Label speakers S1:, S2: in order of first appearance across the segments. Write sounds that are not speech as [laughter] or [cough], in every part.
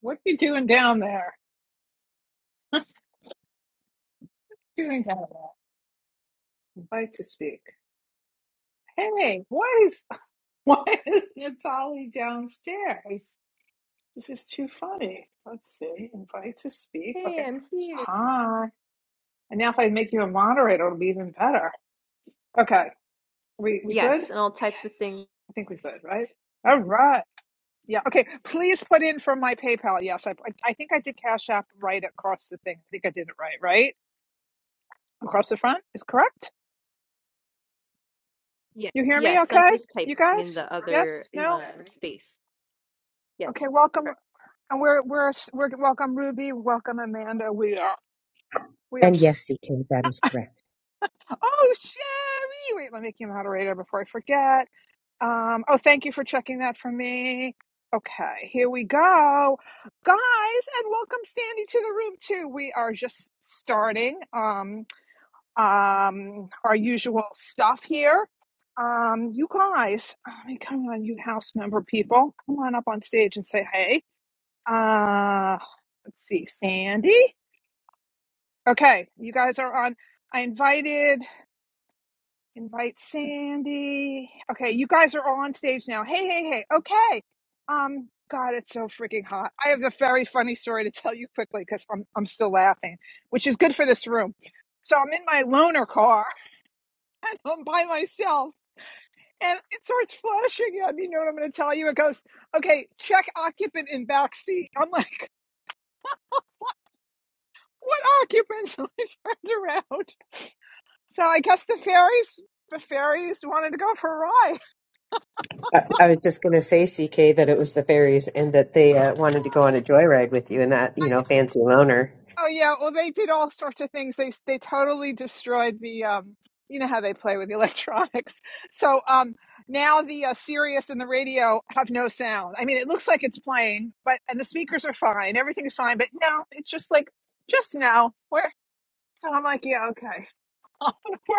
S1: What you doing down there? Doing down there? Invite to speak. Hey, why is [laughs] why is Natali downstairs? This is too funny. Let's see. Invite to speak. Okay.
S2: Hey, I'm here.
S1: Hi. And now if I make you a moderator, it'll be even better. Okay. We we good?
S2: Yes, and
S1: I
S2: I'll type the thing.
S1: think we good, right? All right. Yeah. Okay. Please put in for my PayPal. Yes, I I think I did Cash App right across the thing. I think I did it right. Right across the front is correct.
S2: Yes,
S1: You hear me?
S2: Yes, I'm
S1: Okay.
S2: just
S1: You
S2: typing in
S1: guys?
S2: the other
S1: Yes?
S2: is that
S1: No?
S2: um, right? space. Yes.
S1: Okay, welcome,
S2: correct.
S1: and we're we're we're welcome Ruby, welcome Amanda. We are we are.
S3: And yes,
S1: s-
S3: CK, that is correct.
S1: Oh, Sherry! Wait, let me make you moderator before I forget. Um. Oh, thank you for checking that for me. Okay, here we go, guys, and welcome Sandy to the room too. We are just starting um um our usual stuff here. Um, you guys, oh, I mean, come on, you house member people, come on up on stage and say hey. Uh, let's see, Sandy. Okay, you guys are on. I invited, invite Sandy. Okay, you guys are all on stage now. Hey, hey, hey. Okay. Um, God, it's so freaking hot. I have a very funny story to tell you quickly because I'm I'm still laughing, which is good for this room. So I'm in my loaner car [laughs] and I'm by myself. And it starts flashing at me. You know what I'm going to tell you? It goes, okay, check occupant in back seat. I'm like, What occupants [laughs] are turned around? So I guess the fairies, the fairies wanted to go for a ride. [laughs]
S3: I, I was just going to say, CK, that it was the fairies and that they uh, wanted to go on a joyride with you and that, you know, fancy loner.
S1: Oh yeah, well they did all sorts of things. They they totally destroyed the um, you know how they play with the [laughs] electronics. So um, now the uh, Sirius and the radio have no sound. I mean, it looks like it's playing, but and the speakers are fine. Everything's fine, but no, it's just like just now. Where? So I'm like, yeah, okay. [laughs] We're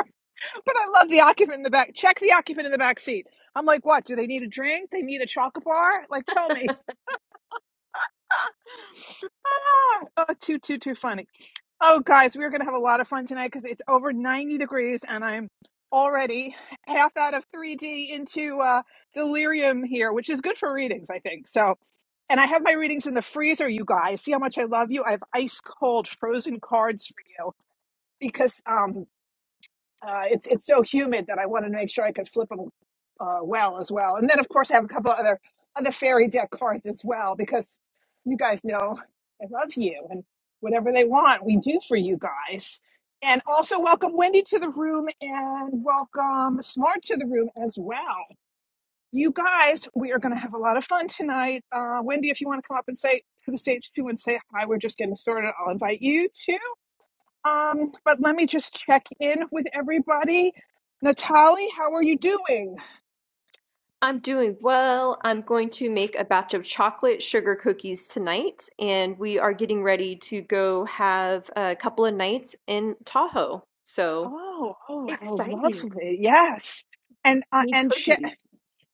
S1: But I love the occupant in the back. Check the occupant in the back seat. I'm like, what? Do they need a drink? They need a chocolate bar? Like, tell me. [laughs] Ah, oh, too, too, too funny. Oh, guys, we are going to have a lot of fun tonight because it's over 90 degrees and I'm already half out of 3D into uh, delirium here, which is good for readings, I think. So, and I have my readings in the freezer, you guys. See how much I love you? I have ice cold frozen cards for you because um, uh, it's it's so humid that I wanted to make sure I could flip them uh, well as well. And then of course I have a couple other other fairy deck cards as well because you guys know I love you and whatever they want we do for you guys. And also welcome Wendy to the room and welcome Smart to the room as well. You guys, we are going to have a lot of fun tonight. Uh, Wendy, if you want to come up and say to the stage too and say hi, we're just getting started. I'll invite you too. Um, but let me just check in with everybody. Natalie, how are you doing?
S2: I'm doing well. I'm going to make a batch of chocolate sugar cookies tonight, and we are getting ready to go have a couple of nights in Tahoe. So
S1: Oh, oh, how
S2: Exciting.
S1: lovely! Yes, and uh,
S2: need
S1: and she-
S2: cookies.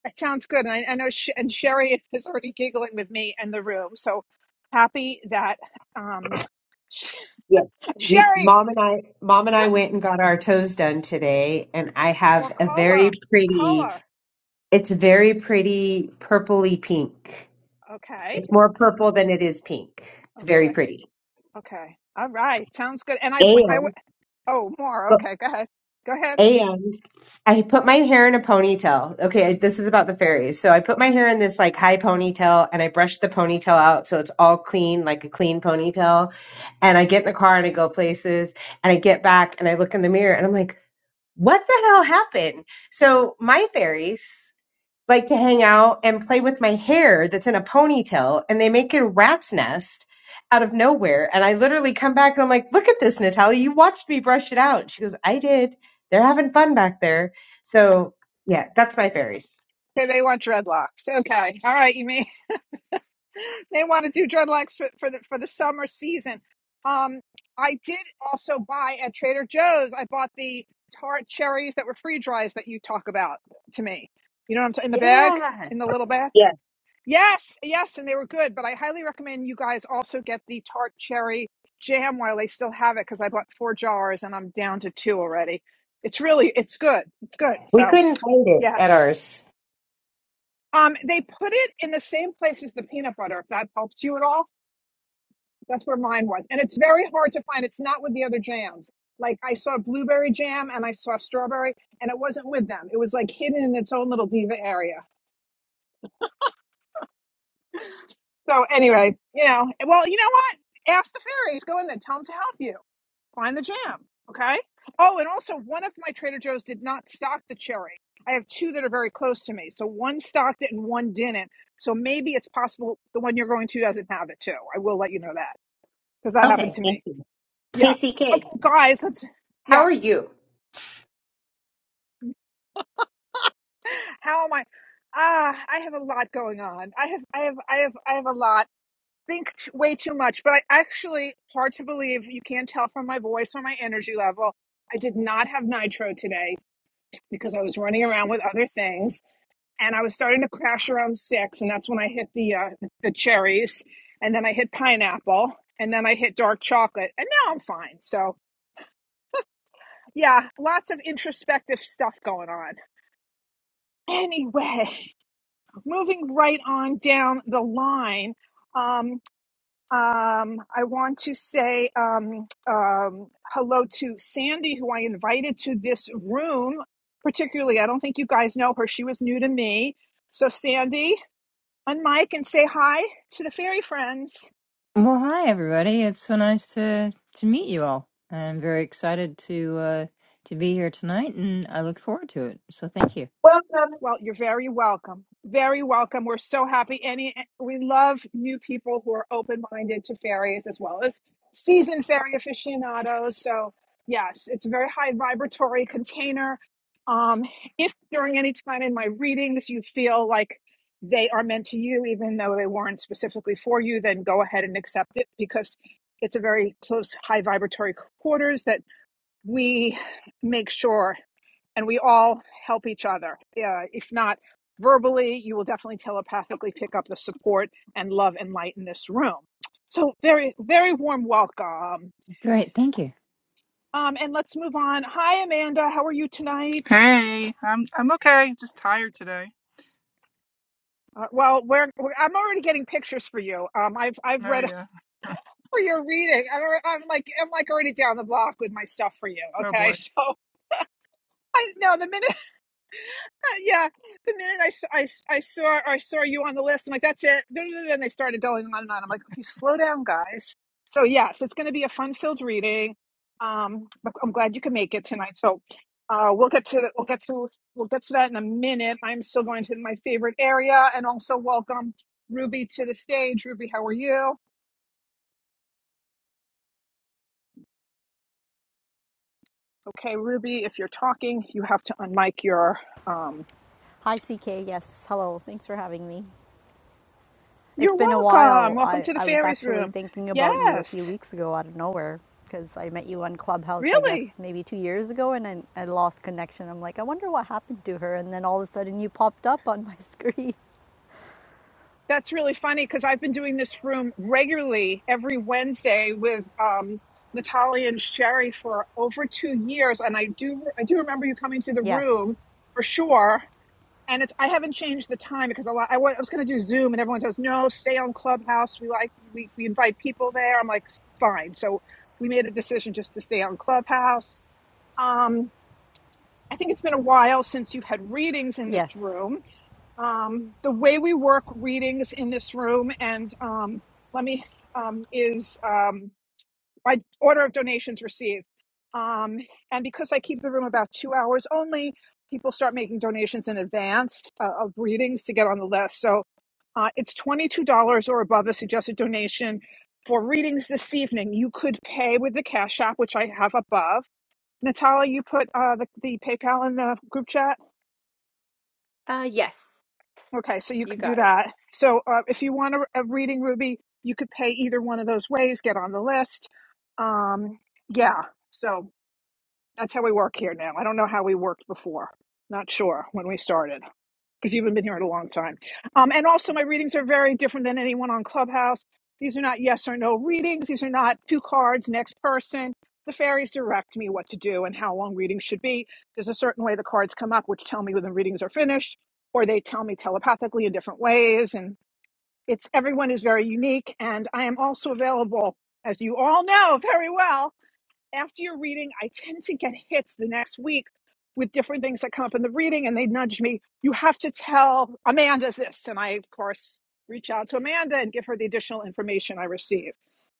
S1: it sounds good. And I, I know, Sh- and Sherry is already giggling with me in the room. So happy that um, Sh-
S3: Yes.
S1: [laughs]
S3: We,
S1: Sherry.
S3: mom and I, mom and I went and got our toes done today, and I have
S1: What
S3: a very
S1: color?
S3: pretty.
S1: Color.
S3: It's very pretty, purpley pink.
S1: Okay.
S3: It's more purple than it is pink. It's very
S1: Okay.
S3: pretty,
S1: Okay. All right. Sounds good. And I went. I went.
S3: and
S1: Oh, more. Okay. Go ahead. Go ahead.
S3: and I put my hair in a ponytail. Okay, this is about the fairies. So I put my hair in this like high ponytail and I brush the ponytail out so it's all clean, like a clean ponytail. And I get in the car and I go places and I get back and I look in the mirror and I'm like, what the hell happened? So my fairies like to hang out and play with my hair that's in a ponytail and they make a rat's nest out of nowhere. And I literally come back and I'm like, look at this, Natalia, you watched me brush it out. She goes, I did. They're having fun back there. So yeah, that's my fairies.
S1: Okay, they want dreadlocks. Okay. All right. You may They want to do dreadlocks for, for the for the summer season. Um, I did also buy at Trader Joe's. I bought the tart cherries that were free dries that you talk about to me. You know what I'm talking in the bag,
S2: Yeah.
S1: in the little bag.
S3: Yes.
S1: Yes, yes, and they were good. But I highly recommend you guys also get the tart cherry jam while they still have it because I bought four jars and I'm down to two already. It's really it's good. It's good.
S3: We
S1: So
S3: couldn't find it at
S1: yes.
S3: ours.
S1: Um, they put it in the same place as the peanut butter, if that helps you at all That's where mine was. And it's very hard to find. It's not with the other jams. Like I saw blueberry jam and I saw strawberry and it wasn't with them. It was like hidden in its own little diva area. So anyway, you know, well, you know what? Ask the fairies. Go in there. Tell them to help you. Find the jam. Okay. Oh, and also one of my Trader Joe's did not stock the cherry. I have two that are very close to me. So one stocked it and one didn't. So maybe it's possible the one you're going to doesn't have it too. I will let you know that because that happened
S3: Okay.
S1: to me.
S3: Thank you. Hey
S1: Yeah.
S3: CK,
S1: Okay, guys, let's
S3: how
S1: yeah.
S3: are you?
S1: How am I? Ah, I have a lot going on. I have I have I have I have a lot. Think t- way too much, but I actually hard to believe you can't tell from my voice or my energy level. I did not have nitro today because I was running around with other things and I was starting to crash around 6 and that's when I hit the uh, the cherries and then I hit pineapple and then I hit dark chocolate and now I'm fine. So, yeah, lots of introspective stuff going on. anyway, [laughs] moving right on down the line, um, um, I want to say um, um, hello to Sandy, who I invited to this room. Particularly, I don't think you guys know her. She was new to me. So, Sandy, on mic and say hi to the fairy friends.
S4: Well, hi everybody. It's so nice to to meet you all. I'm very excited to uh to be here tonight and I look forward to it. So thank you.
S3: Welcome,
S1: Well, you're very welcome. Very welcome. We're so happy. Any eh, we love new people who are open minded to fairies as well as seasoned fairy aficionados. So yes, it's a very high vibratory container. Um, if during any time in my readings you feel like they are meant to you, even though they weren't specifically for you, then go ahead and accept it because it's a very close high vibratory quarters that we make sure and we all help each other. Uh, if not verbally, you will definitely telepathically pick up the support and love and light in this room. So, very, very warm welcome.
S4: Great, thank you.
S1: Um, and let's move on. Hi, Amanda. How are you tonight?
S5: Hey, I'm I'm okay. Just tired today.
S1: Uh, well, we're, we're, I'm already getting pictures for you. Um, I've I've
S5: Oh
S1: read
S5: yeah.
S1: [laughs] for your reading. I'm, I'm like I'm like already down the block with my stuff for you.
S5: Oh
S1: Okay, [laughs]
S5: boy.
S1: so I know the minute. yeah. The minute I, s- I, s- I saw I saw you on the list, I'm like, that's it. [laughs] And they started going on and on. I'm like, okay, slow down, guys. So yes, it's going to be a fun-filled reading. Um, but I'm glad you can make it tonight. So uh, we'll get to the- we'll get to we'll get to that in a minute. I'm still going to my favorite area, and also welcome Ruby to the stage. Ruby, how are you? Okay, Ruby, if you're talking, you have to unmic your um.
S6: Hi, CK. Yes. Hello. Thanks for having me. It's
S1: You're
S6: been a
S1: welcome.
S6: while.
S1: Welcome
S6: I,
S1: to the
S6: I was
S1: fairies
S6: actually
S1: room.
S6: thinking about you a few
S1: Yes,
S6: weeks ago out of nowhere because I met you on Clubhouse, I
S1: really.
S6: guess, maybe two years ago, and I, I lost connection. I'm like, I wonder what happened to her. And then all of a sudden you popped up on my [laughs] screen.
S1: That's really funny because I've been doing this room regularly every Wednesday with um, Natalia and Sherry for over two years, and I do I do remember you coming to the
S6: Yes.
S1: room for sure. And it's I haven't changed the time because a lot I wa- I was, going to do Zoom, and everyone says no, stay on Clubhouse. We like we, we invite people there. I'm like fine, so we made a decision just to stay on Clubhouse. Um, I think it's been a while since you've had readings in this
S6: Yes.
S1: room um, the way we work readings in this room and um, let me um, is um, by order of donations received um, and because i keep the room about two hours only people start making donations in advance uh, of readings to get on the list so uh, it's $22 or above a suggested donation for readings this evening you could pay with the cash app which i have above natalia you put uh, the, the paypal in the group chat
S2: Uh, yes,
S1: Okay, so you
S2: you
S1: can do
S2: got it.
S1: that. So uh, if you want a, a reading, Ruby, you could pay either one of those ways, get on the list. Um, yeah, so that's how we work here now. I don't know how we worked before. Not sure when we started because you haven't been here in a long time. Um, and also, my readings are very different than anyone on Clubhouse. These are not yes or no readings. These are not two cards, next person. The fairies direct me what to do and how long readings should be. There's a certain way the cards come up, which tell me when the readings are finished, or they tell me telepathically in different ways. And it's everyone is very unique. And I am also available, as you all know very well, after your reading, I [laughs] tend to get hits the next week with different things that come up in the reading, and they nudge me. You have to tell Amanda this, and I, of course, reach out to Amanda and give her the additional information I receive.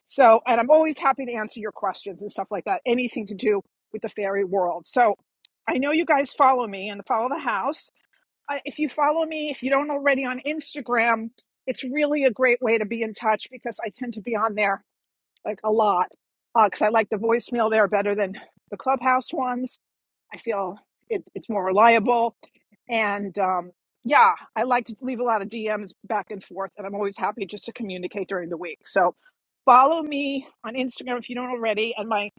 S1: So, and I'm always happy to answer your questions and stuff like that, anything to do with the fairy world. So, I know you guys follow me and follow the house. I, if you follow me, if you don't already on Instagram, it's really a great way to be in touch because I tend to be on there like a lot, because uh, I like the voicemail there better than the clubhouse ones. I feel it, it's more reliable. And um, yeah, I like to leave a lot of DMs back and forth, and I'm always happy just to communicate during the week. So follow me on Instagram if you don't already, and my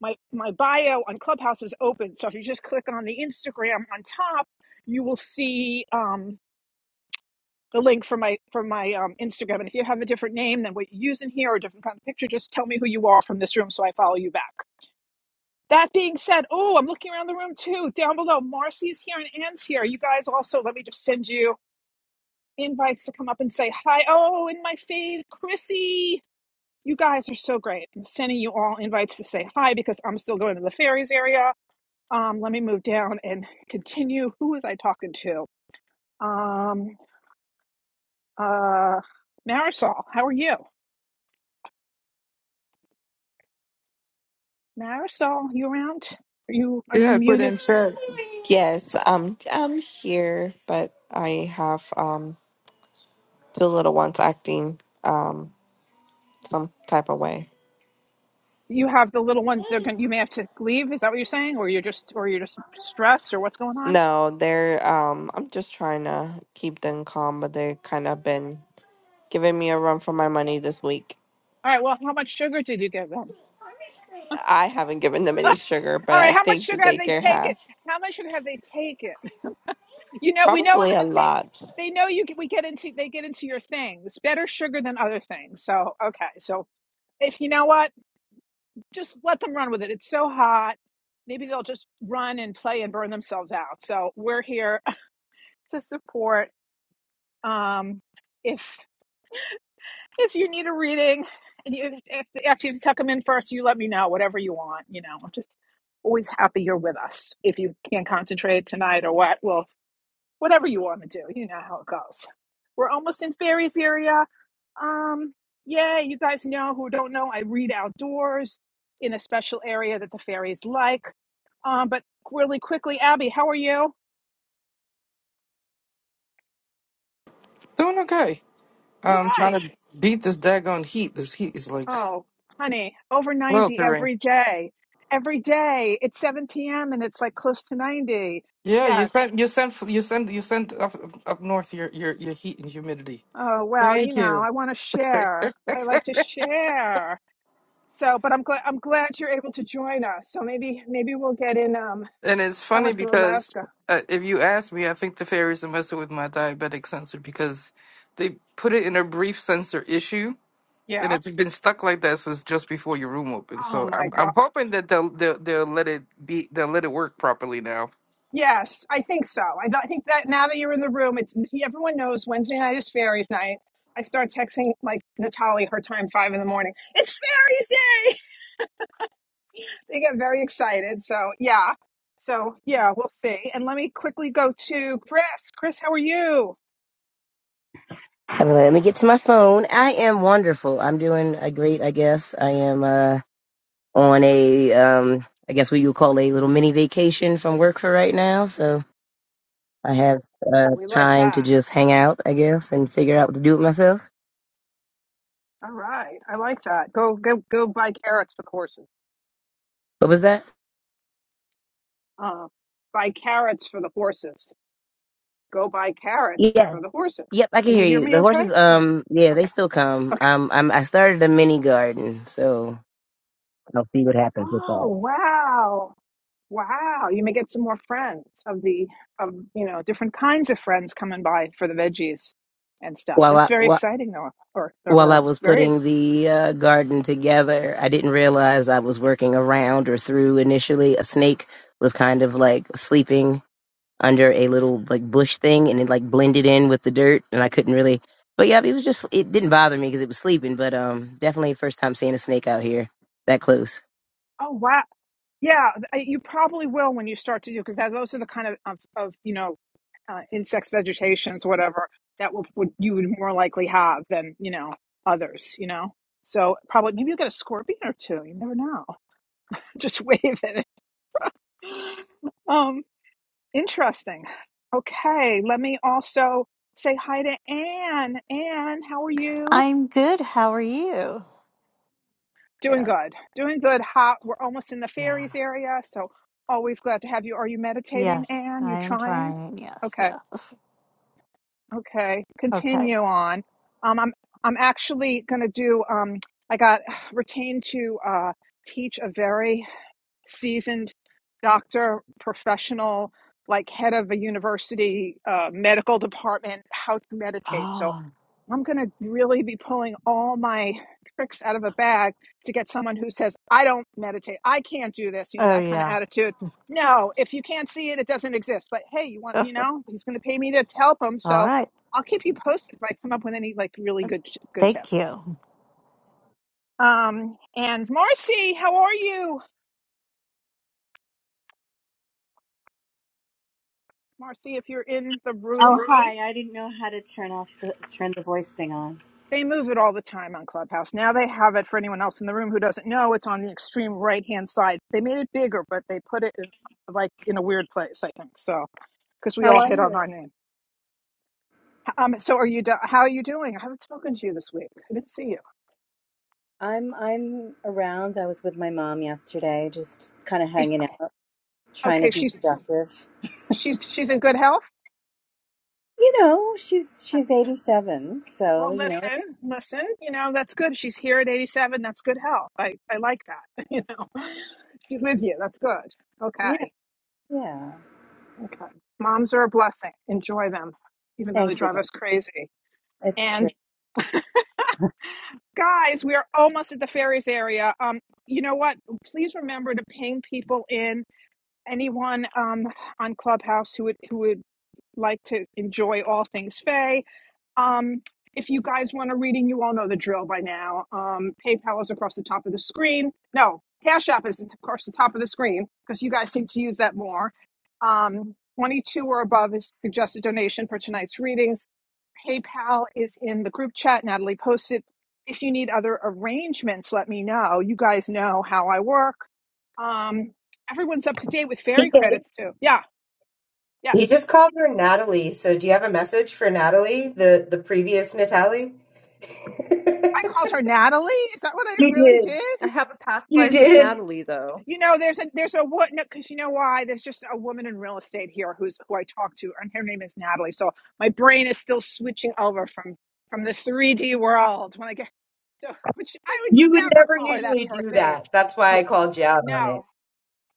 S1: my my bio on Clubhouse is open. So if you just click on the Instagram on top, you will see. Um, the link from my from my um, Instagram. And if you have a different name than what you use in here or a different kind of picture, just tell me who you are from this room so I follow you back. That being said, oh, I'm looking around the room too. Down below, Marcy's here and Anne's here. You guys also, let me just send you invites to come up and say hi. Oh, in my faith, Chrissy. You guys are so great. I'm sending you all invites to say hi because I'm still going to the fairies area. Um, let me move down and continue. Who was I talking to? Um, uh, Marisol, how are you? Marisol, you around? Are you are
S7: Yeah,
S1: you
S7: I put
S1: muted?
S7: in chat.
S8: Yes, um, I'm here, but I have um two little ones acting um some type of way.
S1: You have the little ones. They're going. You may have to leave. Is that what you're saying, or you're just or you're just stressed, or what's going on?
S8: No, they're um I'm just trying to keep them calm, but they kind of been giving me a run for my money this week.
S1: All right. Well, how much sugar did you give them?
S8: I haven't given them
S1: [laughs] All
S8: any sugar, but I
S1: right. How much
S8: think the
S1: sugar have they
S8: daycare
S1: taken?
S8: has
S1: How much sugar have they taken? [laughs] You know, we know
S8: probably a
S1: that they
S8: lot.
S1: they know you. get- We get into they get into your things. Better sugar than other things. So okay. So if you know what, just let them run with it. It's so hot. Maybe they'll just run and play and burn themselves out. So we're here [laughs] to support Um, if if you need a reading, and you, if after you tuck them in first, you let me know whatever you want. You know, I'm just always happy you're with us. If you can't concentrate tonight or what, well, whatever you want to do, you know how it goes. We're almost in fairies area. Um, yeah, you guys know who don't know, I read outdoors in a special area that the fairies like. Um, but really quickly, Abby, how are you?
S7: Doing okay.
S1: All
S7: I'm trying
S1: right.
S7: to beat this daggone heat. This heat is like
S1: Oh, honey, over 90
S7: sweltering.
S1: every day. Every day. It's 7 p.m. and it's like close to 90.
S7: Yeah, you
S1: Yes.
S7: sent you sent you sent you sent up up north your your your heat and humidity.
S1: Oh, well, you
S7: Thank
S1: know,
S7: you.
S1: I want to
S7: [laughs]
S1: share. I like to share. So, but I'm glad I'm glad you're able to join us. So maybe maybe we'll get in um
S7: and it's funny
S1: someone from
S7: because
S1: Alaska.
S7: uh, if you ask me, I think the fairies are messing with my diabetic sensor because they put it in a brief sensor issue. And
S1: Yeah.
S7: it's been stuck like that since just before your room opened.
S1: Oh
S7: So
S1: my
S7: I'm
S1: God.
S7: I'm hoping that they'll they'll, they'll let it be they'll let it work properly now.
S1: Yes, I think so. I, th- I think that now that you're in the room, it's everyone knows Wednesday night is fairies night. I start texting like Natalie her time five in the morning. It's fairies day. They get very excited. So, yeah. So, yeah, we'll see. And let me quickly go to Chris. Chris, how are you?
S9: Uh, Let me get to my phone. I am wonderful. I'm doing a great, I guess. I am uh, on a, um, I guess what you would call a little mini vacation from work for right now. So I have
S1: Well,
S9: uh,
S1: we like
S9: time
S1: that.
S9: to just hang out, I guess, and figure out what to do with myself.
S1: All right. I like that. Go, go, go buy carrots for the horses.
S9: What was that?
S1: Uh, buy carrots for the horses. Go buy carrots
S9: Yeah.
S1: for the horses.
S9: Yep, I can
S1: Are you
S9: hear
S1: hear
S9: you.
S1: me
S9: The
S1: okay?
S9: horses,
S1: Or,
S9: um, yeah,
S1: okay.
S9: they still come.
S1: Okay.
S9: Um, I'm, I started a mini garden, so I'll see what happens with
S1: Oh,
S9: that.
S1: wow. Wow, you may get some more friends of the of you know different kinds of friends coming by for the veggies and stuff.
S9: While
S1: That's
S9: I,
S1: very
S9: while,
S1: exciting, though, or the
S9: while I
S1: herbs.
S9: was
S1: Very ex-
S9: putting the uh, garden together, I didn't realize I was working around or through initially. A snake was kind of like sleeping under a little like bush thing and it like blended in with the dirt and I couldn't really but yeah, it was just it didn't bother me because it was sleeping, but um definitely first time seeing a snake out here that close.
S1: oh wow, yeah, th- you probably will when you start to do because those are the kind of of, of you know uh, insects, vegetations, whatever that would, would you would more likely have than you know others. You know, so probably maybe you will get a scorpion or two. You never know. [laughs] Just wave at it. [laughs] Um, Interesting. Okay, let me also say hi to Anne. Anne, how are you?
S10: I'm good. How are you?
S1: Doing
S10: Yeah.
S1: good. Doing good. Hot. We're almost in the
S10: Yeah.
S1: fairies area, so always glad to have you. Are you meditating,
S10: Yes,
S1: Anne? You
S10: I am
S1: trying?
S10: trying. Yes,
S1: Okay.
S10: yeah.
S1: Okay. Continue
S10: Okay.
S1: on. Um, I'm I'm actually gonna do um I got [sighs] retained to uh teach a very seasoned doctor, professional, like head of a university uh, medical department, how to meditate. So
S10: Oh.
S1: I'm going to really be pulling all my tricks out of a bag to get someone who says, I don't meditate. I can't do this, you know,
S10: Oh
S1: that kind of
S10: yeah.
S1: attitude. No, if you can't see it, it doesn't exist. But hey, you
S10: [laughs]
S1: want, you know, he's going to pay me to help him.
S10: All
S1: So
S10: right.
S1: I'll keep you posted if I come up with any like really good, good
S10: Thank
S1: tips.
S10: you.
S1: Um, and Marcy, how are you? Marcy, if you're in the room,
S11: Oh hi! I didn't know how to turn off the turn the voice thing on.
S1: They move it all the time on Clubhouse. Now they have it for anyone else in the room who doesn't know. It's on the extreme right hand side. They made it bigger, but they put it in like in a weird place. I think so because we
S11: How
S1: all
S11: are
S1: hit on
S11: you?
S1: our name. Um. So are you? Do- how are you doing? I haven't spoken to you this week. I didn't see you.
S11: I'm I'm around. I was with my mom yesterday, just kind of
S1: Is-
S11: hanging out, trying to
S1: okay.
S11: be
S1: She's
S11: productive.
S1: she's she's in good health.
S11: You know, she's
S1: Okay.
S11: she's 87, so
S1: Well,
S11: you know,
S1: listen, listen. You know that's good. She's here at eighty-seven. That's good health. I I like that. [laughs] You know, she's with you. That's good. Okay.
S11: yeah, yeah.
S1: Okay. Moms are a blessing. Enjoy them, even though they
S11: Thank you.
S1: drive us crazy.
S11: It's true.
S1: And guys, we are almost at the fairies area. Um, you know what? Please remember to ping people in. Anyone um on Clubhouse who would who would like to enjoy all things Faye Um, if you guys want a reading, you all know the drill by now. Um, PayPal is across the top of the screen. No, Cash App is across the top of the screen because you guys seem to use that more. Um, 22 or above is suggested donation for tonight's readings. PayPal is in the group chat. Natalie posted. If you need other arrangements, let me know. You guys know how I work. Um, everyone's up to date with fairy
S3: CK.
S1: credits too. Yeah,
S3: You
S1: yes.
S3: just called her Natalie, so do you have a message for Natalie, the the previous Natalie? [laughs]
S1: I called her Natalie. Is that what I
S3: You
S1: really
S3: did.
S1: did?
S2: I have a past
S1: I
S3: You
S2: life as
S1: did.
S3: did.
S2: Natalie, though.
S1: You know, there's a there's a what because you know why? There's just a woman in real estate here who's who I talked to, and her name is Natalie. So my brain is still switching over from from the 3D world when I get [laughs] so, which I would
S3: You would
S1: never
S3: never
S1: call her that
S3: usually
S1: to her
S3: do
S1: face.
S3: that. That's why
S2: No.
S3: I called you out on it.
S1: No.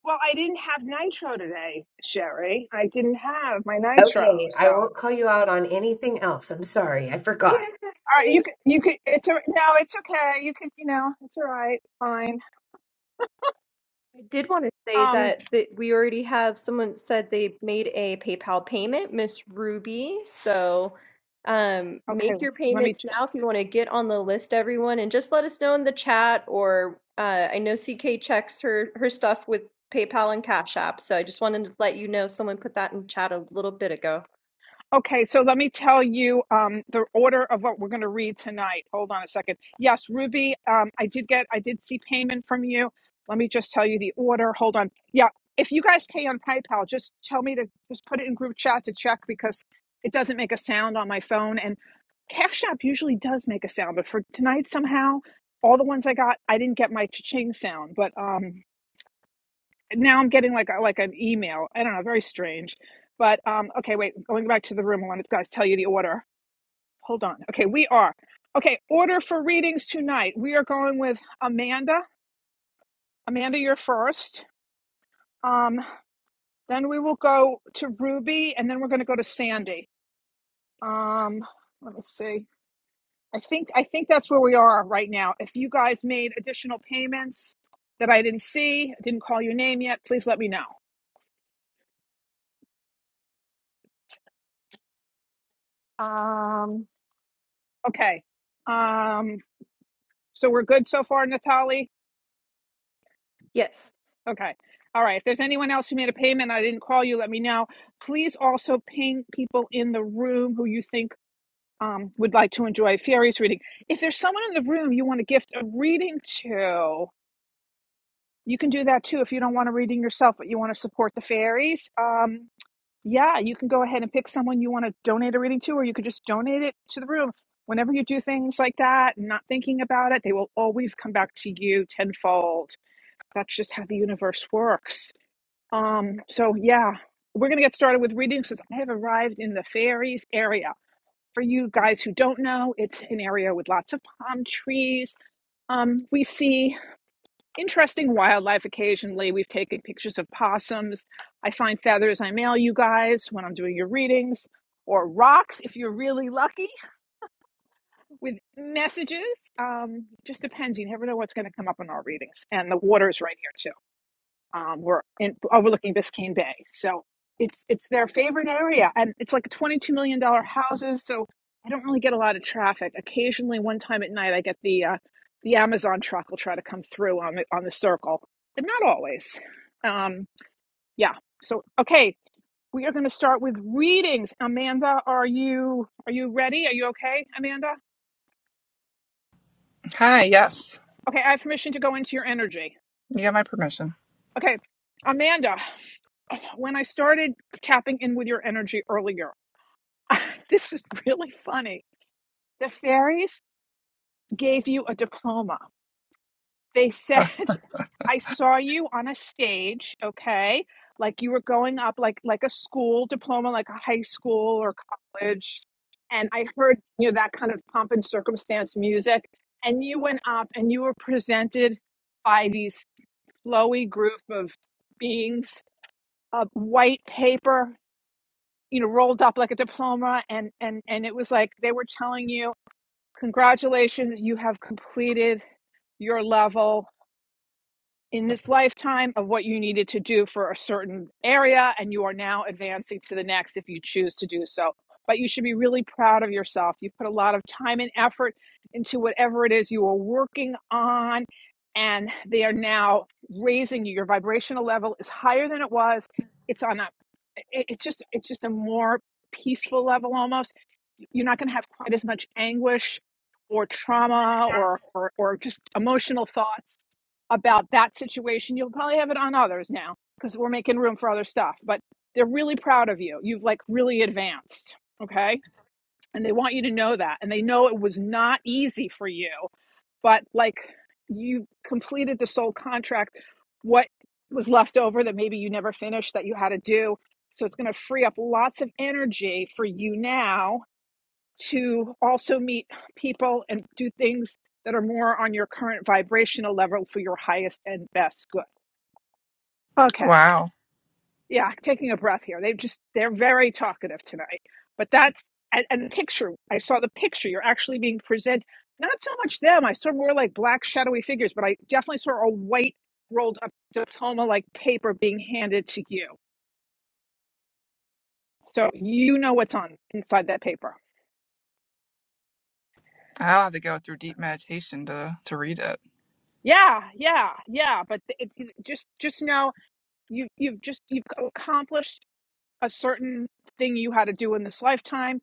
S1: Well, I didn't have nitro today, Sherry. I didn't have my nitro.
S3: Okay,
S1: So
S3: I won't
S1: all
S3: call you out on anything else. I'm sorry, I forgot.
S2: Yeah.
S1: right, you
S2: [laughs]
S1: could you could it's a, no, it's okay. You could you know it's all right, fine.
S2: did want to say
S1: Um,
S2: that that we already have someone said they made a PayPal payment, Miss Ruby. So um,
S1: okay,
S2: make your
S1: let me.
S2: payments now if you want to get on the list, everyone, and just let us know in the chat. Or uh, I know CK checks her her stuff with PayPal and Cash App, so I just wanted to let you know someone put that in chat a little bit ago.
S1: Okay, so let me tell you um, the order of what we're going to read tonight. Hold on a second. Yes, Ruby, um, I did get, I did see payment from you. Let me just tell you the order. Hold on. Yeah, if you guys pay on PayPal, just tell me to just put it in group chat to check because it doesn't make a sound on my phone. And Cash App usually does make a sound, but for tonight somehow, all the ones I got, I didn't get my cha-ching sound. But um, and now I'm getting like a, like an email. I don't know, very strange. But um, okay, wait, going back to the room. I wanted to guys tell you the order. Hold on. Okay, we are okay. Order for readings tonight. We are going with Amanda. Amanda, you're first. Um, then we will go to Ruby, and then we're going to go to Sandy. Um, let me see. I think I think that's where we are right now. If you guys made additional payments that I didn't see, I didn't call your name yet, please let me know. Um, okay. Um, So we're good so far, Natali?
S2: Yes,
S1: Okay. All right. If there's anyone else who made a payment, I didn't call you, let me know. Please also ping people in the room who you think um, would like to enjoy Fairy's reading. If there's someone in the room you want to gift a reading to, you can do that too if you don't want a reading yourself, but you want to support the fairies. Um, yeah, you can go ahead and pick someone you want to donate a reading to, or you could just donate it to the room. Whenever you do things like that, not thinking about it, they will always come back to you tenfold. that's just how the universe works. Um, so yeah, we're gonna get started with readings because I have arrived in the fairies area. For you guys who don't know, it's an area with lots of palm trees. Um, we see interesting wildlife occasionally. We've taken pictures of possums. I find feathers I mail you guys when I'm doing your readings, or rocks if you're really lucky with messages. Um, just depends. You never know what's going to come up in our readings. And the water's right here, too. um, were in, overlooking Biscayne Bay. So it's it's their favorite area, and it's like twenty two million dollar houses. So I don't really get a lot of traffic. Occasionally, one time at night, I get the uh, the Amazon truck will try to come through on the on the circle, but not always. Um, yeah. So okay, we are going to start with readings. Amanda, are you are you ready? Are you okay, Amanda?
S5: Hi. Yes.
S1: Okay, I have permission to go into your energy.
S5: You got my permission.
S1: Okay, Amanda when I started tapping in with your energy earlier. [laughs] this is really funny. The fairies gave you a diploma. They [laughs] said,
S5: Ugh.
S1: I saw you on a stage, okay? Like you were going up like like a school diploma, like a high school or college. And I heard, you know, that kind of pomp and circumstance music. And you went up and you were presented by these flowy group of beings of white paper, you know, rolled up like a diploma and and and it was like they were telling you Congratulations, you have completed your level in this lifetime of what you needed to do for a certain area, and you are now advancing to the next if you choose to do so. But you should be really proud of yourself. You put a lot of time and effort into whatever it is you are working on, and they are now raising you. Your vibrational level is higher than it was. It's on a it's just it's just a more peaceful level almost. You're not going to have quite as much anguish or trauma or or, or just emotional thoughts about that situation. You'll probably have it on others now because we're making room for other stuff, but they're really proud of you. You've like really advanced. Okay. And they want you to know that. And they know it was not easy for you, but like you completed the soul contract. What was left over that maybe you never finished that you had to do. So it's going to free up lots of energy for you now to also meet people and do things that are more on your current vibrational level for your highest and best good. Okay.
S5: Wow.
S1: Yeah, taking a breath here. They just they're very talkative tonight. But that's and, and the picture. I saw the picture. You're actually being presented not so much them. I saw more like black shadowy figures, but I definitely saw a white rolled up diploma like paper being handed to you. So you know what's on inside that paper.
S5: I'll have to go through deep meditation to to read it.
S1: Yeah, yeah, yeah. But it's just just know you you've just you've accomplished a certain thing you had to do in this lifetime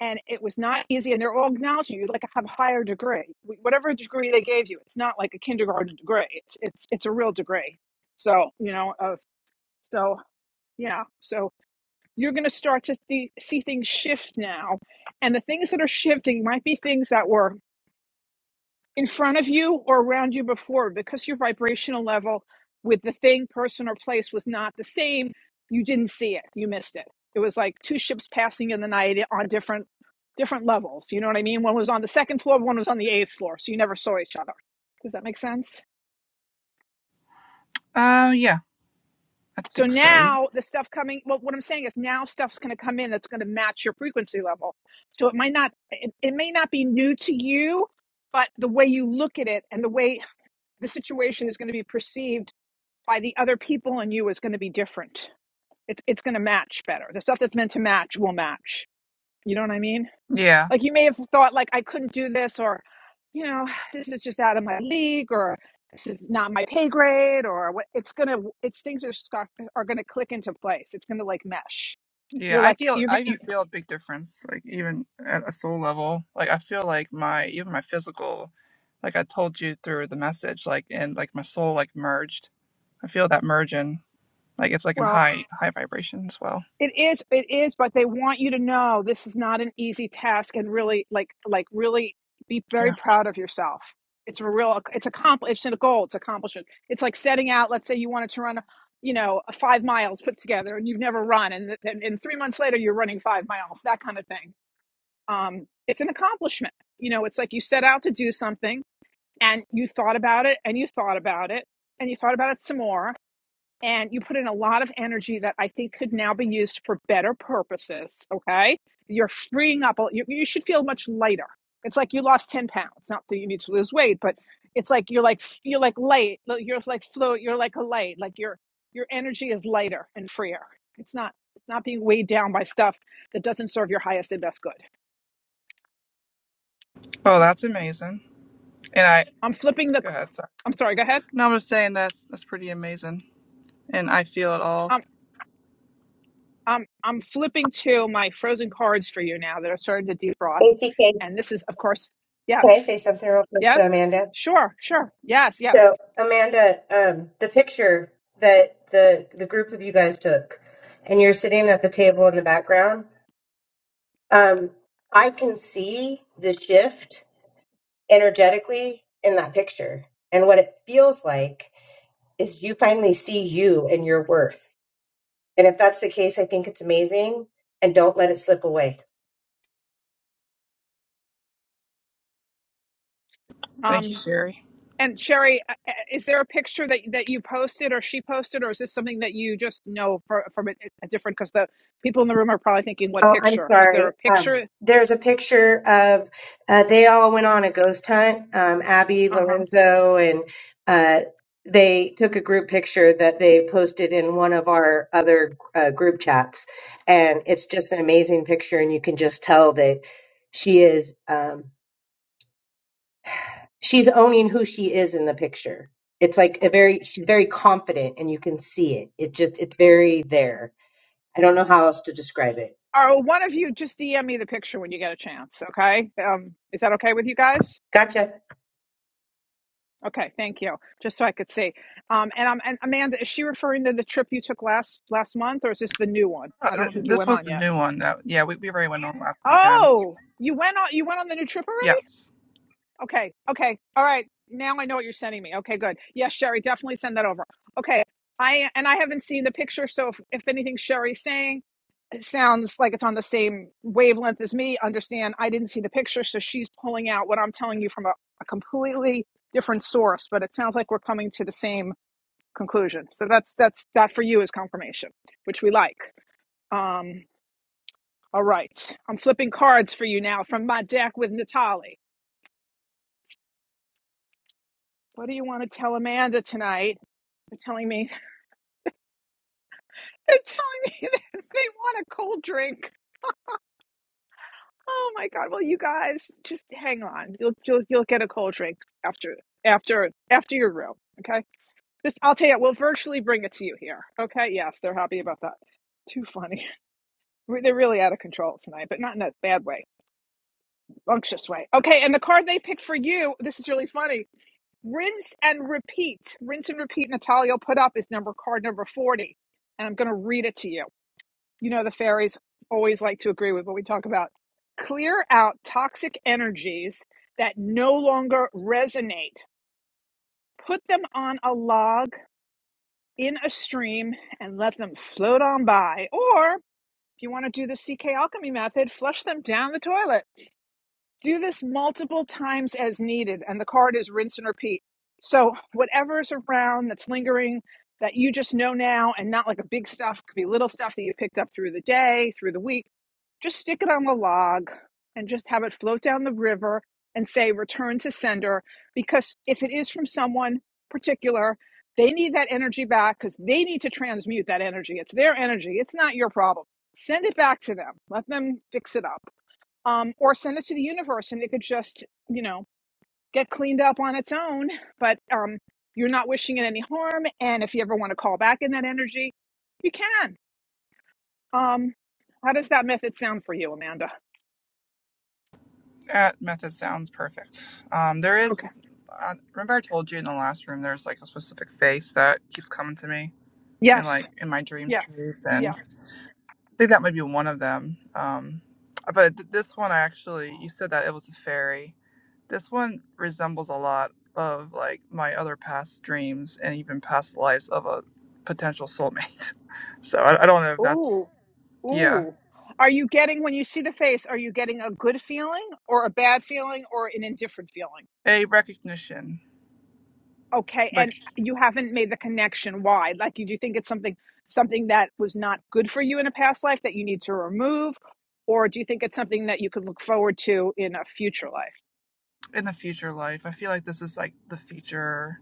S1: and it was not easy and they're all acknowledging you like have a higher degree whatever degree they gave you it's not like a kindergarten degree it's it's it's a real degree so you know of so yeah so you're going to start to see see things shift now and the things that are shifting might be things that were in front of you or around you before because your vibrational level with the thing, person, or place was not the same. You didn't see it. You missed it. It was like two ships passing in the night on different different levels. You know what I mean? One was on the second floor, one was on the eighth floor. So you never saw each other. Does that make sense?
S5: Uh, yeah. I
S1: So
S5: think so.
S1: now the stuff coming, well, what I'm saying is now stuff's going to come in that's going to match your frequency level. So it might not, it, it may not be new to you, but the way you look at it and the way the situation is going to be perceived by the other people and you is going to be different. It's it's going to match better. The stuff that's meant to match will match. You know what I mean?
S5: Yeah.
S1: Like you may have thought like I couldn't do this or you know, [sighs] this is just out of my league or this is not my pay grade or what it's going to it's things are scar- are going to click into place. It's going to like mesh.
S5: Yeah.
S1: You're
S5: I
S1: like
S5: feel.
S1: you're
S5: I
S1: going to
S5: even feel a big difference. Like even at a soul level. Like I feel like my even my physical. Like I told you through the message. Like and like my soul like merged. I feel that merging. Like it's like in
S1: well
S5: high high vibration as well.
S1: It is, it is, but they want you to know this is not an easy task and really like like really be very
S5: Yeah.
S1: proud of yourself. It's a real it's a accompli it's a goal, it's accomplishment. It's like setting out, let's say you wanted to run, you know, five miles put together and you've never run and th- and, and three months later you're running five miles, that kind of thing. Um, it's an accomplishment. You know, it's like you set out to do something and you thought about it and you thought about it and you thought about it some more and you put in a lot of energy that I think could now be used for better purposes. Okay. You're freeing up, you, you should feel much lighter. It's like you lost 10 pounds. Not that you need to lose weight, but it's like you're like, you're like light, you're like float, you're like a light, like your, your energy is lighter and freer. It's not, it's not being weighed down by stuff that doesn't serve your highest and best good.
S5: Oh, that's amazing. And I.
S1: I'm flipping the,
S5: Go ahead, sorry.
S1: I'm sorry, go ahead.
S5: No, I'm just saying that's that's pretty amazing, and I feel it all.
S1: I'm I'm flipping to my frozen cards for you now that are starting to defrost,
S3: ACK, can
S1: and this is of course
S3: I
S1: yes,
S3: say something real quick to
S1: yes,
S3: Amanda?
S1: sure, sure, yes, yes.
S3: So, Amanda, um, the picture that the the group of you guys took, and you're sitting at the table in the background, um, I can see the shift energetically in that picture, and what it feels like is you finally see you and your worth And if that's the case, I think it's amazing and don't let it slip away.
S5: Thank you,
S1: Um,
S5: Sherry.
S1: and Sherry, uh, uh, is there a picture that that you posted or she posted, or is this something that you just know for, from a, a different? Because the people in the room are probably thinking, what
S3: Oh, I'm
S1: picture? Is there
S3: sorry.
S1: a
S3: Um,
S1: picture?
S3: there's a picture of uh, they all went on a ghost hunt. Um, Abby,
S1: Uh huh.
S3: Lorenzo, and uh, they took a group picture that they posted in one of our other uh, group chats, and it's just an amazing picture. And you can just tell that she is um, she's owning who she is in the picture. It's like a very she's very confident, and you can see it. It just it's very there. I don't know how else to describe it.
S1: Or one of you just DM me the picture when you get a chance. Okay. Um, is that okay with you guys?
S3: Gotcha.
S1: Okay, thank you. Just so I could see. Um, and um, and Amanda, is she referring to the trip you took last last month, or is this the new one?
S5: Uh,
S1: I don't
S5: th-
S1: think you
S5: this
S1: went
S5: was
S1: on
S5: the
S1: yet.
S5: new one that yeah we, we already went on last weekend.
S1: Oh, you went on. You went on the new trip already?
S5: Yes,
S1: Okay, okay, all right. Now I know what you're sending me. Okay, good. Yes, Sherry, definitely send that over. Okay, I and I haven't seen the picture, so if, if anything Sherry's saying it sounds like it's on the same wavelength as me, understand? I didn't see the picture, so she's pulling out what I'm telling you from a, a completely different source, but it sounds like we're coming to the same conclusion. So that's that's that for you is confirmation, which we like. Um, all right, I'm flipping cards for you now from my deck with Natali. What do you want to tell Amanda tonight? They're telling me [laughs] they're telling me that they want a cold drink. Oh my God! Well, you guys just hang on. You'll you'll you'll get a cold drink after after after your room. Okay, this I'll tell you. We'll virtually bring it to you here. Okay, yes, they're happy about that. Too funny. [laughs] They're really out of control tonight, but not in a bad way Unctuous way. Okay, and the card they picked for you, this is really funny. Rinse and repeat. Rinse and repeat Natalia put up is number card number 40. And I'm going to read it to you. You know the fairies always like to agree with what we talk about. Clear out toxic energies that no longer resonate. Put them on a log in a stream and let them float on by. Or if you want to do the CK alchemy method, flush them down the toilet. do this multiple times as needed and the card is rinse and repeat so whatever's around that's lingering that you just know now and not like a big stuff could be little stuff that you picked up through the day through the week just stick it on the log and just have it float down the river and say return to sender because if it is from someone particular they need that energy back because they need to transmute that energy it's their energy it's not your problem send it back to them let them fix it up um, or send it to the universe and it could just, you know, get cleaned up on its own. But um, you're not wishing it any harm. And if you ever want to call back in that energy, you can. Um, how does that method sound for you, Amanda?
S5: that method sounds perfect. Um, there is.
S1: Okay.
S5: Uh, remember, I told you in the last room there's like a specific face that keeps coming to me and
S1: Yes.
S5: like in my dreams,
S1: Yes.
S5: and
S1: Yes.
S5: I think that might be one of them. Um, but th- this one, I actually, you said that it was a fairy. This one resembles a lot of like my other past dreams and even past lives of a potential soulmate. [laughs] so I, I don't know if that's,
S1: Ooh.
S5: yeah,
S1: Ooh. Are you getting, when you see the face, are you getting a good feeling or a bad feeling or an indifferent feeling?
S5: a recognition.
S1: Okay,
S5: Like
S1: and you haven't made the connection why? Like, you do you think it's something something that was not good for you in a past life that you need to remove, or do you think it's something that you could look forward to in a future life?
S5: in the future life, I feel like this is like the future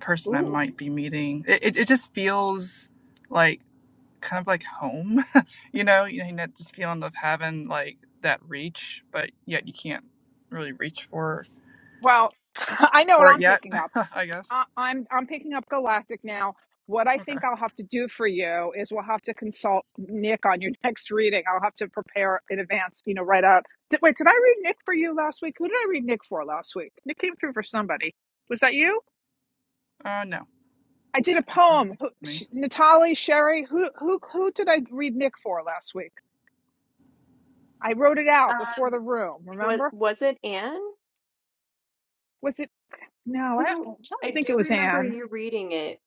S5: person I
S1: Ooh,
S5: might be meeting. It, it, it just feels like kind of like home, [laughs] you know, you know, that just feeling of having like that reach, but yet you can't really reach for
S1: well, [laughs] I know what
S5: for it
S1: I'm
S5: yet,
S1: picking up.
S5: [laughs] I
S1: I,
S5: guess.
S1: I'm I'm picking up galactic now. What I
S5: Okay.
S1: think I'll have to do for you is we'll have to consult Nick on your [laughs] next reading. I'll have to prepare in advance, you know, right out. Did, wait, did I read Nick for you last week? Who did I read Nick for last week? Nick came through for somebody. Was that you?
S5: Uh, no,
S1: I did a
S5: no, I don't
S1: poem.
S5: think it's me.
S1: Natalie, Sherry, who who who did I read Nick for last week? I wrote it
S2: uh,
S1: out before the room.
S2: was
S1: Remember?
S2: was it Anne?
S1: Was it? No, I
S2: Mhm.
S1: don't, I
S2: I
S1: don't think
S2: do
S1: it was
S2: remember
S1: Anne.
S2: you reading it.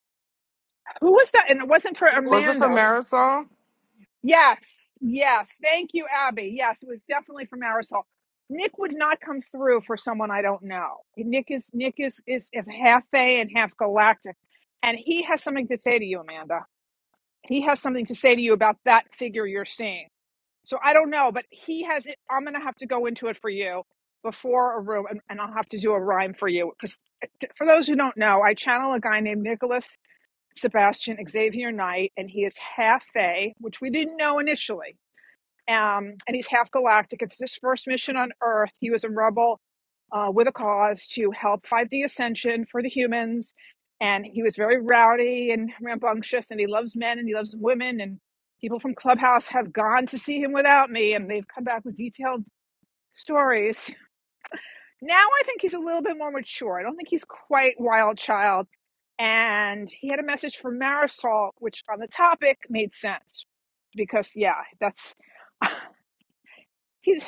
S1: Who was that? And it wasn't for
S7: Was
S2: Well,
S7: it for
S1: Amanda.
S7: Marisol?
S1: Yes, yes. Thank you, Abby. Yes, it was definitely for Marisol. Nick would not come through for someone I don't know. Nick is Nick is is is half Fey and half Galactic, and he has something to say to you, Amanda. He has something to say to you about that figure you're seeing So I don't know, but he has it. I'm going to have to go into it for you before a room, and, and I'll have to do a rhyme for you. Because for those who don't know, I channel a guy named Nicholas Sebastian Xavier Knight, and he is half Fae, which we didn't know initially um, and he's half galactic. It's his first mission on Earth. He was a rebel uh, with a cause to help 5D ascension for the humans. And he was very rowdy and rambunctious, and he loves men and he loves women. And people from Clubhouse have gone to see him without me, and they've come back with detailed stories. Now I think he's a little bit more mature. I don't think he's quite wild child. And he had a message for Marisol, which on the topic made sense because, yeah, that's [laughs] he's.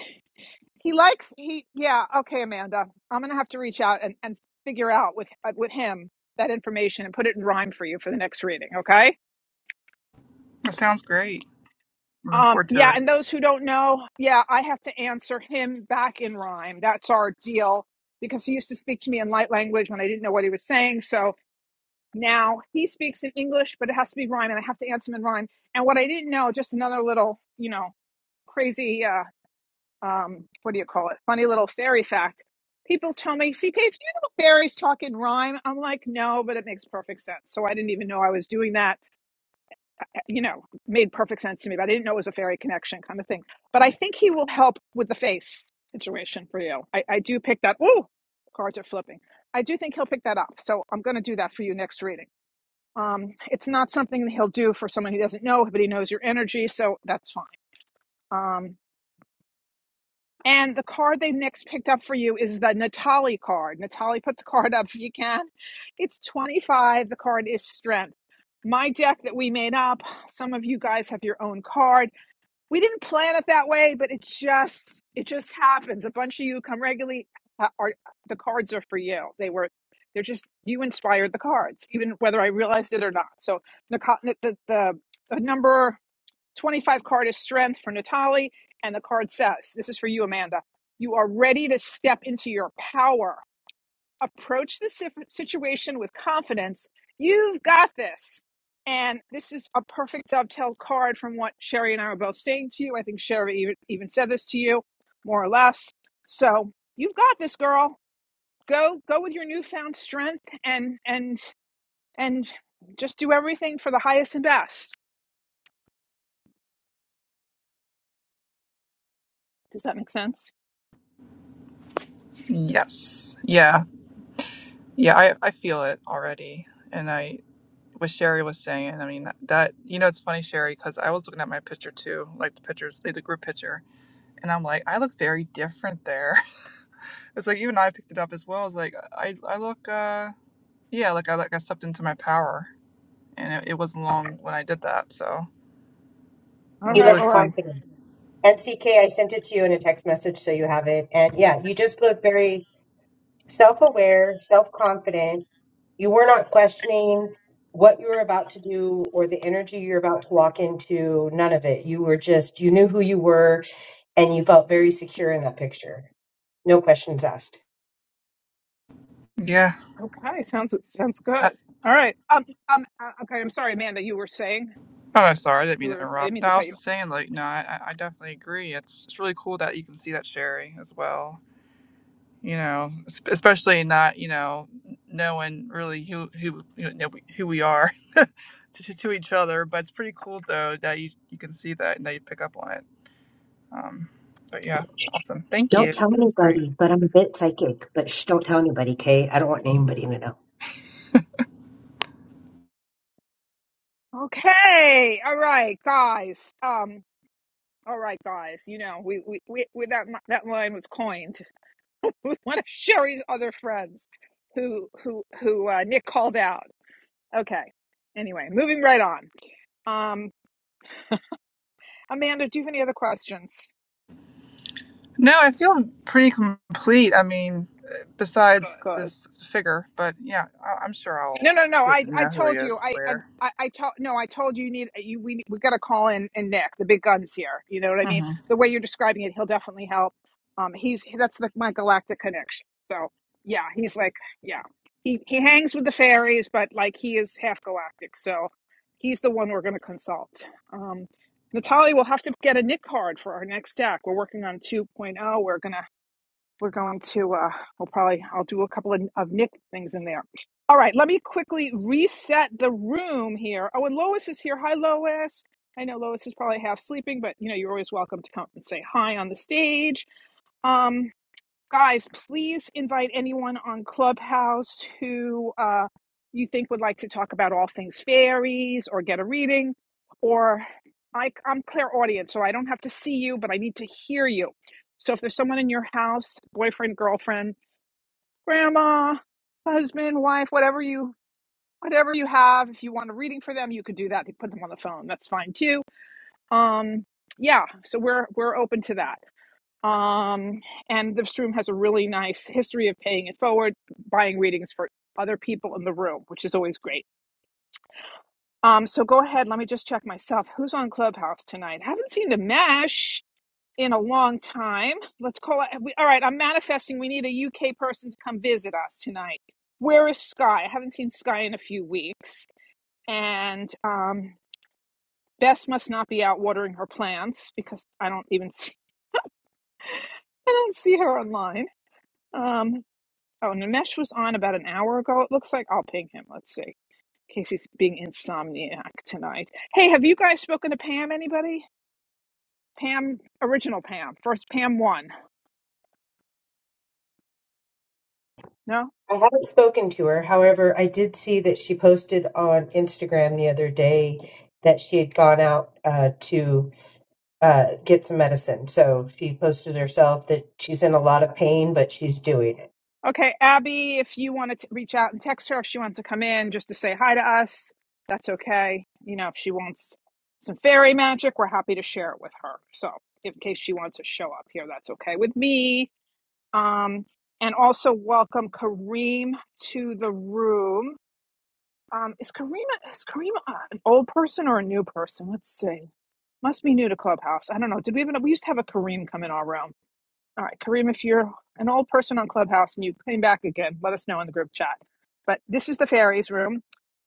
S1: He likes he yeah okay Amanda I'm gonna have to reach out and, and figure out with uh, with him that information and put it in rhyme for you for the next reading okay
S5: That sounds great. I'm Looking
S1: um
S5: forward to
S1: yeah
S5: it.
S1: and those who don't know yeah I have to answer him back in rhyme that's our deal because he used to speak to me in light language when I didn't know what he was saying so now he speaks in English but it has to be rhyme and I have to answer him in rhyme and what I didn't know just another little you know crazy uh um, what do you call it? Funny little fairy fact. People tell me, see, Paige, do you know fairies talk in rhyme? I'm like, no, but it makes perfect sense. So I didn't even know I was doing that. eh, You know, made perfect sense to me, but I didn't know it was a fairy connection kind of thing. But I think he will help with the face situation for you. I, I do pick that. Ooh, cards are flipping. I do think he'll pick that up. So I'm going to do that for you next reading. Um, it's not something that he'll do for someone he doesn't know, but he knows your energy. So that's fine. Um, And the card they next picked up for you is the Natali card. Natali, put the [laughs] card up if you can. It's 25. The card is strength. My deck that we made up, some of you guys have your own card. We didn't plan it that way, but it just it just happens. A bunch of you come regularly uh, are the cards are for you. They were they're just you inspired the cards, even whether I realized it or not. So the the the, the number 25 card is strength for Natali, and the card says, This is for you, Amanda. You are ready to step into your power. Approach the si- situation with confidence. You've got this. And this is a perfect dovetail card from what Sherry and I were both saying to you. I think Sherry even, even said this to you, more or less. So you've got this, girl. Go go with your newfound strength and and and just do everything for the highest and best. Does that make sense?
S5: Yes. Yeah. Yeah. I I feel it already, and I what Sherry was saying. I mean that, that you know it's funny Sherry because I was looking at my picture too, like the pictures, like the group picture, and I'm like I look very different there. [laughs] it's like even I picked it up as well. I was like I I look. uh Yeah, like I like I stepped into my power, and it, it wasn't long when I did that, so it
S1: All
S3: He
S5: was
S1: right.
S5: really
S1: Well,
S3: looked
S1: I
S5: cool.
S3: confident. NCK, I sent it to you in a text message so you have it. And yeah, you just look very self aware, self confident. You were not questioning what you were about to do or the energy you're about to walk into, none of it. You were just, you knew who you were and you felt very secure in that picture. No questions asked.
S5: Yeah.
S1: Okay, sounds sounds
S5: I,
S1: good. All right. Um, um. uh, Okay, I'm sorry, Amanda. You were saying
S5: oh, sorry, I didn't
S1: you
S5: mean to
S1: were. I didn't
S5: interrupt.
S1: mean
S5: No,
S1: to
S5: I
S1: cut
S5: was
S1: you.
S5: just saying, like, no, I, I I definitely agree. It's it's really cool that you can see that Sherry as well. You know, es- especially not you know knowing really who who you know, who we are [laughs] to, to to each other, but it's pretty cool though that you you can see that and that you pick up on it. Um, but yeah, awesome. Thank
S3: Don't
S5: you.
S3: tell
S5: That's great.
S3: anybody, but I'm a bit psychic. But shh, don't tell anybody, Kay. I don't want anybody to know.
S1: off. Okay. All right, guys. Um. All right, guys. You know, we we, we, we that li- that line was coined [laughs] with one of Sherry's other friends, who who who uh, Nick called out. Okay. Anyway, moving right on. Um, Amanda, do you have any other questions?
S5: No, I feel pretty complete. I mean, uh, besides
S1: Good.
S5: this figure, but yeah, I- I'm sure
S1: No,
S5: I'll
S1: no, no.
S5: get
S1: I,
S5: to
S1: I
S5: know who he
S1: told you.
S5: is
S1: I, I,
S5: later.
S1: I I told no. I told you. You need you. We we got to call in and Nick, the big guns here. You know what I mean?
S5: hmm
S1: The way you're describing it, he'll definitely help. Um, he's that's the my galactic connection. So yeah, he's like yeah. He he hangs with the fairies, but like he is half galactic. So he's the one we're going to consult. Um, Natalia, we'll have to get a Nick card for our next deck. We're working on 2.0. We're gonna we're going to uh we'll probably i'll do a couple of, of nick things in there all right let me quickly reset the room here oh and lois is here hi lois i know lois is probably half sleeping but you know you're always welcome to come and say hi on the stage um guys please invite anyone on clubhouse who uh, you think would like to talk about all things fairies or get a reading or I, i'm clear audience so i don't have to see you but i need to hear you so if there's someone in your house boyfriend girlfriend grandma husband wife whatever you whatever you have if you want a reading for them you could do that You put them on the phone that's fine too um yeah so we're we're open to that um, and this room has a really nice history of paying it forward, buying readings for other people in the room, which is always great. Um, so go ahead. Let me just check myself. Who's on Clubhouse tonight? Haven't seen the mesh in a long time. Let's call it. We, all right, I'm manifesting. We need a UK person to come visit us tonight. Where is Sky? I haven't seen Sky in a few weeks. And um, Bess must not be out watering her plants because I don't even [laughs] see, I don't see her online. Um, Oh, Nimesh was on about an hour ago. It looks like I'll ping him. Let's see. In case he's being insomniac tonight. Hey, have you guys spoken to Pam, anybody? Pam, original Pam. First Pam one. No?
S3: I haven't spoken to her. However, I did see that she posted on Instagram the other day that she had gone out uh, to uh, get some medicine. So she posted herself that she's in a lot of pain, but she's doing it.
S1: Okay, Abby, if you want to reach out and text her, if she wants to come in just to say hi to us, that's okay. You know, if she wants some fairy magic, we're happy to share it with her. So, in case she wants to show up here, that's okay with me. Um, and also welcome Kareem to the room. Um, is Karima is Karima uh, an old person or a new person? Let's see. Must be new to Clubhouse. I don't know. Did we even we used to have a Kareem come in our room? All right, Kareem, if you're an old person on Clubhouse and you came back again, let us know in the group chat. But this is the fairies room,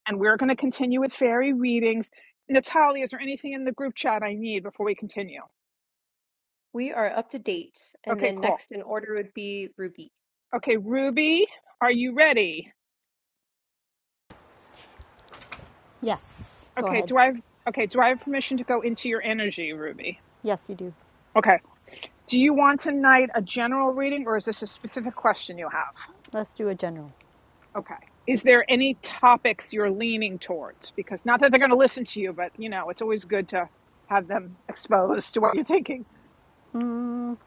S1: and we're going to continue with fairy readings. Natalia, is there anything in the group chat I need before we continue?
S2: We are up to date, and
S1: Okay,
S2: then
S1: cool.
S2: next in order would be Ruby.
S1: Okay, Ruby, are you ready?
S6: Yes. Go
S1: Okay,
S6: ahead.
S1: do I have okay? Do I have permission to go into your energy, Ruby?
S6: Yes, you do.
S1: Okay. Do you want tonight a general reading or is this a specific question you have?
S6: Let's do a general.
S1: Okay. Is there any topics you're leaning towards? Because not that they're going to listen to you, but you know, it's always good to have them exposed to what you're thinking.
S6: Mm,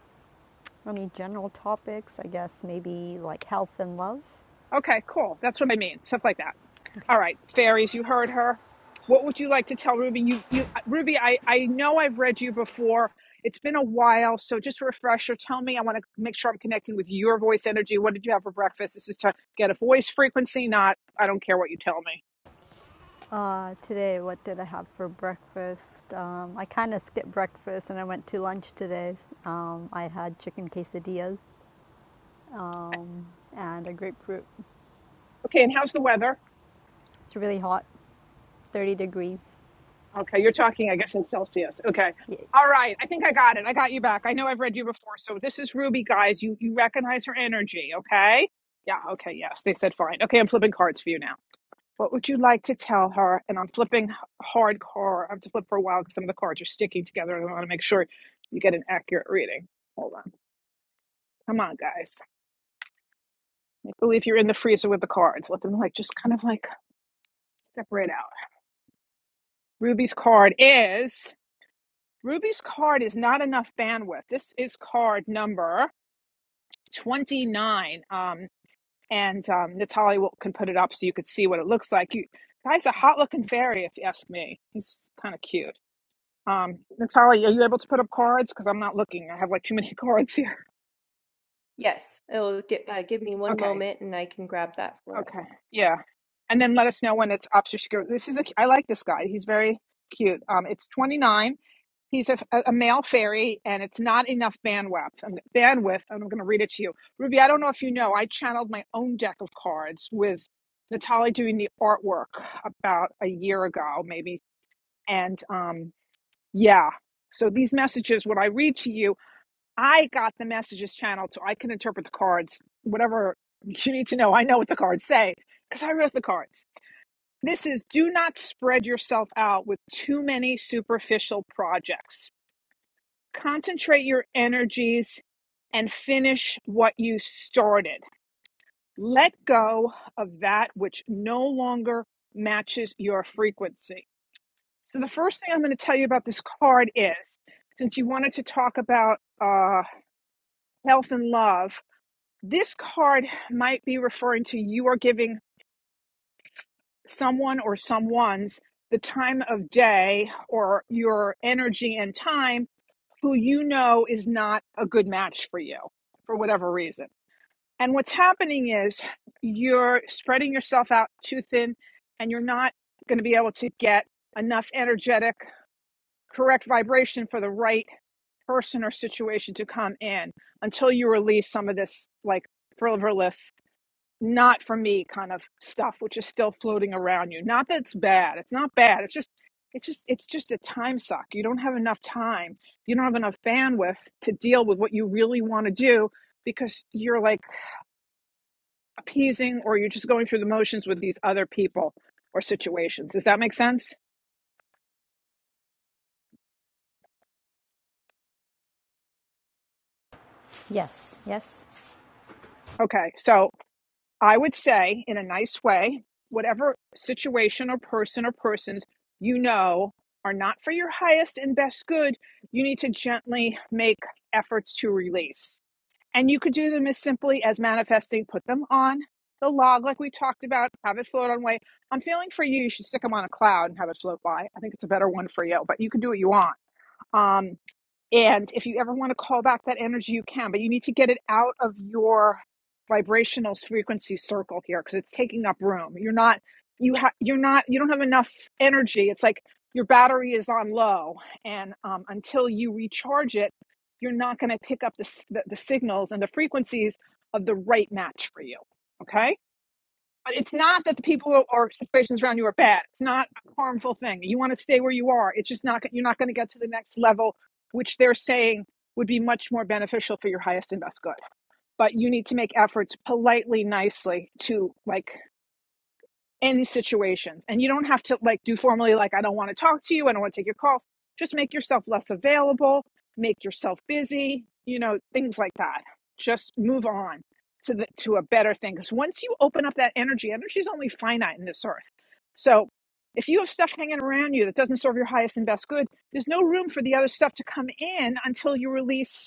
S6: any general topics, I guess, maybe like health and love?
S1: Okay, cool. That's what I mean. Stuff like that.
S6: Okay.
S1: All right. Fairies, you heard her. What would you like to tell Ruby? You you uh, Ruby, I I know I've read you before. It's been a while, so just a refresher. Tell me, I want to make sure I'm connecting with your voice energy. What did you have for breakfast? This is to get a voice frequency, not I don't care what you tell me.
S6: Uh, today, what did I have for breakfast? Um, I kind of skipped breakfast and I went to lunch today. Um, I had chicken quesadillas um, and a grapefruit. It's
S1: Okay, and how's the weather?
S6: really hot, 30 degrees.
S1: Okay, you're talking, I guess, in Celsius. Okay. All right. I think I got it. I got you back. I know I've read you before. So this is Ruby, guys. You you recognize her energy, okay? Yeah, okay, yes. They said fine. Okay, I'm flipping cards for you now. What would you like to tell her? And I'm flipping h- hardcore. I have to flip for a while because some of the cards are sticking together and I want to make sure you get an accurate reading. Hold on. Come on, guys. Make believe you're in the freezer with the cards. Let them like just kind of like separate out. Ruby's card is Ruby's card is not enough bandwidth. This is card number 29. Um, and um, Natalia will, can put it up so you could see what it looks like. You guy's a hot looking fairy, if you ask me. He's kind of cute. Um, Natalia, are you able to put up cards? Because I'm not looking. I have like too many [laughs] cards here.
S2: Yes, it'll gi- uh, give me one
S1: Okay.
S2: moment and I can grab that for us.
S1: Okay. Yeah. And then let us know when it's obscure. This is a, I like this guy. He's very cute. Um, it's 29. He's a, a male fairy, and it's not enough bandwidth. I'm, bandwidth. and I'm going to read it to you, Ruby. I don't know if you know. I channeled my own deck of cards with Natalie doing the artwork about a year ago, maybe. And um, yeah. So these messages, what I read to you I got the messages channel so I can interpret the cards, whatever you need to know. I know what the cards say because I wrote the cards. This is do not spread yourself out with too many superficial projects. Concentrate your energies and finish what you started. Let go of that which no longer matches your frequency. So, the first thing I'm going to tell you about this card is since you wanted to talk about uh, health and love, This card might be referring to you are giving someone or someone's the time of day or your energy and time who you know is not a good match for you for whatever reason. And what's happening is you're spreading yourself out too thin and you're not going to be able to get enough energetic, correct vibration for the right person or situation to come in until you release some of this like frivolous not for me kind of stuff which is still floating around you not that it's bad it's not bad it's just it's just it's just a time suck you don't have enough time you don't have enough bandwidth to deal with what you really want to do because you're like appeasing or you're just going through the motions with these other people or situations does that make sense
S6: yes, yes,
S1: okay so I would say, in a nice way, whatever situation or person or persons you know are not for your highest and best good, you need to gently make efforts to release. And you could do them as simply as manifesting, put them on the log like we talked about, have it float on way. I'm feeling for you, you should stick them on a cloud and have it float by. I think it's a better one for you, but you can do what you want. Um, and if you ever want to call back that energy, you can, but you need to get it out of your vibrational frequency circle here because it's taking up room. You're not, you have, you're not, you don't have enough energy. It's like your battery is on low, and um, until you recharge it, you're not going to pick up the, the the signals and the frequencies of the right match for you. Okay it's not that the people or situations around you are bad. It's not a harmful thing. You want to stay where you are. It's just not you're not going to get to the next level, which they're saying would be much more beneficial for your highest and best good. But you need to make efforts politely, nicely to like in these situations. And you don't have to like do formally like I don't want to talk to you, I don't want to take your calls. Just make yourself less available, make yourself busy, you know, things like that. Just move on to the, to a better thing because once you open up that energy, energy is only finite in this earth. So if you have stuff hanging around you that doesn't serve your highest and best good, there's no room for the other stuff to come in until you release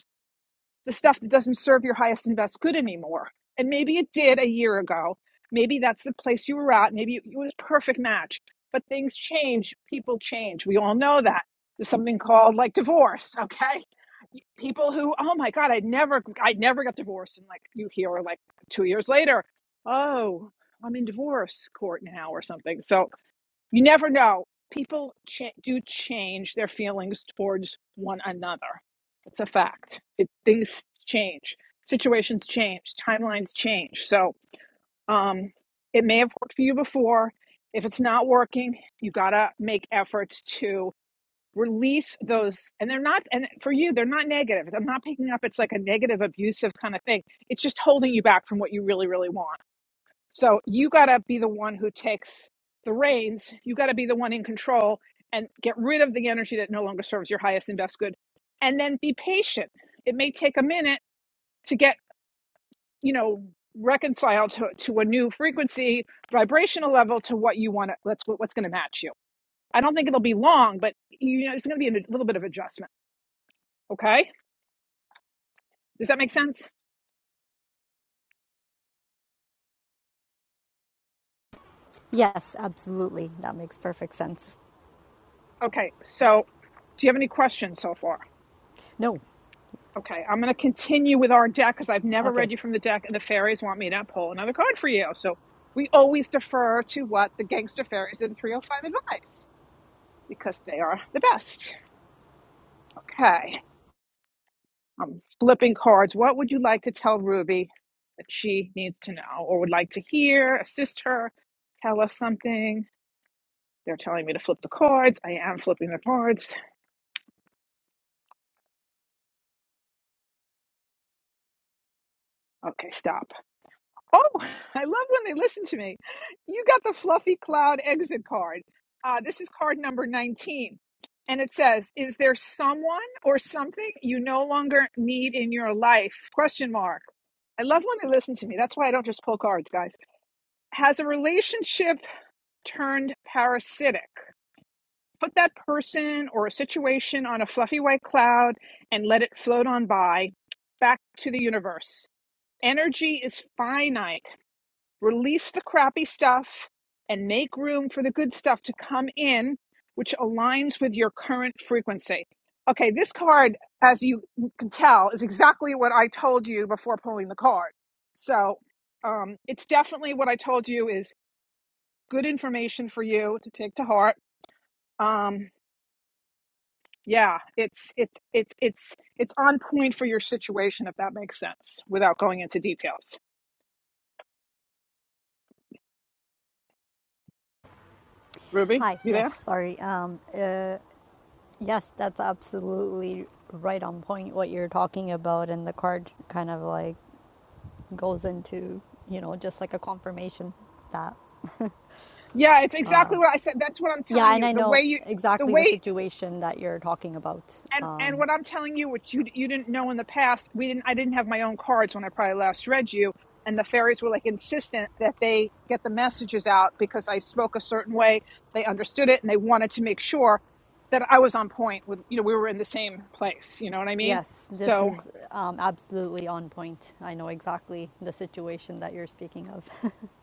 S1: the stuff that doesn't serve your highest and best good anymore. And maybe it did a year ago. Maybe that's the place you were at. Maybe it was a perfect match. But things change. People change. We all know that. There's something called like divorce. Okay, people who, oh my God, I never, I never got divorced, and like you hear like two years later, oh, I'm in divorce court now or something. So you never know. People cha- do change their feelings towards one another. It's a fact. It, things change, situations change, timelines change. So um, it may have worked for you before. If it's not working, you gotta make efforts to release those. And they're not, and for you, they're not negative. I'm not picking up it's like a negative, abusive kind of thing. It's just holding you back from what you really, really want so you got to be the one who takes the reins. You got to be the one in control and get rid of the energy that no longer serves your highest and best good. And then be patient. It may take a minute to get, you know, reconciled to, to a new frequency, vibrational level to what you want to, that's what, what's going to match you. I don't think it'll be long, but you know, it's going to be a little bit of adjustment. Okay. Does that make sense?
S6: yes, absolutely. That makes perfect sense.
S1: Okay. So do you have any questions so far?
S6: No,
S1: Okay, I'm going to continue with our deck because I've never
S6: okay.
S1: read you from the deck, and the fairies want me to pull another card for you. So we always defer to what the gangster fairies in 305 advise because they are the best. Okay, I'm flipping cards. What would you like to tell Ruby that she needs to know or would like to hear, assist her, tell us something? They're telling me to flip the cards. I am flipping the cards. Okay, stop. Oh, [laughs] I love when they listen to me. You got the fluffy cloud exit card. Uh, this is card number 19. And it says, is there someone or something you no longer need in your life? Question mark. I love when they listen to me. That's why I don't just pull cards, guys. Has a relationship turned parasitic? Put that person or a situation on a fluffy white cloud and let it float on by back to the universe. Energy is finite release the crappy stuff and make room for the good stuff to come in, which aligns with your current frequency. Okay, this card, as you can tell, is exactly what I told you before pulling the card. So um, it's definitely what I told you is good information for you to take to heart. Um, yeah, it's it's it's it's it's on point for your situation if that makes sense without going into details. Ruby,
S6: Hi,
S1: you there?
S6: yes, sorry. Um, uh, yes, that's absolutely right on point what you're talking about, and the card kind of like goes into, you know, just like a confirmation that
S1: Yeah, it's exactly what I said. That's what I'm
S6: Yeah,
S1: telling
S6: and
S1: you.
S6: I
S1: The way
S6: know
S1: you, the
S6: exactly the
S1: way,
S6: situation that you're talking about.
S1: and and
S6: Um,
S1: what I'm telling you, which you you didn't know in the past, we didn't. I didn't have my own cards when I probably last read you, and the fairies were like insistent that they get the messages out because I spoke a certain way. They understood it, and they wanted to make sure that I was on point with. You know, we were in the same place. You know what I mean?
S6: yes, this
S1: So
S6: is um, absolutely on point. I know exactly the situation that you're speaking of. [laughs]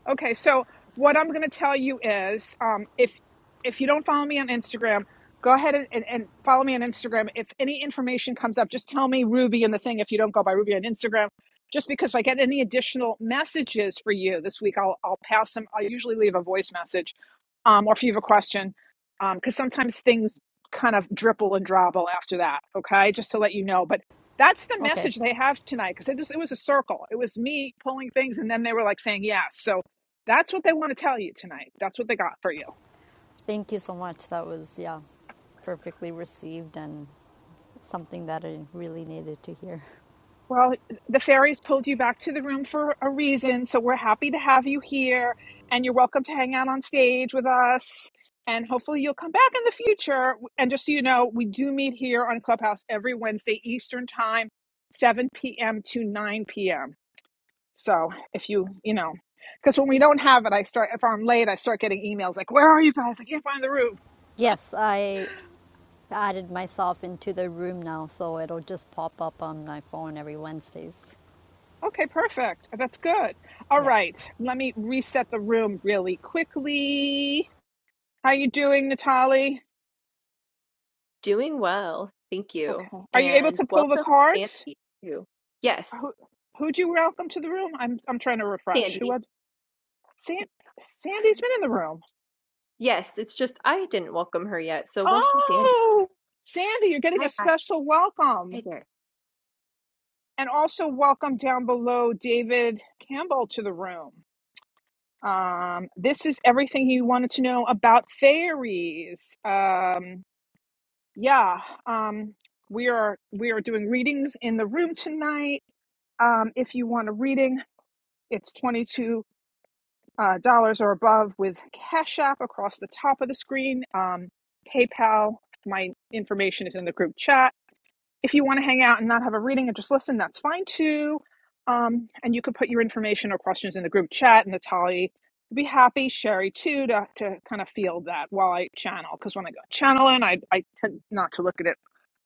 S1: Okay, so what I'm going to tell you is, um, if if you don't follow me on Instagram, go ahead and, and, and follow me on Instagram. If any information comes up, just tell me Ruby and the thing. If you don't go by Ruby on Instagram, just because if I get any additional messages for you this week, I'll I'll pass them. I'll usually leave a voice message, um, or if you have a question, um, because sometimes things kind of dribble and drabble after that. Okay, just to let you know, but. That's the
S6: Okay,
S1: message they have tonight because it, was- it was a circle. It was me pulling things, and then they were like saying yes. So that's what they want to tell you tonight. That's what they got for you.
S6: thank you so much. That was, yeah, perfectly received and something that I really needed to hear. [laughs]
S1: Well, the fairies pulled you back to the room for a reason, so we're happy to have you here, and you're welcome to hang out on stage with us. And hopefully, you'll come back in the future. And just so you know, we do meet here on Clubhouse every Wednesday Eastern Time, 7 p.m. to 9 p.m. So if you, you know, because when we don't have it, I start, if I'm late, I start getting emails like, Where are you guys? I can't find the room.
S6: Yes, I added myself into the room now, so it'll just pop up on my phone every Wednesdays.
S1: Okay, perfect. That's good. All
S6: Yeah.
S1: right, let me reset the room really quickly. How you doing, Natali?
S2: Doing well, thank you.
S1: Okay. Are you able
S2: And
S1: to pull the
S2: welcome,
S1: cards?
S2: Sandy, too. Yes,
S1: Who who'd you welcome to the room? I'm I'm trying to refresh. Who
S2: Sandy.
S1: had San, Sandy's been in the room.
S2: Yes, it's just I didn't welcome her yet, so welcome, Sandy.
S1: Oh, Sandy, you're getting a
S2: Hi, hi,
S1: special
S2: hi
S1: welcome,
S2: there.
S1: and also welcome down below David Campbell to the room. Um, this is everything you wanted to know about fairies. Um, yeah um we are we are doing readings in the room tonight um if you want a reading it's 22 uh, dollars or above with cash app across the top of the screen um paypal my information is in the group chat if you want to hang out and not have a reading and just listen, that's fine too. Um, and you could put your information or questions in the group chat, and Natalie would be happy, Sherry too, to, to kind of feel that while I channel. Because when I go channeling, I, I tend not to look at it.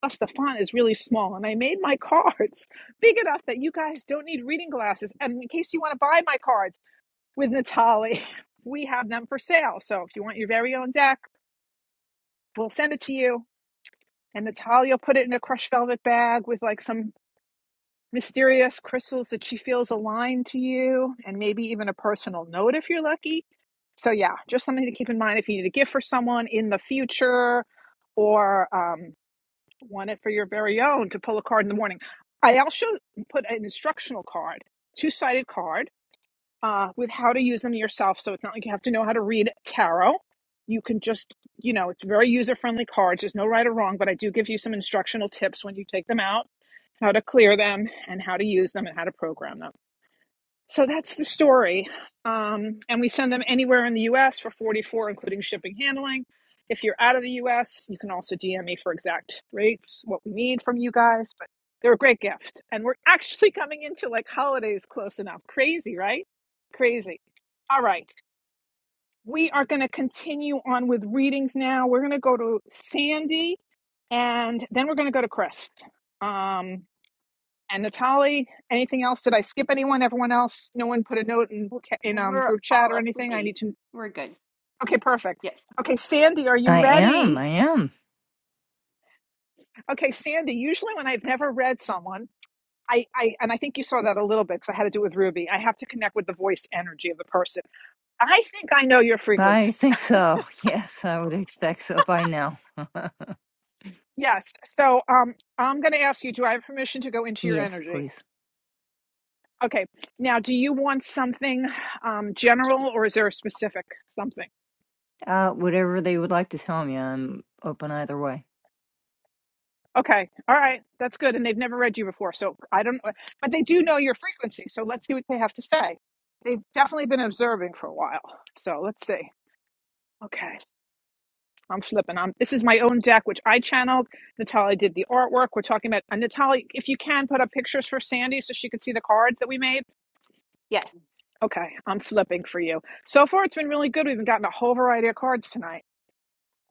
S1: Plus, the font is really small, and I made my cards [laughs] big enough that you guys don't need reading glasses. And in case you want to buy my cards with Natalie, [laughs] we have them for sale. So if you want your very own deck, we'll send it to you. And Natalia put it in a crushed velvet bag with like some mysterious crystals that she feels aligned to you, and maybe even a personal note if you're lucky. So, yeah, just something to keep in mind if you need a gift for someone in the future or um, want it for your very own to pull a card in the morning. I also put an instructional card, two sided card, uh, with how to use them yourself. So, it's not like you have to know how to read tarot. You can just, you know, it's very user friendly cards. There's no right or wrong, but I do give you some instructional tips when you take them out how to clear them and how to use them and how to program them. So that's the story. Um, and we send them anywhere in the US for 44, including shipping handling. If you're out of the US, you can also DM me for exact rates, what we need from you guys. But they're a great gift. And we're actually [laughs] coming into like holidays close enough. Crazy, right? Crazy. All right. We are going to continue on with readings now. We're going to go to Sandy and then we're going to go to Chris. Um, and Natali, anything else? Did I skip anyone? Everyone else? No one put a note in
S2: W-
S1: in um,
S2: We're
S1: group chat
S2: all
S1: or
S2: up to
S1: anything. I
S2: date.
S1: need to.
S2: We're good.
S1: Okay, perfect.
S2: Yes,
S1: Okay, Sandy, are you
S4: I am.
S1: ready?
S4: I am.
S1: Okay, Sandy. Usually, when I've never read someone, I, I and I think you saw that a little bit because I had to do with Ruby. I have to connect with the voice energy of the person. I think I know your
S4: I
S1: frequency.
S4: think so. [laughs] Yes, I would expect so by now.
S1: Yes. So, um, I'm going to ask you. Do I have permission to go into your
S4: Yes,
S1: energy?
S4: please.
S1: Okay. Now, do you want something um, general or is there a specific something?
S4: Uh whatever they would like to tell me, I'm open either way.
S1: Okay. All right. That's good. And they've never read you before. So I don't, but they do know your frequency. So let's see what they have to say. They've definitely been observing for a while. So let's see. Okay. I'm flipping. I'm, this is my own deck, which I channeled. Natalie did the artwork. We're talking about, and Natalie, if you can put up pictures for Sandy so she could see the cards that we made.
S2: yes,
S1: Okay. I'm flipping for you. So far, it's been really good. We've gotten a whole variety of cards tonight.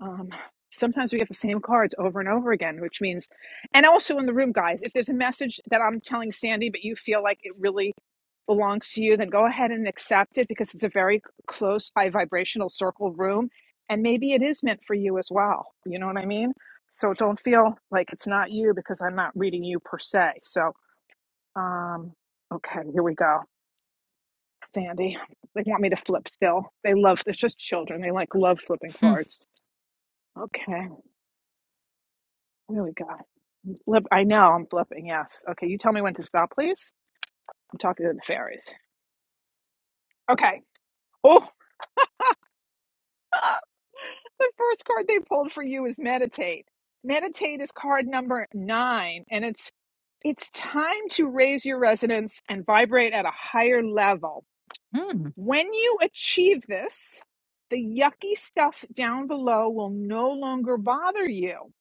S1: Um, sometimes we get the same cards over and over again, which means, and also in the room, guys, if there's a message that I'm telling Sandy, but you feel like it really belongs to you, then go ahead and accept it because it's a very c- close by vibrational circle room. And maybe it is meant for you as well. You know what I mean? So don't feel like it's not you because I'm not reading you per se. So, um, okay, here we go. Sandy, they want me to flip still. They love, they're just children. They like love flipping
S4: Hmm.
S1: cards. Okay, here we go. Flip, I know I'm flipping. Yes. Okay. You tell me when to stop, please. I'm talking to the fairies. Okay. Oh, [laughs] the first card they pulled for you is meditate. Meditate is card number nine, and it's it's time to raise your resonance and vibrate at a higher level.
S4: Hmm.
S1: When you achieve this, the yucky stuff down below will no longer bother you.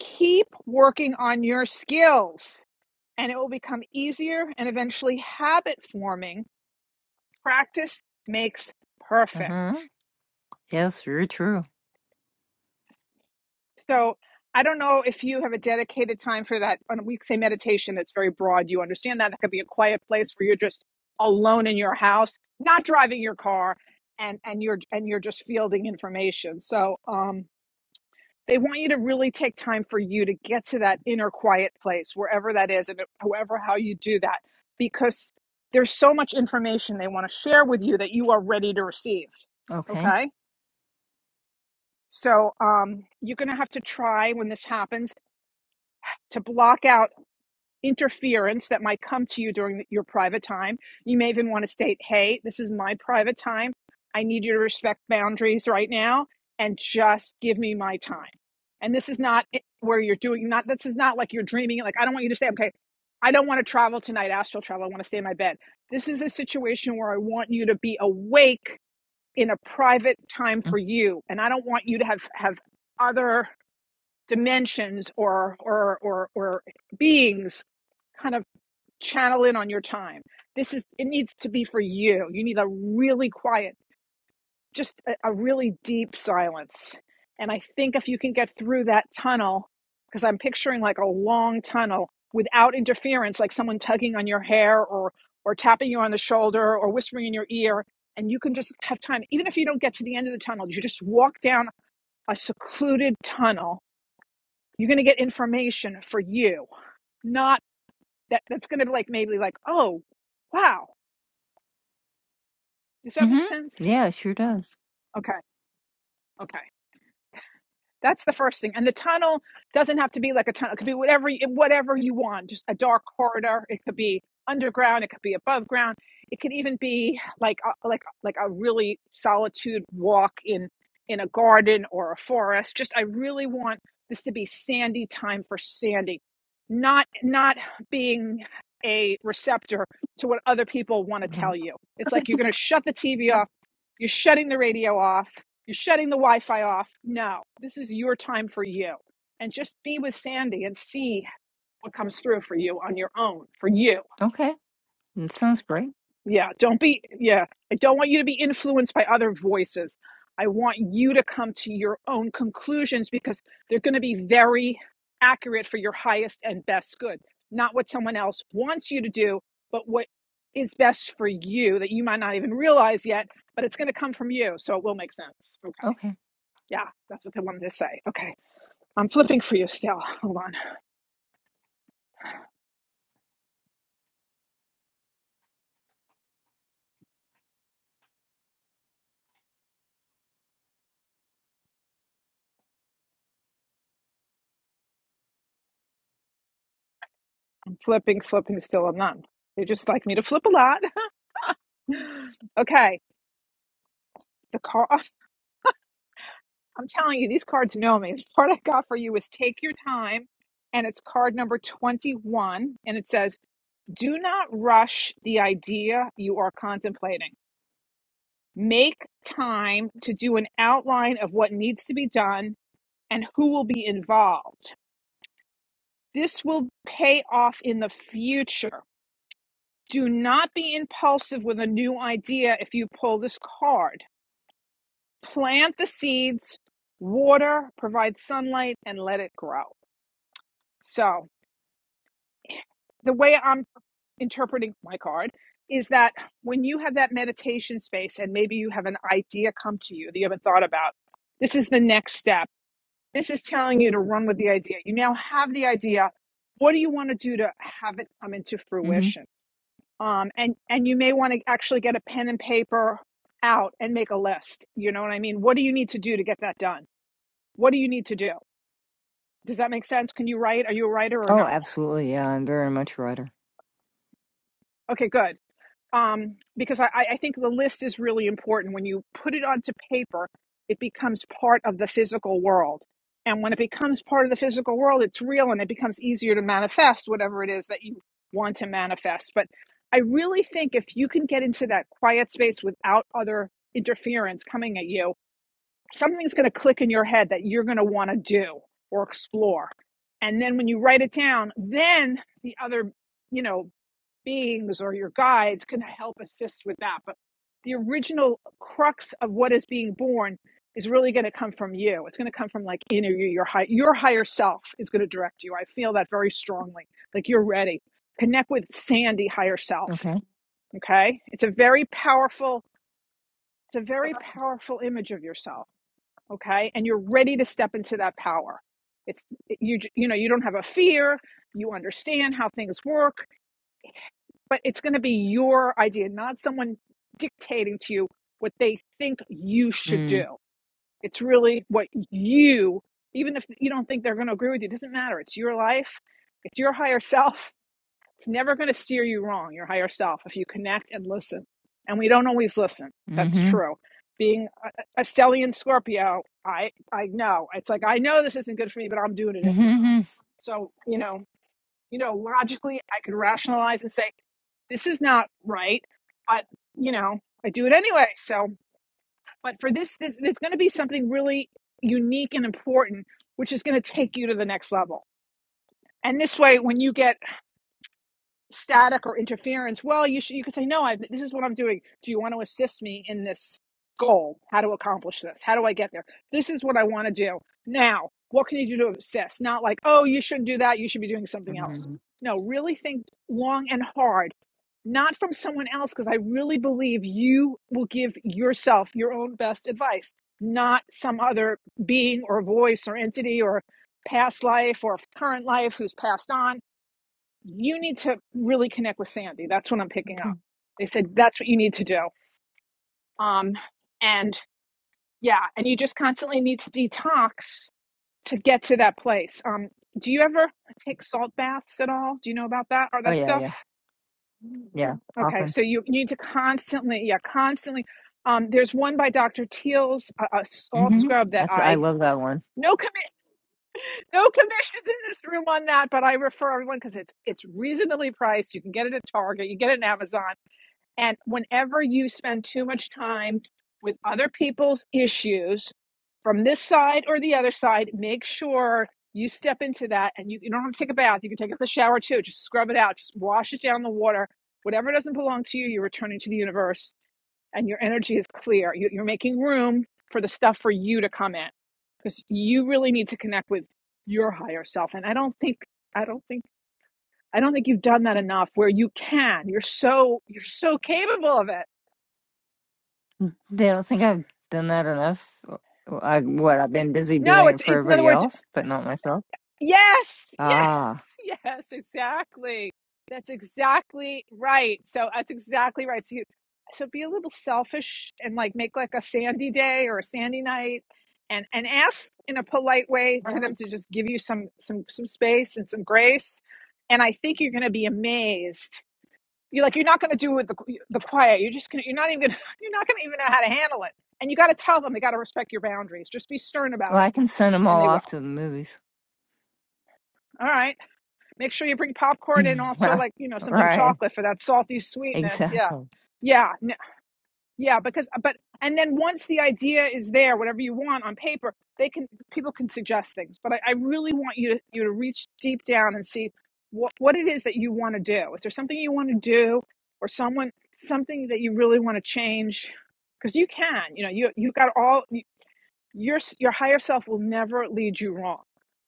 S1: Keep working on your skills, and it will become easier and eventually habit forming practice makes perfect.
S4: Uh-huh. Yes, very true.
S1: So I don't know if you have a dedicated time for that. When we say meditation, that's very broad. You understand that. That could be a quiet place where you're just alone in your house, not driving your car, and and you're and you're just fielding information. So um, they want you to really take time for you to get to that inner quiet place, wherever that is, and however how you do that, because there's so much information they want to share with you that you are ready to receive.
S4: Okay.
S1: Okay So um, you're going to have to try when this happens to block out interference that might come to you during the, your private time. You may even want to state, hey, this is my private time. I need you to respect boundaries right now and just give me my time. And this is not it- where you're doing, not, this is not like you're dreaming. Like, I don't want you to say, okay, I don't want to travel tonight, astral travel. I want to stay in my bed. This is a situation where I want you to be awake in a private time for you. And I don't want you to have, have, other dimensions or or or or beings kind of channel in on your time. This is it needs to be for you. You need a really quiet, just a, a really deep silence. And I think if you can get through that tunnel, because I'm picturing like a long tunnel without interference, like someone tugging on your hair or or tapping you on the shoulder or whispering in your ear, and you can just have time, even if you don't get to the end of the tunnel, you just walk down a secluded tunnel you're going to get information for you, not that that's going to like maybe like, oh, wow. Does that make
S4: Mm-hmm.
S1: sense?
S4: Yeah, it sure does.
S1: Okay. Okay. That's the first thing. And the tunnel doesn't have to be like a tunnel. It could be whatever whatever you want. Just a dark corridor. It could be underground. It could be above ground. It could even be like a, like like a really solitude walk in in a garden or a forest. Just I really want this to be sandy time for sandy, not not being a receptor to what other people want to tell
S4: Mhm.
S1: you. It's like you're going to shut the TV off. You're shutting the radio off. You're shutting the Wi Fi off. No, this is your time for you. And just be with Sandy and see what comes through for you on your own, for you.
S4: Okay. That sounds great.
S1: Yeah, don't be, yeah, I don't want you to be influenced by other voices. I want you to come to your own conclusions because they're going to be very accurate for your highest and best good, not what someone else wants you to do, but what is best for you that you might not even realize yet, but it's going to come from you. So it will make sense.
S4: Okay.
S1: Yeah, that's what they wanted to say. Okay. I'm flipping for you still. Hold on. I'm flipping, flipping still. I'm not. They just like me to flip a lot. [laughs] okay. The card. [laughs] I'm telling you, these cards know me. The card I got for you is Take Your Time, and it's card number 21. And it says, Do not rush the idea you are contemplating. Make time to do an outline of what needs to be done and who will be involved. This will pay off in the future. Do not be impulsive with a new idea if you pull this card. Plant the seeds, water, provide sunlight, and let it grow. So, the way I'm interpreting my card is that when you have that meditation space and maybe you have an idea come to you that you haven't thought about, this is the next step This is telling you to run with the idea. You now have the idea. What do you want to do to have it come into
S4: Mm-hmm.
S1: fruition? Um, and and you may want to actually get a pen and paper out and make a list. You know what I mean? What do you need to do to get that done? What do you need to do? Does that make sense? Can you write? Are you a writer or
S4: Oh,
S1: no?
S4: absolutely. Yeah, I'm very much a writer.
S1: Okay, good um, because I, I I think the list is really important. When you put it onto paper, it becomes part of the physical world. And when it becomes part of the physical world, it's real and it becomes easier to manifest whatever it is that you want to manifest. But I really think if you can get into that quiet space without other interference coming at you, something's going to click in your head that you're going to want to do or explore. And then when you write it down, then the other, you know, beings or your guides can help assist with that. But the original crux of what is being born is really going to come from you. It's going to come from like inner you, your high, your higher self is going to direct you. I feel that very strongly. Like you're ready. Connect with Sandy higher self.
S4: Okay.
S1: Okay, it's a very powerful. It's a very powerful image of yourself. Okay, and you're ready to step into that power. It's you. You know you don't have a fear. You understand how things work but it's going to be your idea, not someone dictating to you what they think you should
S4: Mm.
S1: do. It's really what you, even if you don't think they're going to agree with you, it doesn't matter. It's your life, it's your higher self. It's never going to steer you wrong, your higher self, if you connect and listen. And we don't always listen. That's
S4: Mm-hmm. [laughs]
S1: true. Being a, a stellian Scorpio, I I know it's like I know this isn't good for me, but I'm doing it anyway.
S4: Mm-hmm.
S1: So you know, you know, logically I could rationalize and say, this is not right, but you know, I do it anyway. So, but for this, this there's going to be something really unique and important, which is going to take you to the next level. And this way, when you get static or interference. Well, you should, you could say, no, I, this is what I'm doing. Do you want to assist me in this goal? How to accomplish this? How do I get there? This is what I want to do now. What can you do to assist? Not like, oh, you shouldn't do that. You should be doing something else.
S4: hmm
S1: No, really think long and hard, not from someone else, because I really believe you will give yourself your own best advice, not some other being or voice or entity or past life or current life who's passed on you need to really connect with Sandy. That's what I'm picking up. They said that's what you need to do. Um, and yeah, and you just constantly need to detox to get to that place. Um, do you ever take salt baths at all? Do you know about that or
S4: Oh
S1: that
S4: yeah,
S1: stuff?
S4: yeah. Yeah.
S1: Okay,
S4: Often.
S1: so you need to constantly, yeah, constantly. Um, there's one by Dr. Teals, a, a salt
S4: Mm-hmm.
S1: scrub that
S4: That's I
S1: I
S4: love that one.
S1: no commi- no commissions in this room on that, but I refer everyone because it's it's reasonably priced. You can get it at Target, you get it at Amazon And whenever you spend too much time with other people's issues from this side or the other side, make sure you step into that and you, you don't have to take a bath. You can take it in the shower too. Just scrub it out, just wash it down the water. Whatever doesn't belong to you, you're returning to the universe and your energy is clear. You, you're making room for the stuff for you to come in because you really need to connect with your higher self. And I don't think, I don't think, I don't think you've done that enough where you can. You're so, you're so capable of it
S4: They don't think I've done that enough. Well, I what I've been busy
S1: No,
S4: doing it
S1: it's,
S4: for
S1: it's in other
S4: everybody
S1: words,
S4: else, but not myself.
S1: yes, yes,
S4: Ah.
S1: yes, exactly. That's exactly right. So that's exactly right. So you, so be a little selfish and like make like a sandy day or a sandy night, and and ask in a polite way for
S4: Well,
S1: them to just give you some some some space and some grace. And I think you're going to be amazed. You're like you're not going to do with the the quiet. You're just gonna you're not even gonna, [laughs] you're not going to even know how to handle it. And you got to tell them they got to respect your boundaries. Just be stern about it,
S4: I can send them
S1: and
S4: all
S1: they will.
S4: off to the movies.
S1: All right. Make sure you bring popcorn and
S4: [laughs]
S1: also
S4: well,
S1: like you know something
S4: right.
S1: chocolate for that salty sweetness. Yeah,
S4: Exactly. [laughs]
S1: yeah, n- yeah. Because but and then once the idea is there, whatever you want on paper, they can people can suggest things. But I, I really want you to you to reach deep down and see what what it is that you want to do. Is there something you want to do, or someone something that you really want to change? Because you can. You know you you've got all your your higher self will never lead you wrong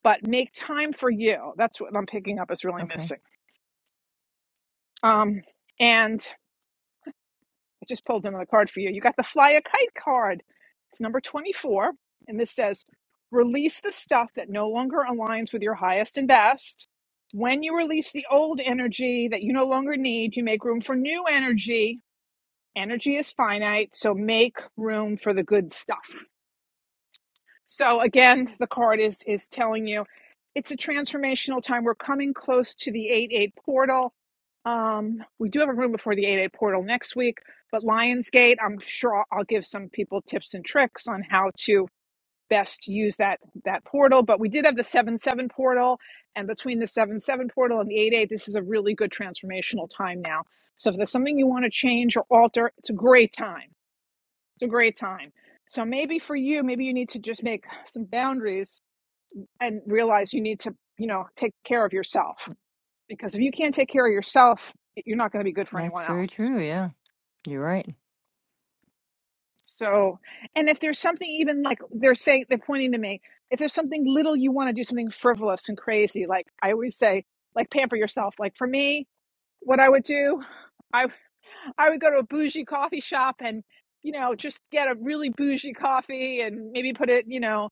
S1: but make time for you. That's what I'm picking up is really
S4: Okay.
S1: missing. Um, and I just pulled another card for you. You got the Fly a Kite card. It's number 24. And this says, release the stuff that no longer aligns with your highest and best. When you release the old energy that you no longer need, you make room for new energy. Energy is finite, so make room for the good stuff. So again, the card is is telling you it's a transformational time. We're coming close to the 8-8 portal. Um, we do have a room before the 8-8 portal next week, but Lionsgate, I'm sure I'll, give some people tips and tricks on how to best use that that portal. But we did have the 7-7 portal, and between the 7-7 portal and the 8-8, this is a really good transformational time now. So if there's something you want to change or alter, it's a great time. It's a great time. So maybe for you, maybe you need to just make some boundaries and realize you need to, you know, take care of yourself. Because if you can't take care of yourself, you're not going to be good for anyone
S4: That's very
S1: else.
S4: true. Yeah. You're right.
S1: So, and if there's something even like they're saying, they're pointing to me, if there's something little you want to do, something frivolous and crazy, like I always say, like pamper yourself. Like for me, what I would do, I. I would go to a bougie coffee shop and, you know, just get a really bougie coffee and maybe put it, you know,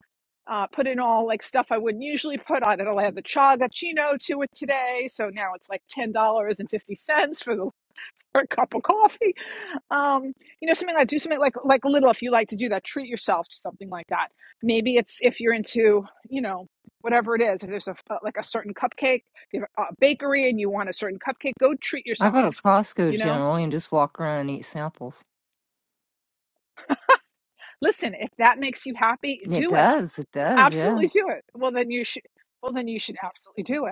S1: uh, put in all like stuff I wouldn't usually put on it. I'll add the chagachino to it today. So now it's like $10.50 for the for a cup of coffee. Um, you know, something like do something like like little if you like to do that, treat yourself to something like that. Maybe it's if you're into, you know, whatever it is, if there's a uh, like a certain cupcake, if you have a bakery and you want a certain cupcake, go treat
S4: I go
S1: yourself,
S4: to
S1: you
S4: Costco
S1: know?
S4: generally and just walk around and eat samples.
S1: Listen, if that makes you happy,
S4: It
S1: do it.
S4: does. It does. Yeah.
S1: Absolutely do it. Well, then you should. Well, then you should absolutely do it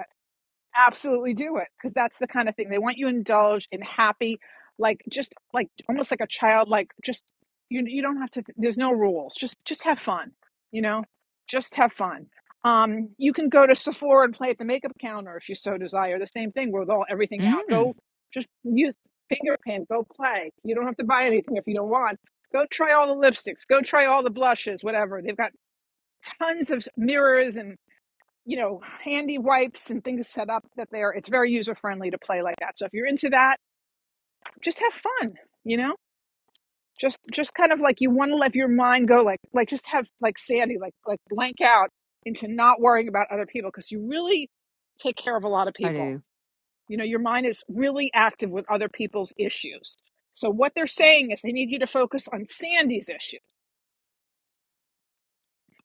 S1: absolutely do it because that's the kind of thing they want you indulged in happy like just like almost like a child like just you you don't have to there's no rules just just have fun you know just have fun um you can go to Sephora and play at the makeup counter if you so desire the same thing with all everything out
S4: Mm,
S1: go just use finger paint go play you don't have to buy anything if you don't want go try all the lipsticks go try all the blushes whatever they've got tons of mirrors and you know, handy wipes and things set up that they're it's very user friendly to play like that. So if you're into that, just have fun, you know? Just just kind of like you want to let your mind go like like just have like Sandy like like blank out into not worrying about other people because you really take care of a lot of
S4: I
S1: people.
S4: do.
S1: You know, your mind is really active with other people's issues. So what they're saying is they need you to focus on Sandy's issue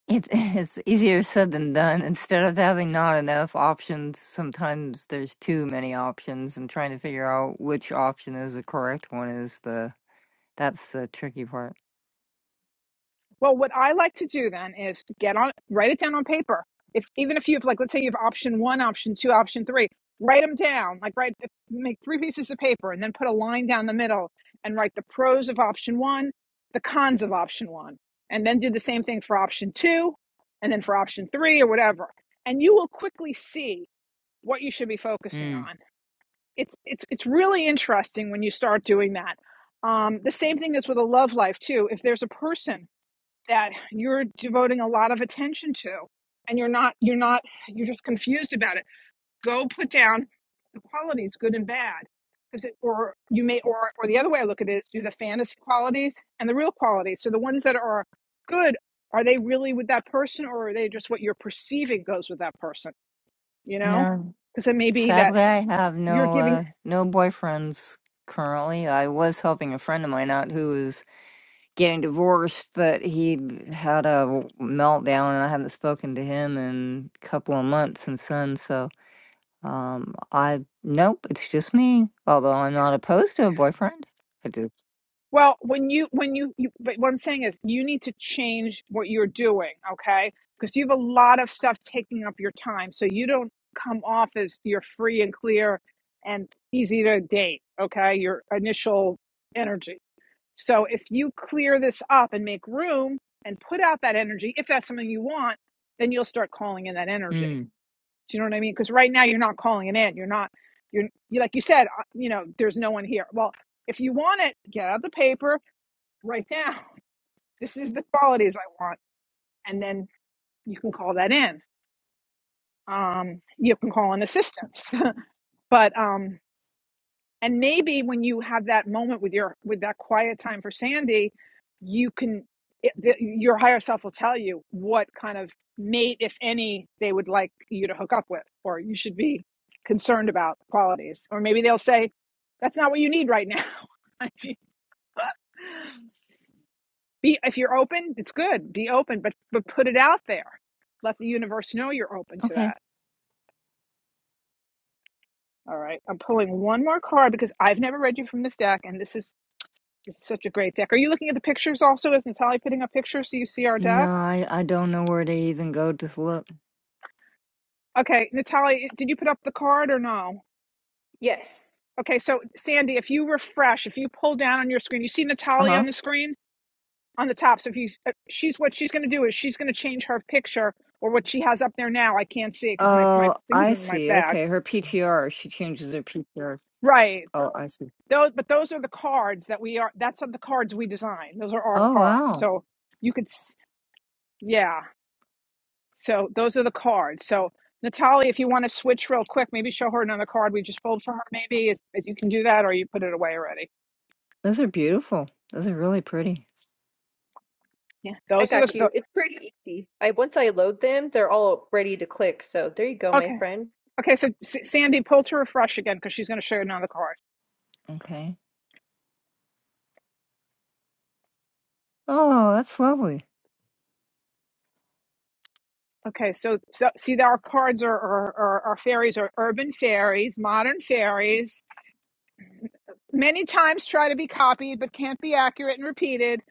S4: It, [laughs] it's easier said than done. Instead of having not enough options, sometimes there's too many options, and trying to figure out which option is the correct one is the that's the tricky part.
S1: Well, what I like to do then is to get on, write it down on paper. If even if you have, like, let's say you have option one, option two, option three, write them down. Like, write, make three pieces of paper and then put a line down the middle and write the pros of option one, the cons of option one, and then do the same thing for option two and then for option three or whatever. And you will quickly see what you should be focusing
S4: Mm.
S1: on. It's, it's, it's really interesting when you start doing that. Um, the same thing is with a love life too. If there's a person that you're devoting a lot of attention to and you're not you're not you're just confused about it go put down the qualities good and bad because it or you may or or the other way i look at it is do the fantasy qualities and the real qualities so the ones that are good are they really with that person or are they just what you're perceiving goes with that person you know
S4: No,
S1: because it may be that
S4: sadly, I have
S1: you're
S4: no
S1: giving
S4: uh, no boyfriends currently. I was helping a friend of mine out who was getting divorced, but he had a meltdown, and I haven't spoken to him in a couple of months since then. So. Um, I nope, it's just me. Although I'm not opposed to a boyfriend. I just
S1: Well, when you when you, you but what I'm saying is you need to change what you're doing, okay? Because you have a lot of stuff taking up your time, so you don't come off as you're free and clear and easy to date, okay? Your initial energy. So if you clear this up and make room and put out that energy, if that's something you want, then you'll start calling in that energy.
S4: Hmm.
S1: Do you know what I mean? Because right now you're not calling it in. You're not. You're you like you said. uh, You know, there's no one here. Well, if you want it, get out the paper Right now, [laughs] this is the qualities I want, and then you can call that in. Um, you can call an assistance, [laughs] but um, and maybe when you have that moment with your with that quiet time for Sandy, you can it, the, your higher self will tell you what kind of mate, if any, they would like you to hook up with, or you should be concerned about qualities, or maybe they'll say that's not what you need right now. [laughs] I mean, [laughs] Be if you're open, it's good. Be open, but but put it out there. Let the universe know you're open to
S4: Okay.
S1: that. All right. I'm pulling one more card because I've never read you from this deck, and this is, this is such a great deck. Are you looking at the pictures also? Is Natalia putting up pictures so you see our deck?
S4: No, I I don't know where to even go to look.
S1: Okay, Natalia, did you put up the card or no?
S2: yes.
S1: Okay, so Sandy, if you refresh, if you pull down on your screen, you see Natalia on
S4: Uh-huh.
S1: the screen on the top. So if you, uh, she's what she's going to do is she's going to change her picture or what she has up there now. I can't see it because my my
S4: Oh,
S1: things
S4: I
S1: in my
S4: see.
S1: bag.
S4: Okay, her PTR. She changes her PTR.
S1: Right.
S4: Oh, I see.
S1: Those, but those are the cards that we are. That's the cards we design. Those are our
S4: Oh
S1: cards.
S4: wow.
S1: So you could, yeah. So those are the cards. So Natalie, if you want to switch real quick, maybe show her another card we just pulled for her. Maybe is, is you can do that, or you put it away already.
S4: Those are beautiful. Those are really pretty.
S1: Yeah,
S2: I
S1: those are the.
S2: got
S1: the
S2: you. It's pretty easy. I once I load them, they're all ready to click. So there you go, my
S1: okay,
S2: friend.
S1: okay. So S- Sandy, pull to refresh again because she's going to show you another card.
S4: Okay. Oh, that's lovely.
S1: Okay, so, so see, our cards are, are, are our fairies are urban fairies, modern fairies. Many times try to be copied, but can't be accurate and repeated.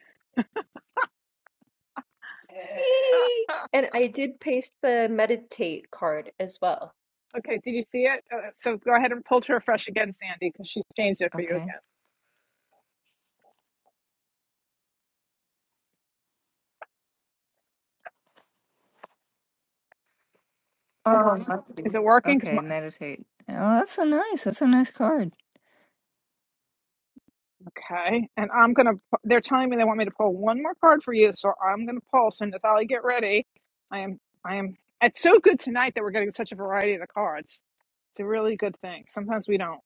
S1: Uh,
S2: [laughs] And I did paste the meditate card as well.
S1: Okay, did you see it? Uh, so go ahead and pull to refresh again, Sandy, because she's changed it for you
S4: Okay.
S1: again.
S4: Oh, that's
S1: Is
S4: good.
S1: it working? Because my
S4: okay, meditate. Oh, that's so nice. That's a nice card. [laughs]
S1: okay, and I'm gonna. pu- They're telling me they want me to pull one more card for you, so I'm gonna pull. So Natalia, get ready. I am. I am. It's so good tonight that we're getting such a variety of the cards. It's a really good thing. Sometimes we don't.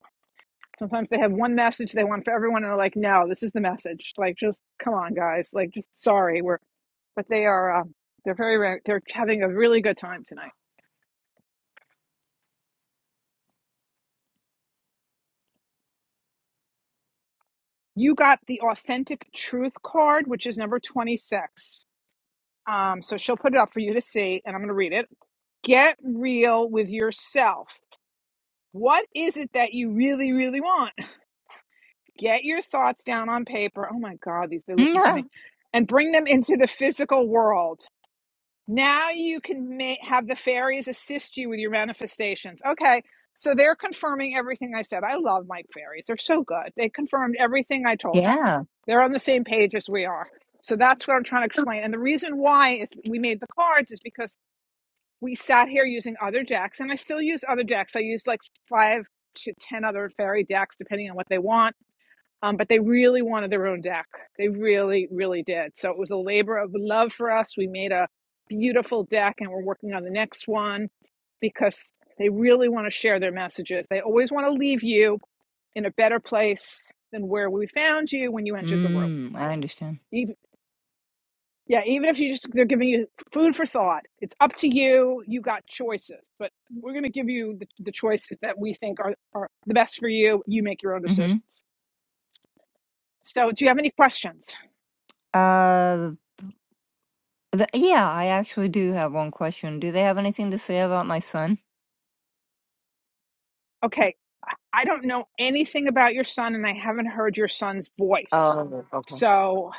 S1: Sometimes they have one message they want for everyone and they are like, no, this is the message. Like, just come on, guys. Like, just sorry. We're, but they are, um, they're very, re- they're having a really good time tonight. You got the authentic truth card, which is number 26. Um, so she'll put it up for you to see, and I'm going to read it. Get real with yourself. What is it that you really, really want? Get your thoughts down on paper. Oh my God, these, they listen to
S4: Yeah.
S1: me. And bring them into the physical world. Now you can ma- have the fairies assist you with your manifestations. Okay, so they're confirming everything I said. I love my Fairies. They're so good. They confirmed everything I told you.
S4: Yeah.
S1: They're on the same page as we are. So that's what I'm trying to explain. And the reason why is we made the cards is because we sat here using other decks, and I still use other decks. I use like five to ten other fairy decks, depending on what they want um, but they really wanted their own deck. They really, really did. So it was a labor of love for us. We made a beautiful deck and we're working on the next one because they really want to share their messages. They always want to leave you in a better place than where we found you when you entered the room.
S4: Mm, I understand.
S1: Even, yeah, even if you just they're giving you food for thought. It's up to you. You got choices, but we're going to give you the, the choices that we think are, are the best for you. You make your own decision. So, do you have any questions?
S4: Uh, th yeah, I actually do have one question. Do they have anything to say about my son?
S1: okay, I I don't know anything about your son and I haven't heard your son's voice.
S4: Oh, okay.
S1: So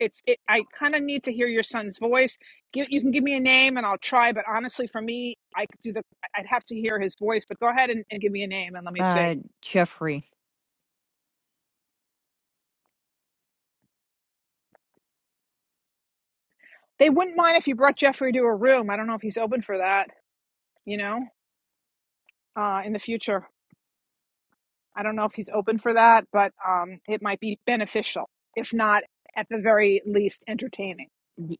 S1: it's it, I kind of need to hear your son's voice. You, you can give me a name and I'll try, but honestly for me, I could do the I'd have to hear his voice, but go ahead and, and give me a name and let me see.
S4: Uh, Jeffrey.
S1: They wouldn't mind if you brought Jeffrey to a room. I don't know if he's open for that, you know, uh, in the future. I don't know if he's open for that, but um, it might be beneficial, if not at the very least entertaining.
S4: Y-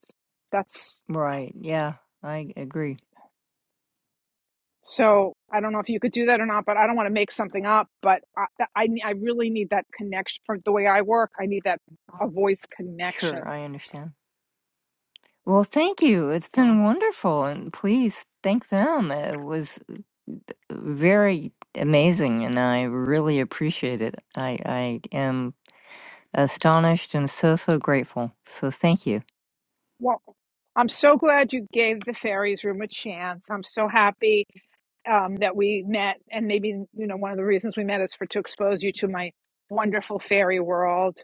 S1: That's.
S4: Right. Yeah, I agree.
S1: So I don't know if you could do that or not, but I don't want to make something up. But I, I, I really need that connection for the way I work. I need that a voice
S4: Sure,
S1: connection.
S4: I understand. Well, thank you. It's
S1: So,
S4: been wonderful, and please thank them. It was very amazing, and I really appreciate it. I I am astonished and so so grateful. So thank you.
S1: well, I'm so glad you gave the fairies room a chance. I'm so happy. um, that we met, and maybe you know one of the reasons we met is for to expose you to my wonderful fairy world,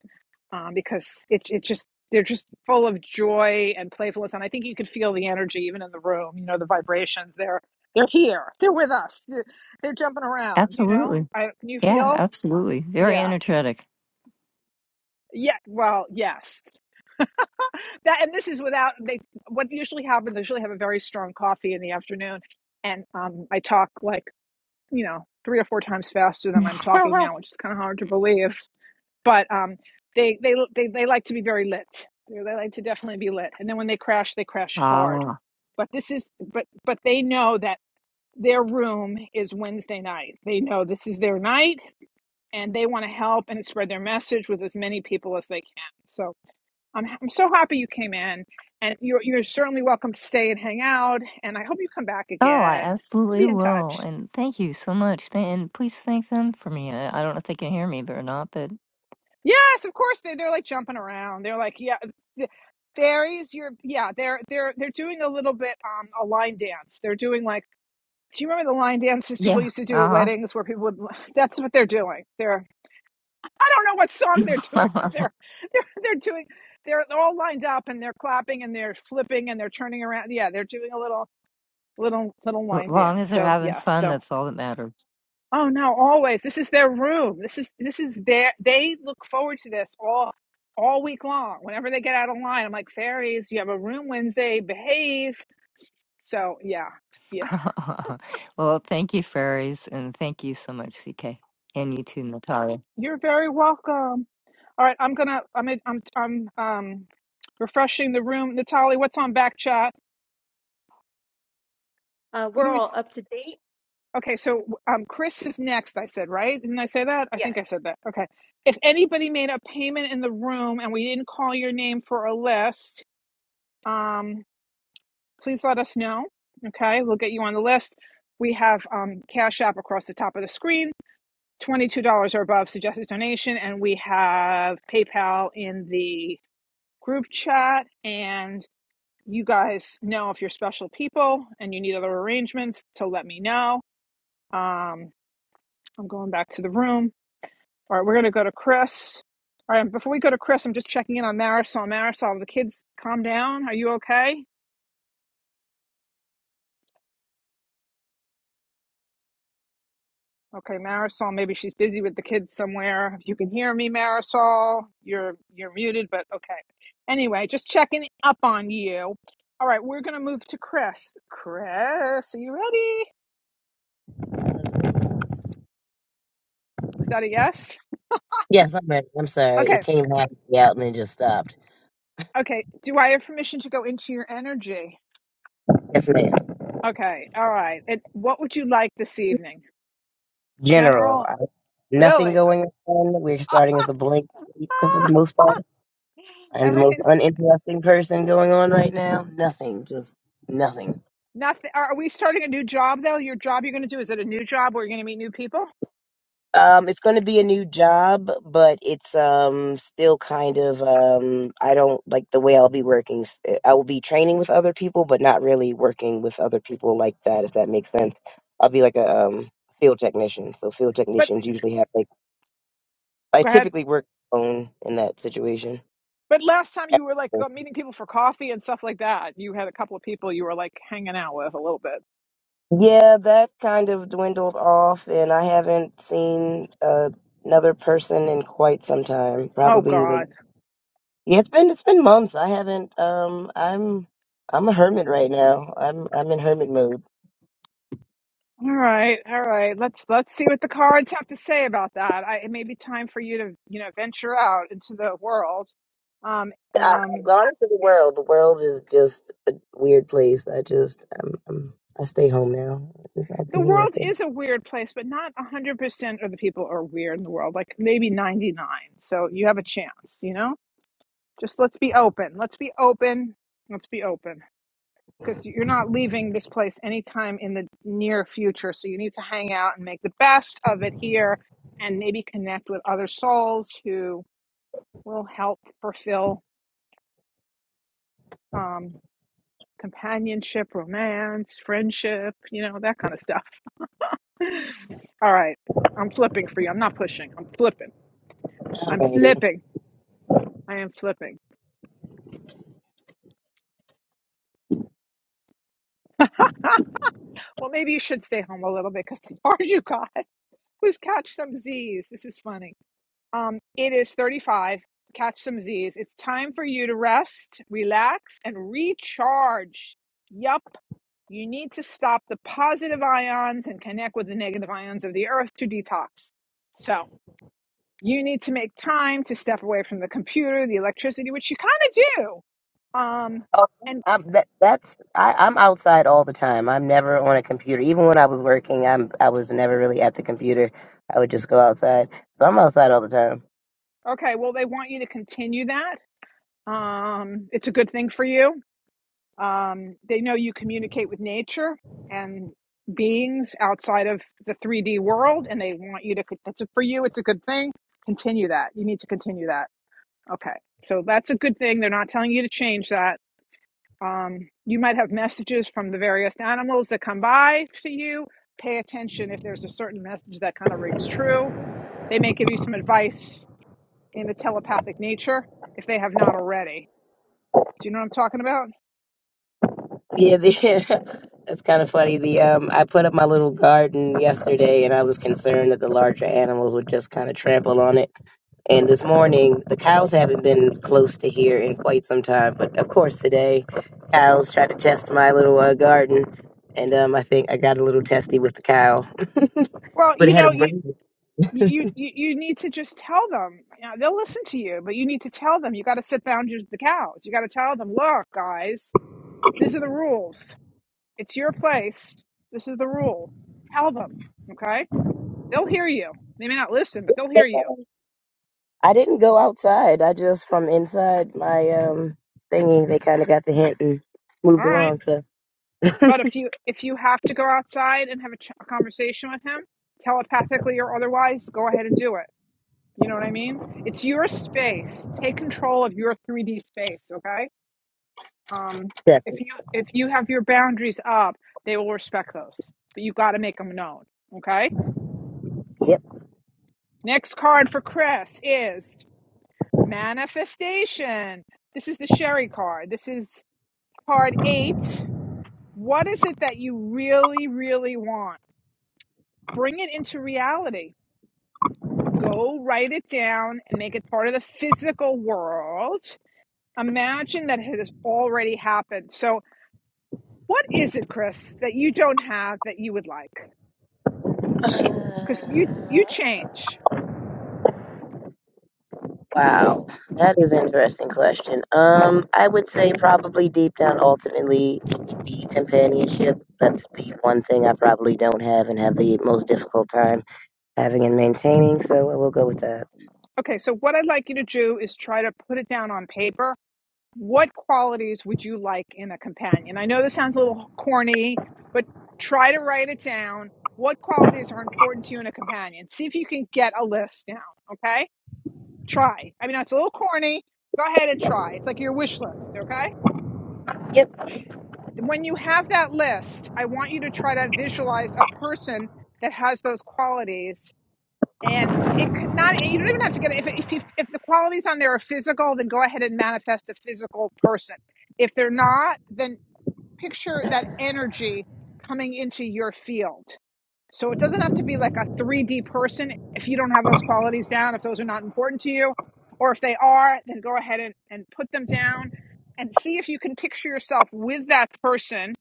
S1: um, because it it just they're just full of joy and playfulness, and I think you could feel the energy even in the room. You know the vibrations. They're they're here. They're with us. They're, they're jumping around. You know.
S4: Absolutely.
S1: I, can you
S4: Yeah,
S1: feel?
S4: absolutely. Very
S1: Yeah.
S4: energetic.
S1: Yeah. Well, yes. [laughs] That and this is without they. What usually happens? I usually have a very strong coffee in the afternoon, and um, I talk like you know three or four times faster than
S4: [laughs]
S1: I'm talking now, which is kind of hard to believe. But um, they, they they they like to be very lit. They they like to definitely be lit. And then when they crash, they crash hard.
S4: ah.
S1: But this is but but they know that their room is Wednesday night. They know this is their night, and they want to help and spread their message with as many people as they can. So I'm I'm so happy you came in, and you're you're certainly welcome to stay and hang out. And I hope you come back
S4: Oh, I
S1: again.
S4: absolutely
S1: Be in
S4: will.
S1: touch.
S4: And thank you so much. Th- and please thank them for me. I, I don't know if they can hear me but or not, but
S1: Yes, of course they they're like jumping around. They're like, yeah, th- there is your yeah. They're they're they're doing a little bit um a line dance. They're doing like, do you remember the line dances people
S4: yeah.
S1: used to do at
S4: Uh
S1: weddings where people would? [laughs] That's what they're doing. They're I don't know what song they're [laughs] doing, but
S4: huh. [laughs]
S1: they're they're they're doing they're all lined up and they're clapping and they're flipping and they're turning around. Yeah, they're doing a little little little
S4: As
S1: line
S4: long
S1: dance.
S4: as they're
S1: So
S4: having
S1: yes, so
S4: fun, that's all that matters.
S1: Oh no, always. This is their room. This is this is their they look forward to this all all week long. Whenever they get out of line, I'm like, fairies, you have a room Wednesday, behave. So yeah, yeah.
S4: [laughs] well, thank you, fairies. And thank you so much, CK. And you too, Natalia.
S1: You're very welcome. All right, I'm gonna I'm I'm I'm um refreshing the room. Natalie, what's on back chat?
S2: Uh,
S1: Who
S2: we're
S1: do we
S2: all
S1: s-
S2: up to date.
S1: Okay, so um Chris is next, I said, right? Didn't I say that? I
S2: Yeah.
S1: think I said that. Okay. If anybody made a payment in the room and we didn't call your name for a list, um. please let us know. Okay, we'll get you on the list. We have um, Cash App across the top of the screen, $22 or above suggested donation, and we have PayPal in the group chat. And you guys know if you're special people and you need other arrangements, so let me know. Um, I'm going back to the room. All right, we're going to go to Chris. All right, before we go to Chris, I'm just checking in on Marisol. Marisol, the kids, calm down. Are you okay? Okay, Marisol, maybe she's busy with the kids somewhere. If you can hear me, Marisol, you're you're muted, but okay. Anyway, just checking up on you. All right, we're gonna move to Chris. Chris, are you ready? Is that a yes?
S9: Yes, I'm ready. I'm sorry. It
S1: Okay,
S9: came halfway out and then just stopped.
S1: okay. Do I have permission to go into your energy?
S9: Yes, ma'am.
S1: Okay, all right. And what would you like this evening?
S9: General, I,
S1: General?
S9: nothing
S1: Really?
S9: going on. We're
S1: [laughs]
S9: starting as a blank sweep for the
S1: Ah,
S9: most part. I'm the most
S1: everything's
S9: uninteresting person going on right now. Nothing, just nothing.
S1: nothing. Are we starting a new job though? Your job you're gonna do, is it a new job where you're gonna meet new people?
S9: Um, it's going to be a new job, but it's um still kind of um I don't like the way I'll be working. S- I will be training with other people, but not really working with other people like that. If that makes sense, I'll be like a um field technician. So field
S1: But
S9: technicians usually have like I
S1: go ahead.
S9: typically work alone in that situation.
S1: But last time you were like meeting people for coffee and stuff like that. You had a couple of people you were like hanging out with a little bit.
S9: Yeah, that kind of dwindled off, and I haven't seen uh, another person in quite some time.
S1: Oh
S9: Probably like
S1: God.
S9: yeah, it's been it's been months. I haven't. Um, I'm I'm a hermit right now. I'm I'm in hermit mode.
S1: All right, all right. Let's let's see what the cards have to say about that. I, it may be time for you to you know venture out into the world. Um,
S9: I, I've
S1: um,
S9: gone into the world. The world is just a weird place. I just I'm, I'm I stay home now. I just I'll
S1: the
S9: be here
S1: world
S9: for.
S1: is a weird place, but not a hundred percent of the people are weird in the world. Like maybe ninety nine. So you have a chance. You know, just let's be open. Let's be open. Let's be open. because you're not leaving this place anytime in the near future. So you need to hang out and make the best of it here and maybe connect with other souls who will help fulfill um, companionship, romance, friendship, you know, that kind of stuff. [laughs] All right. I'm flipping for you. I'm not pushing. I'm flipping. I'm flipping. I am flipping. [laughs] Ah, well, maybe you should stay home a little bit because the bar [laughs] you got was catch some Z's. This is funny. Um, it is 35. Catch some Z's. It's time for you to rest, relax, and recharge. Yup. You need to stop the positive ions and connect with the negative ions of the earth to detox. So you need to make time to step away from the computer, the electricity, which you kind of do. Um,
S9: Oh,
S1: and
S9: I'm, that, that's I, I'm outside all the time. I'm never on a computer. Even when I was working, I'm I was never really at the computer. I would just go outside. So I'm outside all the time.
S1: okay, well, they want you to continue that. Um, it's a good thing for you Um, they know you communicate with nature and beings outside of the 3D world, and they want you to. That's a, for you. It's a good thing. Continue that. You need to continue that. Okay, so that's a good thing. They're not telling you to change that. Um, you might have messages from the various animals that come by to you. Pay attention if there's a certain message that kind of rings true. They may give you some advice in the telepathic nature if they have not already. Do you know what I'm talking about?
S9: Yeah, the, [laughs] that's kind of funny. The um, I put up my little garden yesterday, and I was concerned that the larger animals would just kind of trample on it. And this morning, the cows haven't been close to here in quite some time. But of course, today, cows tried to test my little uh, garden, and um, I think I got a little testy with the cow.
S1: Well,
S9: but it
S1: you
S9: had a
S1: know, you
S9: brain.
S1: you you you need to just tell them. You know, they'll listen to you, but you need to tell them. You got to sit down to the cows. You got to tell them, look, guys, these are the rules. It's your place. This is the rule. Tell them, okay? They'll hear you. They may not listen, but they'll hear you.
S9: I didn't go outside. I just from inside my um thingy. They kind of got the hint and
S1: All
S9: moved
S1: right.
S9: along. So
S1: But if you if you have to go outside and have a, ch- a conversation with him, telepathically or otherwise, go ahead and do it. You know what I mean? It's your space. Take control of your 3D space, okay? Um, if
S9: separate.
S1: you if you have your boundaries up, they will respect those. But you got to make them known. Okay.
S9: yep.
S1: Next card for Chris is manifestation. This is the Sherry card. This is card eight. What is it that you really, really want? Bring it into reality. Go write it down and make it part of the physical world. Imagine that it has already happened. So, what is it, Chris, that you don't have that you would like? because
S9: [sighs]
S1: you you change.
S9: Wow, that is an interesting question. Um, I would say probably deep down, ultimately, it would be companionship. That's the one thing I probably don't have and have the most difficult time having and maintaining. So I will go with that.
S1: Okay, so what I'd like you to do is try to put it down on paper. What qualities would you like in a companion? I know this sounds a little corny, but try to write it down. What qualities are important to you in a companion? See if you can get a list down, okay? Try. I mean, it's a little corny. Go ahead and try. It's like your wish list, okay?
S9: Yep.
S1: When you have that list, I want you to try to visualize a person that has those qualities and it could not you don't even have to get if if you, if the qualities on there are physical then go ahead and manifest a physical person if they're not then picture that energy coming into your field so it doesn't have to be like a 3d person if you don't have those qualities down if those are not important to you or if they are then go ahead and, and put them down and see if you can picture yourself with that person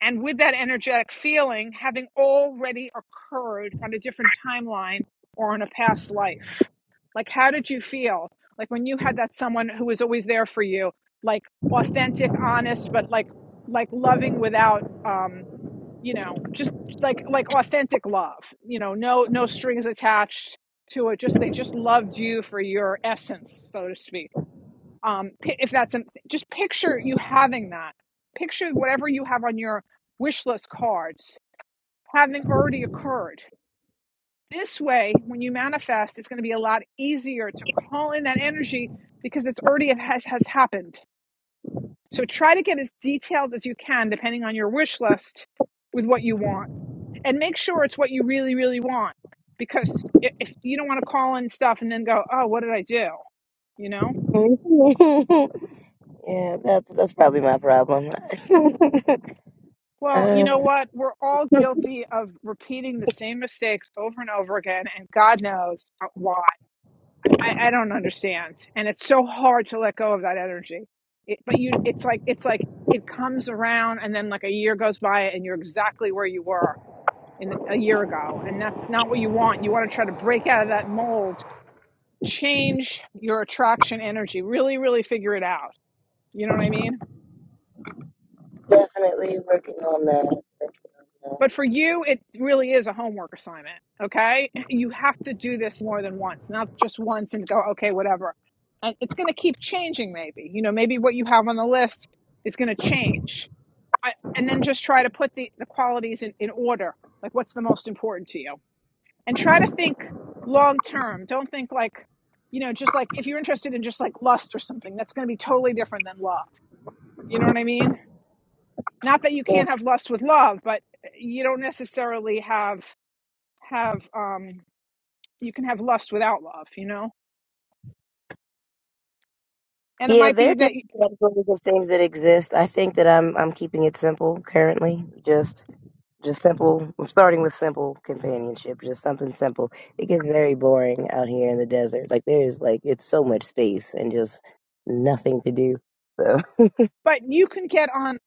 S1: and with that energetic feeling, having already occurred on a different timeline or in a past life. Like, how did you feel? Like, when you had that someone who was always there for you, like authentic, honest, but like, like loving without, um, you know, just like, like authentic love, you know, no, no strings attached to it. Just, they just loved you for your essence, so to speak um if that's an, just picture you having that picture whatever you have on your wish list cards having already occurred this way when you manifest it's going to be a lot easier to call in that energy because it's already has has happened so try to get as detailed as you can depending on your wish list with what you want and make sure it's what you really really want because i- if you don't want to call in stuff and then go oh what did i do you know
S9: [laughs] yeah, that's that's probably my problem. [laughs]
S1: Well, you know
S9: uh,
S1: what? We're all guilty of repeating the same mistakes over and over again, and God knows uh, why. I, I don't understand, and it's so hard to let go of that energy. It, but you, it's like it's like it comes around, and then like a year goes by, and you're exactly where you were in a year ago, and that's not what you want. You want to try to break out of that mold, change your attraction energy, really, really figure it out. You know what I mean?
S9: Definitely working on that. Working on that.
S1: But for you, it really is a homework assignment. Okay. You have to do this more than once, not just once and go, okay, whatever. And it's going to keep changing, maybe. You know, maybe what you have on the list is going to change. I, and then just try to put the, the qualities in, in order. Like, what's the most important to you? And try to think long term. Don't think like, you know, just like if you're interested in just like lust or something, that's going to be totally different than love. You know what I mean? Not that you
S9: Yeah.
S1: can't have lust with love, but eh, you don't necessarily have have um you can have lust without love you know and it
S9: Yeah,
S1: might
S9: there
S1: be
S9: are
S1: that
S9: different
S1: you,
S9: categories of things that exist. I think that I'm I'm keeping it simple currently. Just just simple. I'm starting with simple companionship, just something simple. It gets very boring out here in the desert. Like there's like it's so much space and just nothing to do. So [laughs]
S1: but you can get on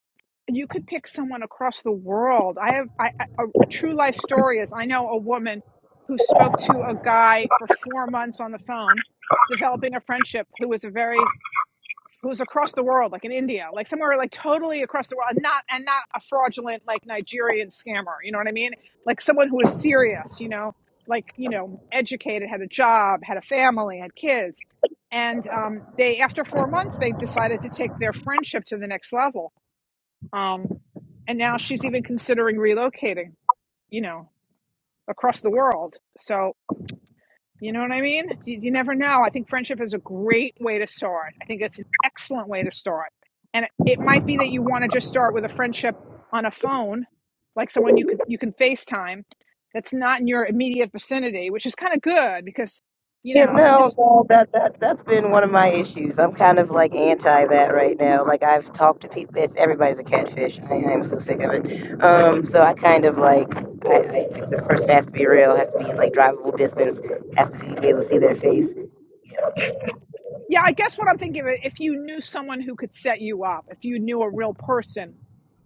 S1: you could pick someone across the world i have I I- a a true life story is i know a woman who spoke to a guy for four months on the phone developing a friendship who was a very who's across the world, like in India, like somewhere like totally across the world, and not and not a fraudulent like Nigerian scammer. You know what I mean? Like someone who is serious. You know, like you know, educated, had a job, had a family, had kids, and um, they after four months they decided to take their friendship to the next level. Um, and now she's even considering relocating. You know, across the world. So you know what I mean? You, you never know. I think friendship is a great way to start. I think it's an excellent way to start. And it, it might be that you want to just start with a friendship on a phone, like someone you can you can FaceTime that's not in your immediate vicinity, which is kind of good because you
S9: You
S1: know
S9: know,
S1: this.
S9: no, that, that that's been one of my issues. I'm kind of like anti that right now. Like I've talked to people. It's, everybody's a catfish. I, I am so sick of it. Um, so I kind of like I, I think this person has to be real. Has to be like drivable distance. Has to be able to see their face.
S1: Yeah, I guess what I'm thinking of if you knew someone who could set you up, if you knew a real person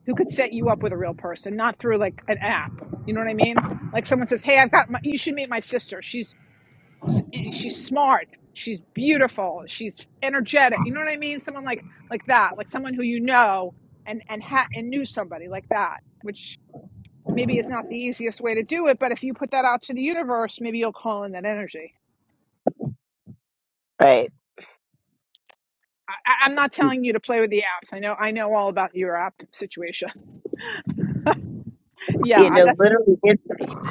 S1: who could set you up with a real person, not through like an app. You know what I mean? Like someone says, "Hey, I've got my, you should meet my sister. She's." s- and she's smart she's beautiful she's energetic you know what i mean someone like like that like someone who you know and and ha- and knew somebody like that which maybe is not the easiest way to do it but if you put that out to the universe maybe you'll call in that energy
S9: Right.
S1: I, I- I'm not telling you to play with the apps. I know. I know all about your app situation. [laughs]
S9: You
S1: Yeah,
S9: know,
S1: that's.
S9: literally, it-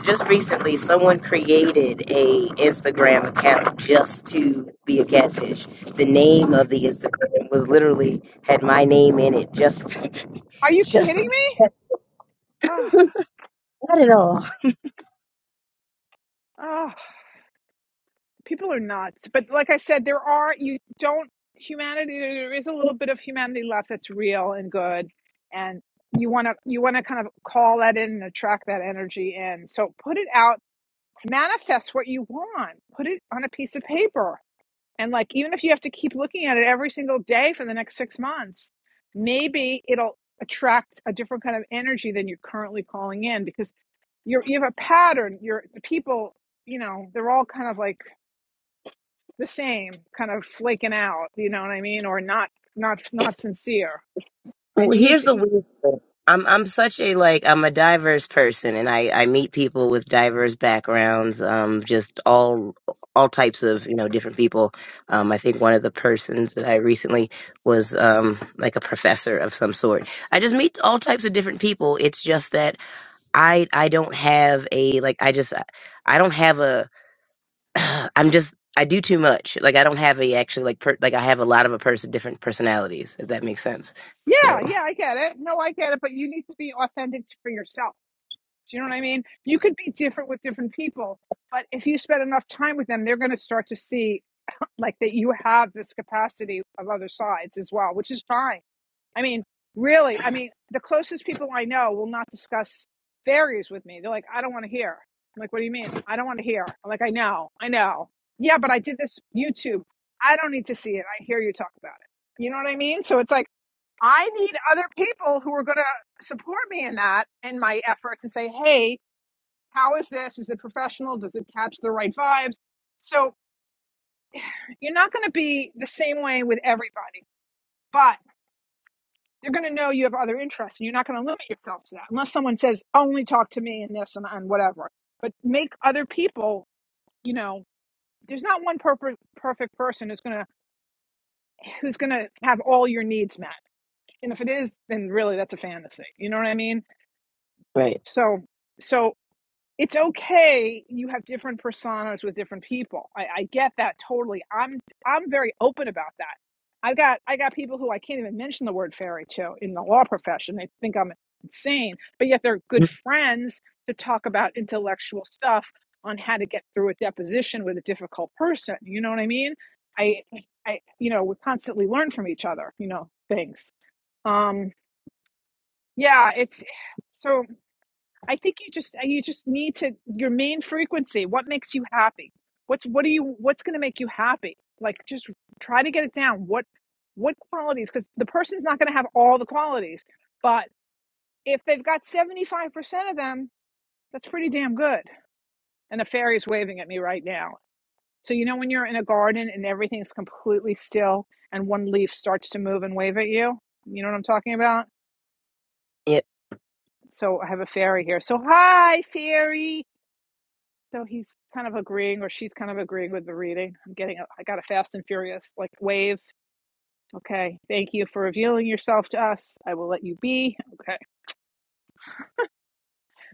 S9: just recently, someone created a Instagram account just to be a catfish. The name
S1: ah,
S9: of the Instagram was literally had my name in it, just,
S1: are
S9: [laughs]
S1: you kidding
S9: just.
S1: me?
S9: Not at all.
S1: Oh, people are nuts but like i said there are you don't humanity there is a little bit of humanity left that's real and good and you want to you want to kind of call that in and attract that energy in so put it out manifest what you want put it on a piece of paper and like even if you have to keep looking at it every single day for the next 6 months maybe it'll attract a different kind of energy than you're currently calling in because you're you have a pattern you're the people you know they're all kind of like the same kind of flaking out you know what i mean or not not not sincere
S9: Well,
S1: and you need
S9: here's
S1: to
S9: the weird thing. I'm I'm such a like I'm a diverse person and I I meet people with diverse backgrounds um just all all types of you know different people um I think one of the persons that I recently was um like a professor of some sort I just meet all types of different people it's just that I I don't have a like I just I don't have a [clears throat] I'm just I do too much. Like I don't have a actually like per, like I have a lot of a person different personalities. If that makes sense.
S1: yeah
S9: So
S1: yeah i get it no i get it but you need to be authentic for yourself do you know what i mean you could be different with different people but if you spend enough time with them they're going to start to see like that you have this capacity of other sides as well which is fine I mean, really, I mean, the closest people I know will not discuss fairies with me. They're like, I don't want to hear. I'm like, what do you mean? I don't want to hear. I'm like, I know, I know. Yeah, but I did this YouTube. I don't need to see it. I hear you talk about it. You know what I mean? So it's like, I need other people who are going to support me in that in my efforts and say, hey, how is this? Is it professional? Does it catch the right vibes? So you're not going to be the same way with everybody. But they're going to know you have other interests and you're not going to limit yourself to that unless someone says only talk to me and this and, and whatever but make other people you know there's not one perfect perfect person who's going to who's going to have all your needs met and if it is then really that's a fantasy you know what i mean
S9: right.
S1: so so it's okay you have different personas with different people I, I get that totally i'm i'm very open about that i got i got people who i can't even mention the word fairy to in the law profession they think i'm insane but yet they're
S9: Mm.
S1: good friends to talk about intellectual stuff on how to get through a deposition with a difficult person you know what i mean i i you know we constantly learn from each other you know things um yeah it's so I think you just you just need to your main frequency. What makes you happy? What's what do you what's going to make you happy? Like just try to get it down. What what qualities? Because the person's not going to have all the qualities, but if they've got seventy five percent of them, that's pretty damn good. And a fairy's waving at me right now. So you know when you're in a garden and everything's completely still and one leaf starts to move and wave at you. You know what I'm talking about?
S9: Yeah.
S1: So I have a fairy here. So hi, fairy So he's kind of agreeing, or she's kind of agreeing with the reading. I'm getting, a, I got a fast and furious like wave. Okay, thank you for revealing yourself to us. I will let you be. Okay,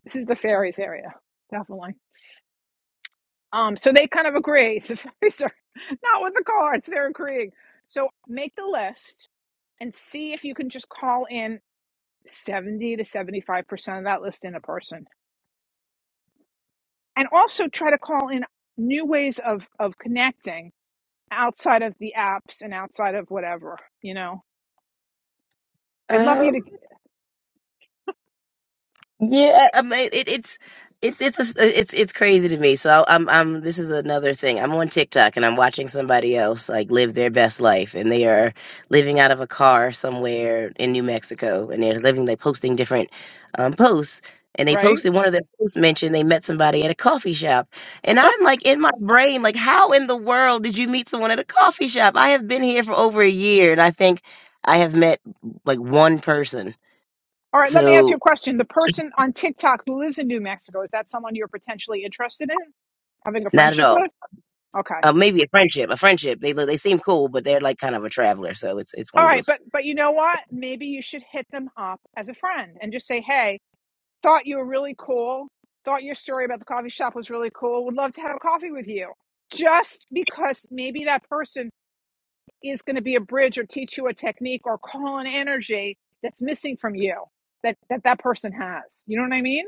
S1: this is the fairies area, definitely. Um, so they kind of agree. [laughs] The fairies are not with the cards; they're agreeing. So make the list and see if you can just call in seventy to seventy-five percent of that list in a person, and also try to call in new ways of of connecting outside of the apps and outside of whatever, you know. I'd love you
S9: Um.
S1: to,
S9: Yeah, I mean, it, it's it's it's a s- it's it's crazy to me. So I'm I'm this is another thing. I'm on TikTok and I'm watching somebody else like live their best life, and they are living out of a car somewhere in New Mexico, and they're living. They're posting different um, posts, and they
S1: right?
S9: posted one of their posts mentioned they met somebody at a coffee shop, and
S1: [laughs] All
S9: I'm like in my brain like, how in the world did you meet someone at a coffee shop? I have been here for over a year, and I think I have met like one person.
S1: right, let me ask you a
S9: So
S1: question. The person on TikTok who lives in New Mexico, is that someone you're potentially interested in having a
S9: not at
S1: friendship
S9: all.
S1: with? Okay.
S9: Uh, maybe a friendship, a friendship. They look, they seem cool, but they're like kind of a traveler. So it's it's one
S1: All
S9: of
S1: right,
S9: those.
S1: but but you know what? Maybe you should hit them up as a friend and just say, "Hey, thought you were really cool. Thought your story about the coffee shop was really cool. Would love to have coffee with you." Just because maybe that person is going to be a bridge or teach you a technique or call an energy that's missing from you that that, that person has. You know what I mean?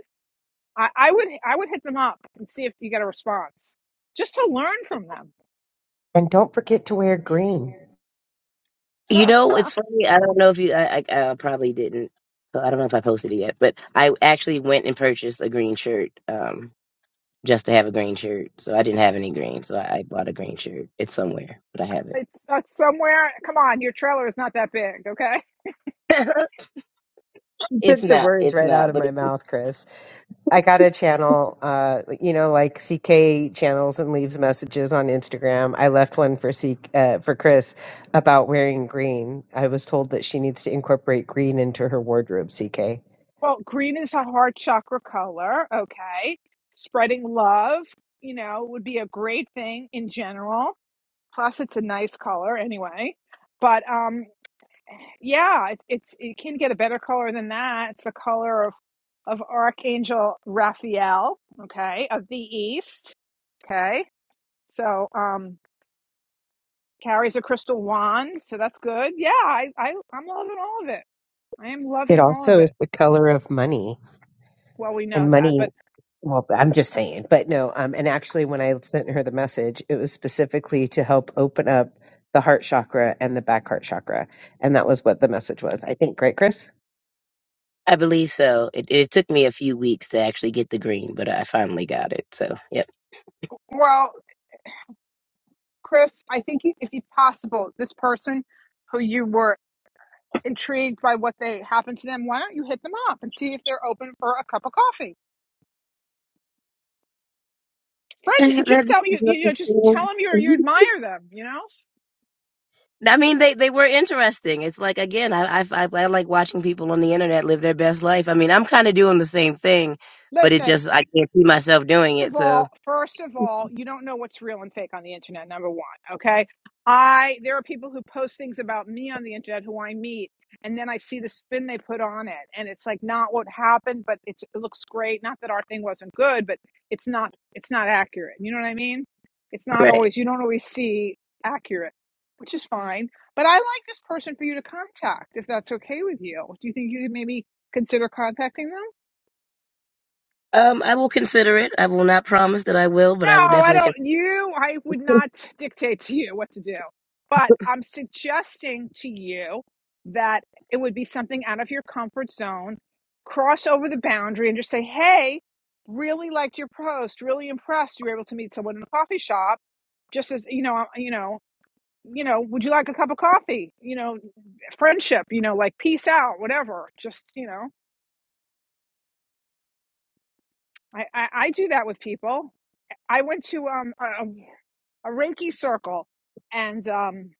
S1: I, I would I would hit them up and see if you get a response just to learn from them.
S3: And don't forget to wear green.
S9: You
S1: [laughs]
S9: know, it's funny. I don't know if you. I, I, I probably didn't. uh, I don't know if I posted it yet, but I actually went and purchased a green shirt, um, just to have a green shirt. So I didn't have any green, so I, I bought a green shirt. It's somewhere, but I have it.
S1: it's, it's somewhere. Come on, your trailer is not that big, okay?
S9: [laughs]
S3: She took
S9: it's
S3: the
S9: not.
S3: words
S9: It's
S3: right out
S9: not.
S3: of my
S9: But
S3: mouth, Chris. I got a channel, uh, you know, like CK channels and leaves messages on Instagram. I left one for C, uh, for Chris about wearing green. I was told that she needs to incorporate green into her wardrobe. CK.
S1: Well, green is a hard chakra color, okay? Spreading love, you know, would be a great thing in general. Plus, it's a nice color anyway. But um, Yeah, it, it's you can't get a better color than that. It's the color of, of Archangel Raphael, okay, of the East. Okay. So um carries a crystal wand, so that's good. Yeah, I, I I'm loving all of it. I am
S3: It
S1: loving all of
S3: also
S1: it.
S3: is the color of money,
S1: Well, we know
S3: and
S1: that.
S3: money
S1: But
S3: Well, I'm just saying, but no. Um, and actually, when I sent her the message, it was specifically to help open up the heart chakra and the back heart chakra, and that was what the message was. I think, great, Chris.
S9: I believe so. It, it took me a few weeks to actually get the green, but I finally got it. So, yep.
S1: well, Chris, I think you- if it's possible, this person who you were intrigued by what they happened to them, why don't you hit them up and see if they're open for a cup of coffee?
S9: [laughs]
S1: Friend, just tell you, you know, just tell
S9: That-
S1: them you you admire them. You know,
S9: I mean, they, they were interesting. It's like again, I, I I I like watching people on the internet live their best life. I mean, I'm kind of doing the same thing, but it
S1: listen.
S9: just I can't see myself doing
S1: First of
S9: it. So
S1: all, first of all, you don't know what's real and fake on the internet. Number one, okay. I there are people who post things about me on the internet who I meet, and then I see the spin they put on it, and it's like not what happened, but it's, it looks great. Not that our thing wasn't good, but it's not it's not accurate. You know what I mean? It's not
S9: right,
S1: always you don't always see accurate, which is fine. But I like this person for you to contact if that's okay with you. Do you think you could maybe consider contacting them?
S9: um, I will consider it. I will not promise that I will, but I will
S1: No, I
S9: definitely. consider.
S1: don't. You, I would not dictate to you what to do. But I'm suggesting to you that it would be something out of your comfort zone. Cross over the boundary and just say, hey, really liked your post, really impressed you were able to meet someone in a coffee shop. Just as, you know, I- you know, you know, would you like a cup of coffee? You know, friendship, you know, like peace out, whatever. Just, you know, I, I, I do that with people. I went to um a, a Reiki circle, and um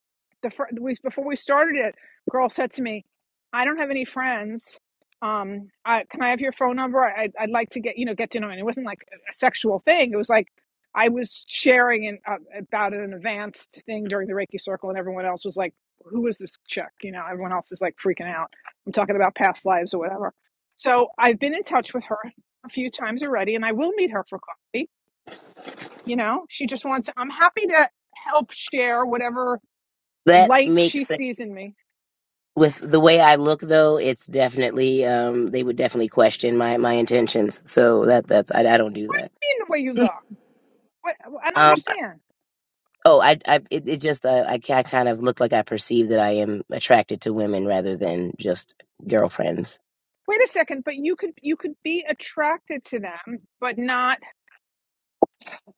S1: the fir- we before we started it, girl said to me, "I don't have any friends. Um, I, can I have your phone number? I, I'd I'd like to get you know get to know." And it wasn't like a sexual thing. It was like I was sharing an, uh, about an advanced thing during the Reiki circle, and everyone else was like, "Who is this chick?" You know, everyone else is like freaking out. I'm talking about past lives or whatever. So I've been in touch with her a few times already, and I will meet her for coffee you know, she just wants, I'm happy to help share whatever
S9: that
S1: light
S9: makes
S1: she sees in me. I
S9: With the way I look, though, it's definitely um, they would definitely question my my intentions. So that that's I, I don't do that.
S1: mean, the way you look. What, I don't
S9: Um,
S1: understand.
S9: oh, I I it, it just uh, I, I kind of look like I perceive that I am attracted to women rather than just girlfriends.
S1: Wait a second, but you could you could be attracted to them, but not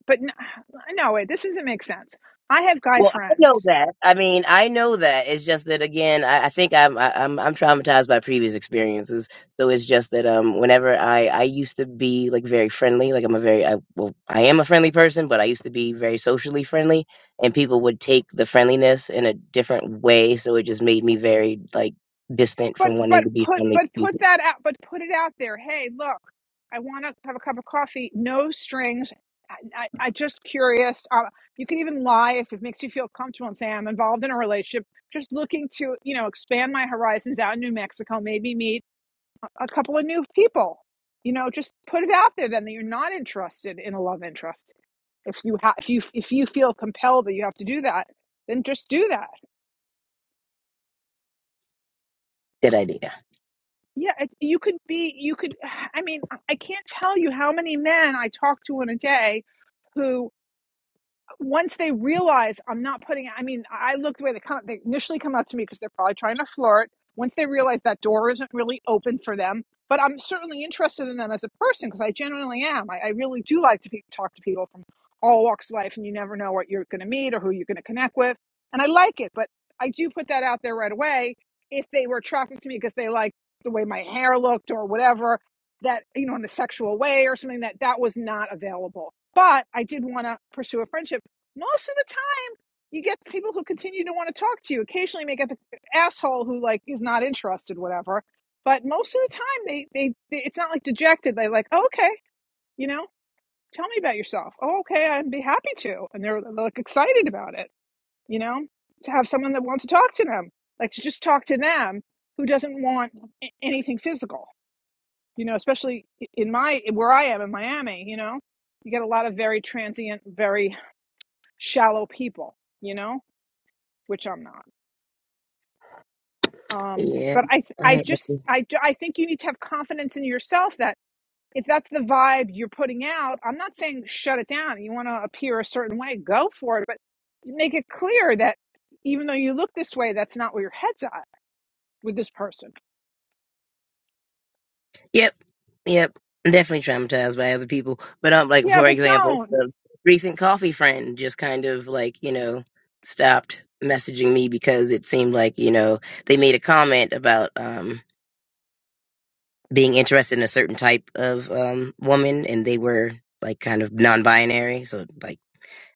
S1: but no, [sighs] no, wait, this doesn't make sense. I have guy
S9: Well, I know
S1: friends
S9: that. I mean, I know that. It's just that again, I, I think I'm I, I'm I'm traumatized by previous experiences. So it's just that um, whenever I I used to be like very friendly, like I'm a very I, well I am a friendly person, but I used to be very socially friendly, and people would take the friendliness in a different way. So it just made me very like distant
S1: but
S9: from wanting
S1: but
S9: to be
S1: put
S9: friendly. to
S1: but put
S9: people.
S1: that out but put it out there hey look i want to have a cup of coffee no strings i, I, I just curious uh, you can even lie if it makes you feel comfortable and say i'm involved in a relationship just looking to you know expand my horizons out in new mexico maybe meet a a couple of new people you know just put it out there then that you're not interested in a love interest if you ha- if you if you feel compelled that you have to do that then just do that
S9: Good idea.
S1: Yeah, it, you could be, you could, [sighs] I mean, I I can't tell you how many men I talk to in a day who once they realize I'm not putting I mean, I look the way they come they initially come up to me because they're probably trying to flirt. Once they realize that door isn't really open for them, but I'm certainly interested in them as a person because I genuinely am. I, I really do like to pe- talk to people from all walks of life, and you never know what you're going to meet or who you're going to connect with, and I like it. But I do put that out there right away if they were attracted to me because they liked the way my hair looked or whatever that you know in a sexual way or something that that was not available. But I did want to pursue a friendship most of the time you get people who continue to want to talk to you occasionally you may get the asshole who like is not interested whatever but most of the time they they, they it's not like dejected they like oh, okay you know tell me about yourself oh, okay i'd be happy to and they're, they're like excited about it you know to have someone that wants to talk to them like to just talk to them who doesn't want a- anything physical you know especially in my where i am in miami you know you get a lot of very transient very shallow people you know which I'm not. Um,
S9: Yeah.
S1: but I, I
S9: I
S1: just, I, I think you need to have confidence in yourself that if that's the vibe you're putting out, I'm not saying shut it down. You want to appear a certain way, go for it, but make it clear that even though you look this way, that's not where your head's at with this person.
S9: Yep, yep. Definitely traumatized by other people. But um, like
S1: Yeah,
S9: for
S1: but
S9: example,
S1: don't.
S9: the recent coffee friend just kind of like you know stopped messaging me because it seemed like you know they made a comment about um being interested in a certain type of um woman and they were like kind of non-binary, so like.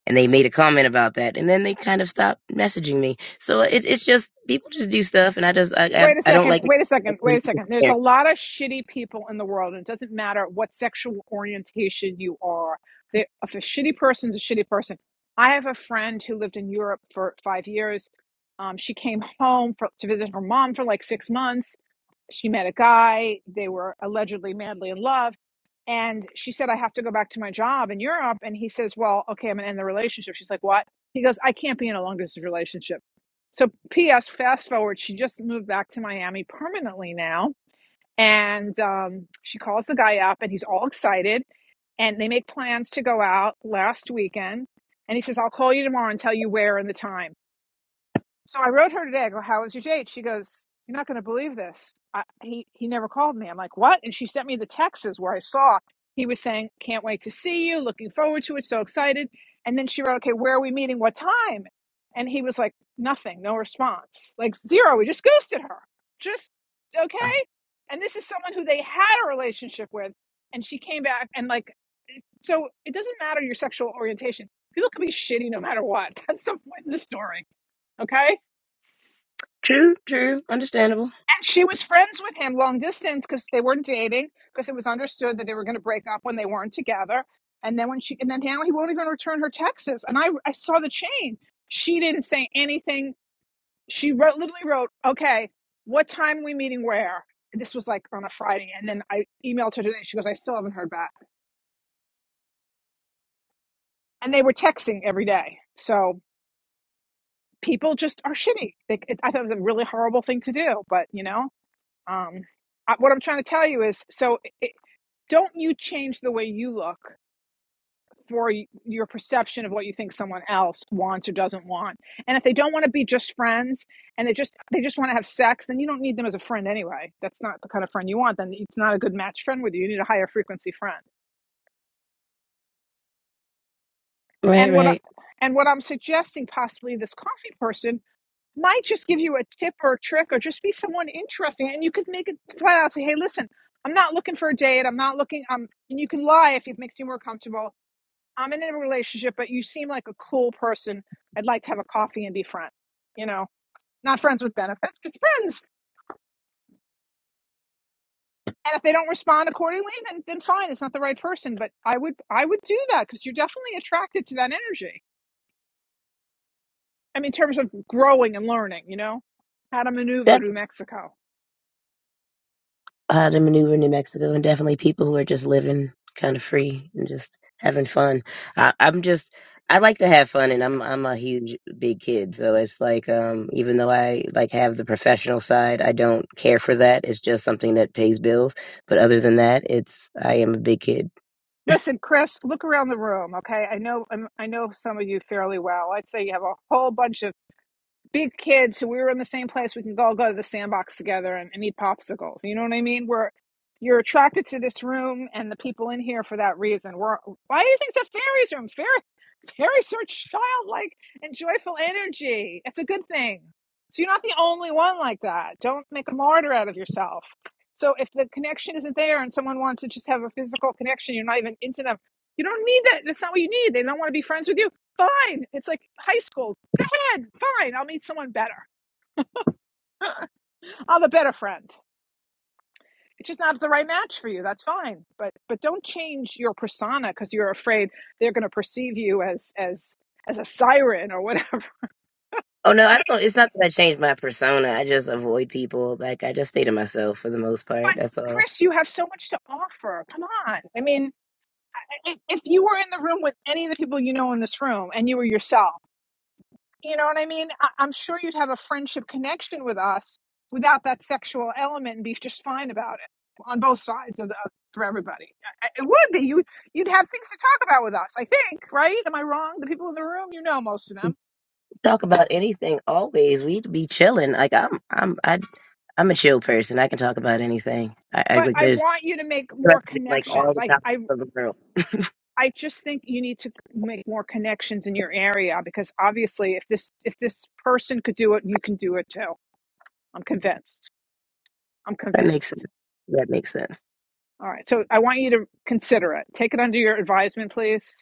S9: And they made a comment about that, and then they kind of stopped messaging me. So it, it's just people just do stuff, and I just I I,
S1: Wait a
S9: I don't
S1: second.
S9: like.
S1: Wait a second. Wait a second. There's a lot of shitty people in the world, and it doesn't matter what sexual orientation you are. They, if a shitty person's a shitty person. I have a friend who lived in Europe for five years. Um, she came home for, to visit her mom for like six months she met a guy. They were allegedly madly in love. And she said, I have to go back to my job in Europe. And he says, Well, okay, I'm going to end the relationship. She's like, What? He goes, I can't be in a long distance relationship. So, P.S. Fast forward, she just moved back to Miami permanently now. And um, she calls the guy up and he's all excited. And they make plans to go out last weekend. And he says, I'll call you tomorrow and tell you where and the time. So I wrote her today. I go, "How was your date?" She goes, "You're not going to believe this. I, he he never called me." I'm like, "What?" And she sent me the texts where I saw he was saying, "Can't wait to see you. Looking forward to it. So excited." And then she wrote, "Okay, where are we meeting? What time?" And he was like, "Nothing. No response. Like zero. We just ghosted her. Just okay." And this is someone who they had a relationship with, and she came back and like, so it doesn't matter your sexual orientation. People can be shitty no matter what. [laughs] That's the point of the story. Okay
S9: True, true, understandable.
S1: She was friends with him long distance because they were not dating because it was understood that they were going to break up when they weren't together. And then when she and then now he won't even return her texts. And I I saw the chain. She didn't say anything. She wrote literally wrote, "Okay, what time are we meeting where?" And this was like on a Friday. And then I emailed her today. She goes, "I still haven't heard back." And they were texting every day. So people just are shitty. They, it, I thought it was a really horrible thing to do, but you know, um, I, what I'm trying to tell you is so. it, don't you change the way you look for your perception of what you think someone else wants or doesn't want and if they don't want to be just friends and they just they just want to have sex then you don't need them as a friend anyway that's not the kind of friend you want then it's not a good match friend with you you need a higher frequency friend
S9: Right,
S1: and what I,
S9: right.
S1: and what i'm suggesting possibly this coffee person might just give you a tip or a trick or just be someone interesting and you could make it flat out say hey listen i'm not looking for a date i'm not looking i'm and you can lie if it makes you more comfortable I'm in a relationship, but you seem like a cool person. I'd like to have a coffee and be friends. You know, not friends with benefits, just friends. And if they don't respond accordingly, then then fine, it's not the right person. But I would I would do that because you're definitely attracted to that energy. I mean, in terms of growing and learning, you know, how to maneuver to
S9: Definitely
S1: Mexico.
S9: how to maneuver in New Mexico, and definitely people who are just living kind of free and just having fun. I, I'm just I like to have fun, and I'm I'm a huge big kid, so it's like um even though I like have the professional side, I don't care for that. It's just something that pays bills. But other than that, it's I am a big kid.
S1: Listen, Chris, look around the room. Okay, I know i I know some of you fairly well. I'd say you have a whole bunch of big kids who we were in the same place we can all go to the sandbox together and, and eat popsicles you know what i mean we're you're attracted to this room and the people in here for that reason we're, why do you think it's a fairies room fairy fairies are childlike and joyful energy it's a good thing so you're not the only one like that don't make a martyr out of yourself so if the connection isn't there and someone wants to just have a physical connection you're not even into them you don't need that that's not what you need they don't want to be friends with you fine it's like high school Fine, fine. I'll meet someone better. I'll have a better friend. It's just not the right match for you. That's fine. But but don't change your persona because you're afraid they're going to perceive you as as as a siren or whatever. [laughs]
S9: Oh no, I don't. It's not that I changed my persona. I just avoid people. Like I just stay to myself for the most part.
S1: But
S9: That's all.
S1: Chris, you have so much to offer. Come on. I mean, i- if you were in the room with any of the people you know in this room and you were yourself You know what I mean? I- I'm sure you'd have a friendship connection with us without that sexual element and be just fine about it on both sides of the of, for everybody. I- I- It would be you. You'd have things to talk about with us. I think, right? Am I wrong? The people in the room, you know most of them.
S9: Talk about anything. Always, we'd be chilling. Like I'm, I'm, I, I'm a chill person. I can talk about anything. I, I
S1: But
S9: like
S1: I
S9: there's
S1: want you to make more
S9: like all
S1: connections.
S9: the
S1: I
S9: topics
S1: I
S9: of the world.
S1: I just think you need to make more connections in your area because obviously, if this if this person could do it, you can do it too. I'm convinced. I'm
S9: That makes
S1: convinced.
S9: sense. That makes sense.
S1: All right. So I want you to consider it. Take it under your advisement, please,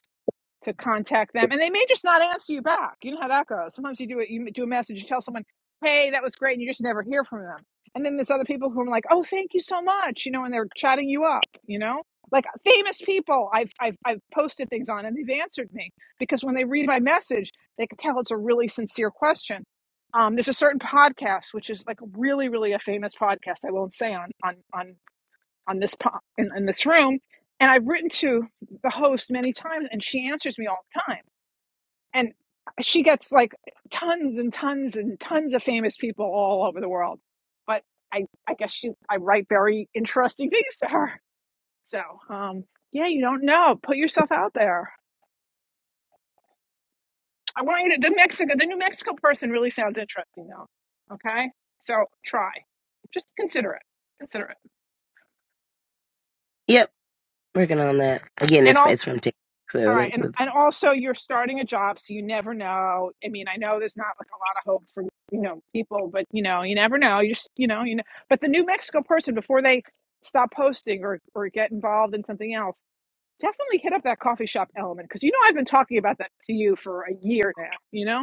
S1: to contact them. And they may just not answer you back. You know how that goes. Sometimes you do it, you do a message, you tell someone, hey, that was great, and you just never hear from them. And then there's other people who are like, oh, thank you so much, you know, and they're chatting you up, you know? Like famous people I've, I've, I've posted things on and they've answered me because when they read my message, they can tell it's a really sincere question. Um, there's a certain podcast, which is like really, really a famous podcast. I won't say on, on, on on this po- in, in this room and i've written to the host many times and she answers me all the time and she gets like tons and tons and tons of famous people all over the world but i i guess she i write very interesting [laughs] things to her so um yeah you don't know put yourself out there i want you to the mexico the new mexico person really sounds interesting though okay so try just consider it consider it
S9: Yep. working on that again.
S1: and
S9: It's
S1: also.
S9: it's from TikTok,
S1: All
S9: so
S1: right,
S9: that,
S1: and and
S9: that's
S1: also you're starting a job, so you never know. I mean, I know there's not like a lot of hope for you know people, but you know you never know. You just you know you know. But the New Mexico person before they stop posting or or get involved in something else, definitely hit up that coffee shop element because you know I've been talking about that to you for a year now. You know.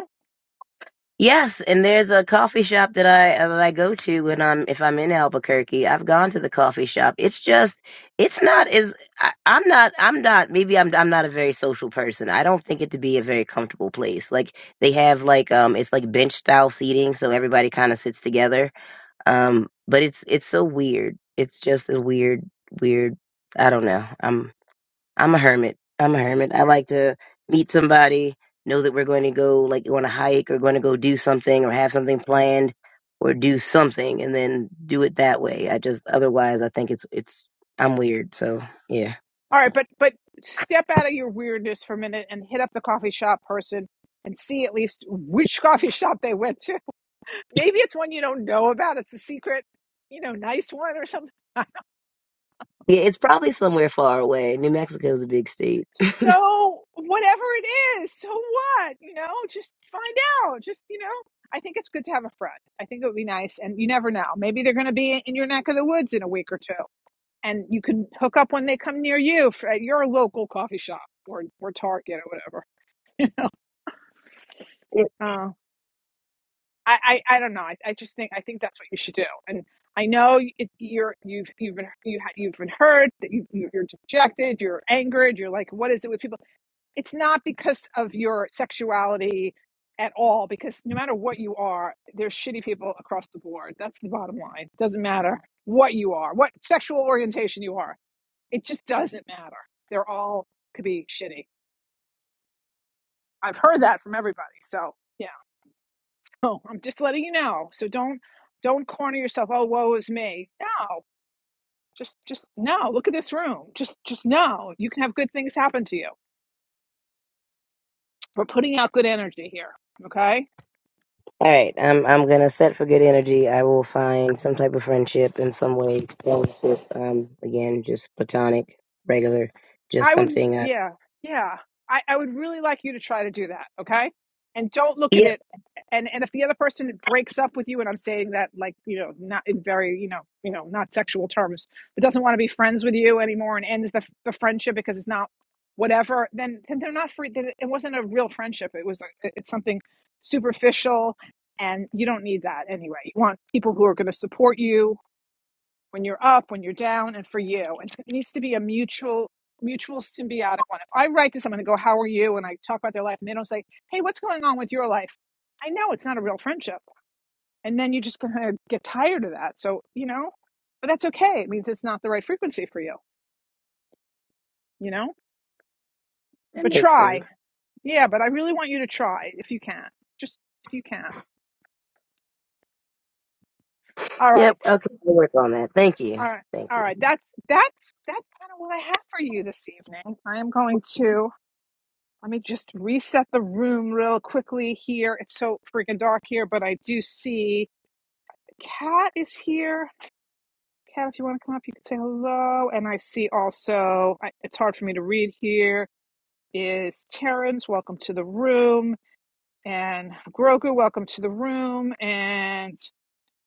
S9: yes. And there's a coffee shop that I that I go to when I'm if I'm in Albuquerque. I've gone to the coffee shop. It's just it's not as I, I'm not I'm not maybe I'm I'm not a very social person. I don't think it to be a very comfortable place. Like they have like um it's like bench style seating, so everybody kind of sits together. Um, but it's it's so weird. It's just a weird weird. I don't know. I'm I'm a hermit. I'm a hermit. I like to meet somebody, know that we're going to go like on a hike or going to go do something or have something planned or do something and then do it that way. I just otherwise I think it's it's I'm weird. So yeah.
S1: All right, but but step out of your weirdness for a minute and hit up the coffee shop person and see at least which [laughs] coffee shop they went to. [laughs] Maybe it's one you don't know about. It's a secret you know, nice one or something
S9: Yeah, it's probably somewhere far away. New Mexico is a big state.
S1: So whatever it is, so what? You know, just find out. Just, you know, I think it's good to have a friend. I think it would be nice. And you never know. Maybe they're going to be in your neck of the woods in a week or two. And you can hook up when they come near you for, at your local coffee shop or, or Target or whatever. Uh, I, I, I don't know. I, I just think I think that's what you should do. And I know it, you're you've you've been you ha, you've been hurt that you, you you're dejected, you're angered, you're like, what is it with people? it's not because of your sexuality at all because no matter what you are there's shitty people across the board that's the bottom line it doesn't matter what you are what sexual orientation you are it just doesn't matter they're all could be shitty i've heard that from everybody so yeah [laughs] no, i'm just letting you know so don't don't corner yourself oh woe is me no just just no look at this room just just no you can have good things happen to you we're putting out good energy here okay
S9: All right, I'm I'm gonna set for good energy. I will find some type of friendship in some way. Friendship, um, again, just platonic, regular, just
S1: I would,
S9: something. I,
S1: yeah, yeah. I, I would really like you to try to do that, okay? And don't look at
S9: yep,
S1: it. And and if the other person breaks up with you, and I'm saying that like you know not in very you know you know not sexual terms, but doesn't want to be friends with you anymore and ends the the friendship because it's not whatever, then then they're not free. Then it it wasn't a real friendship. It was a, it's something superficial, and you don't need that anyway. You want people who are going to support you, when you're up, when you're down, and for you. And it needs to be a mutual, mutual symbiotic one. If I write to someone and go, "How are you?" and I talk about their life, and they don't say, "Hey, what's going on with your life?" I know it's not a real friendship, and then you are just going to get tired of that. So you know, but that's okay. It means it's not the right frequency for you. You know,
S9: that
S1: but
S9: makes sense.
S1: try. Yeah, but I really want you to try if you can. Just if you can. All
S9: Yep.
S1: right.
S9: Okay. I'll work on that. Thank you.
S1: All right.
S9: Thank
S1: All right.
S9: you.
S1: That's that's that's kind of what I have for you this evening. I am going to Let me just reset the room real quickly here. It's so freaking dark here, but I do see Kat is here. Kat, if you want to come up, you can say hello. And I see also, I, it's hard for me to read here, is Terrence. Welcome to the room. And Grogu, welcome to the room. And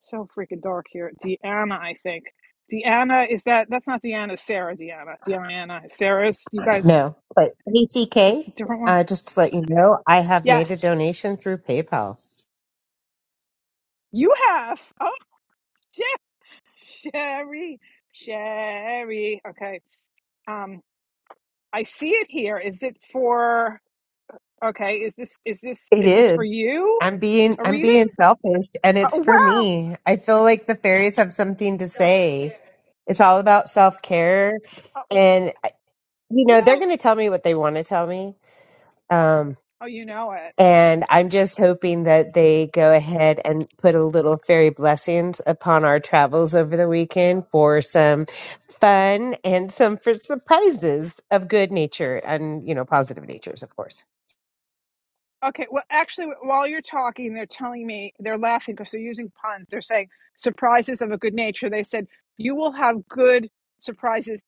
S1: so freaking dark here. Deanna, I think. Deanna, is that, that's not Deanna, Sarah, Deanna. Deanna, Sarah's, you guys,
S3: No, but
S1: that's
S3: ACK.
S1: a different one.
S3: Uh, just to let you know, I have made a
S1: Yes,
S3: donation through PayPal.
S1: you have. Oh, shit. Sherry, Sherry. Okay. Um, I see it here. Is it for? Okay. Is this is this
S3: It
S1: is this for
S3: is.
S1: you?
S3: I'm being
S1: A
S3: I'm
S1: reading?
S3: being selfish and
S1: Uh, Oh
S3: it's for
S1: wow.
S3: me. I feel like the fairies have something to say. It's all about self-care
S1: Uh, Oh,
S3: and you know, they're going to
S1: yes.
S3: tell me what they want to tell me. Um
S1: Oh, you know it.
S3: and I'm just hoping that they go ahead and put a little fairy blessings upon our travels over the weekend for some fun and some for surprises of good nature and you know positive natures of course.
S1: Okay. Well, actually, while you're talking, they're telling me they're laughing because they're using puns. They're saying surprises of a good nature. They said you will have good surprises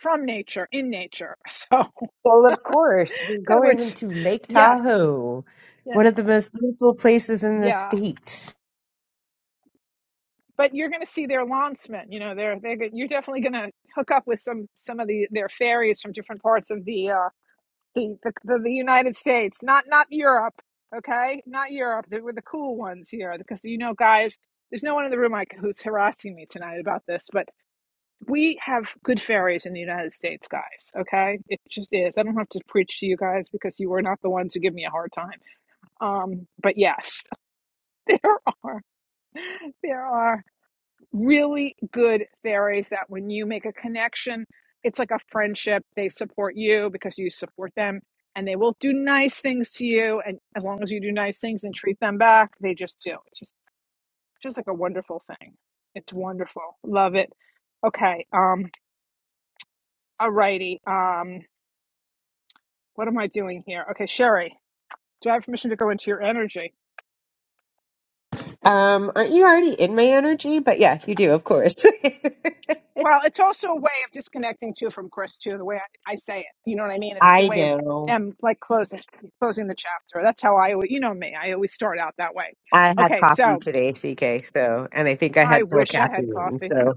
S1: from nature in nature. [laughs] So,
S3: Well, of course, we're
S1: in other
S3: going
S1: words,
S3: into Lake
S1: yes.
S3: Tahoe,
S1: Yeah.
S3: one of the most beautiful places in the
S1: yeah.
S3: state.
S1: but you're going to see their launcemen. You know, they're they are you're definitely going to hook up with some some of the their fairies from different parts of the uh the the, the, the United States, not not Europe. Okay, not Europe. They were the cool ones here because you know, guys. There's no one in the room like who's harassing me tonight about this, but we have good fairies in the United States, guys. Okay, it just is. I don't have to preach to you guys because you are not the ones who give me a hard time. Um, but yes, [laughs] there are, there are really good fairies that when you make a connection, it's like a friendship. They support you because you support them and they will do nice things to you. And as long as you do nice things and treat them back, they just do. It's just, just like a wonderful thing. It's wonderful. Love it. Okay. Um, all righty. Um, what am I doing here? Okay, Sherry, do I have permission to go into your energy?
S3: Um, aren't you already in my energy? But yeah, you do, of course.
S1: Well, it's also a way of disconnecting too from Chris too. The way I, I say it, you know what I mean?
S3: [laughs]
S1: It's the
S3: I
S1: way of
S3: know.
S1: them like closing closing the chapter. That's how I, alwa- you know me. I always start out that way.
S3: I had
S1: Okay,
S3: coffee
S1: so
S3: today, CK, so and I think I
S1: I
S3: had full
S1: wish I had
S3: caffeine,
S1: coffee.
S3: so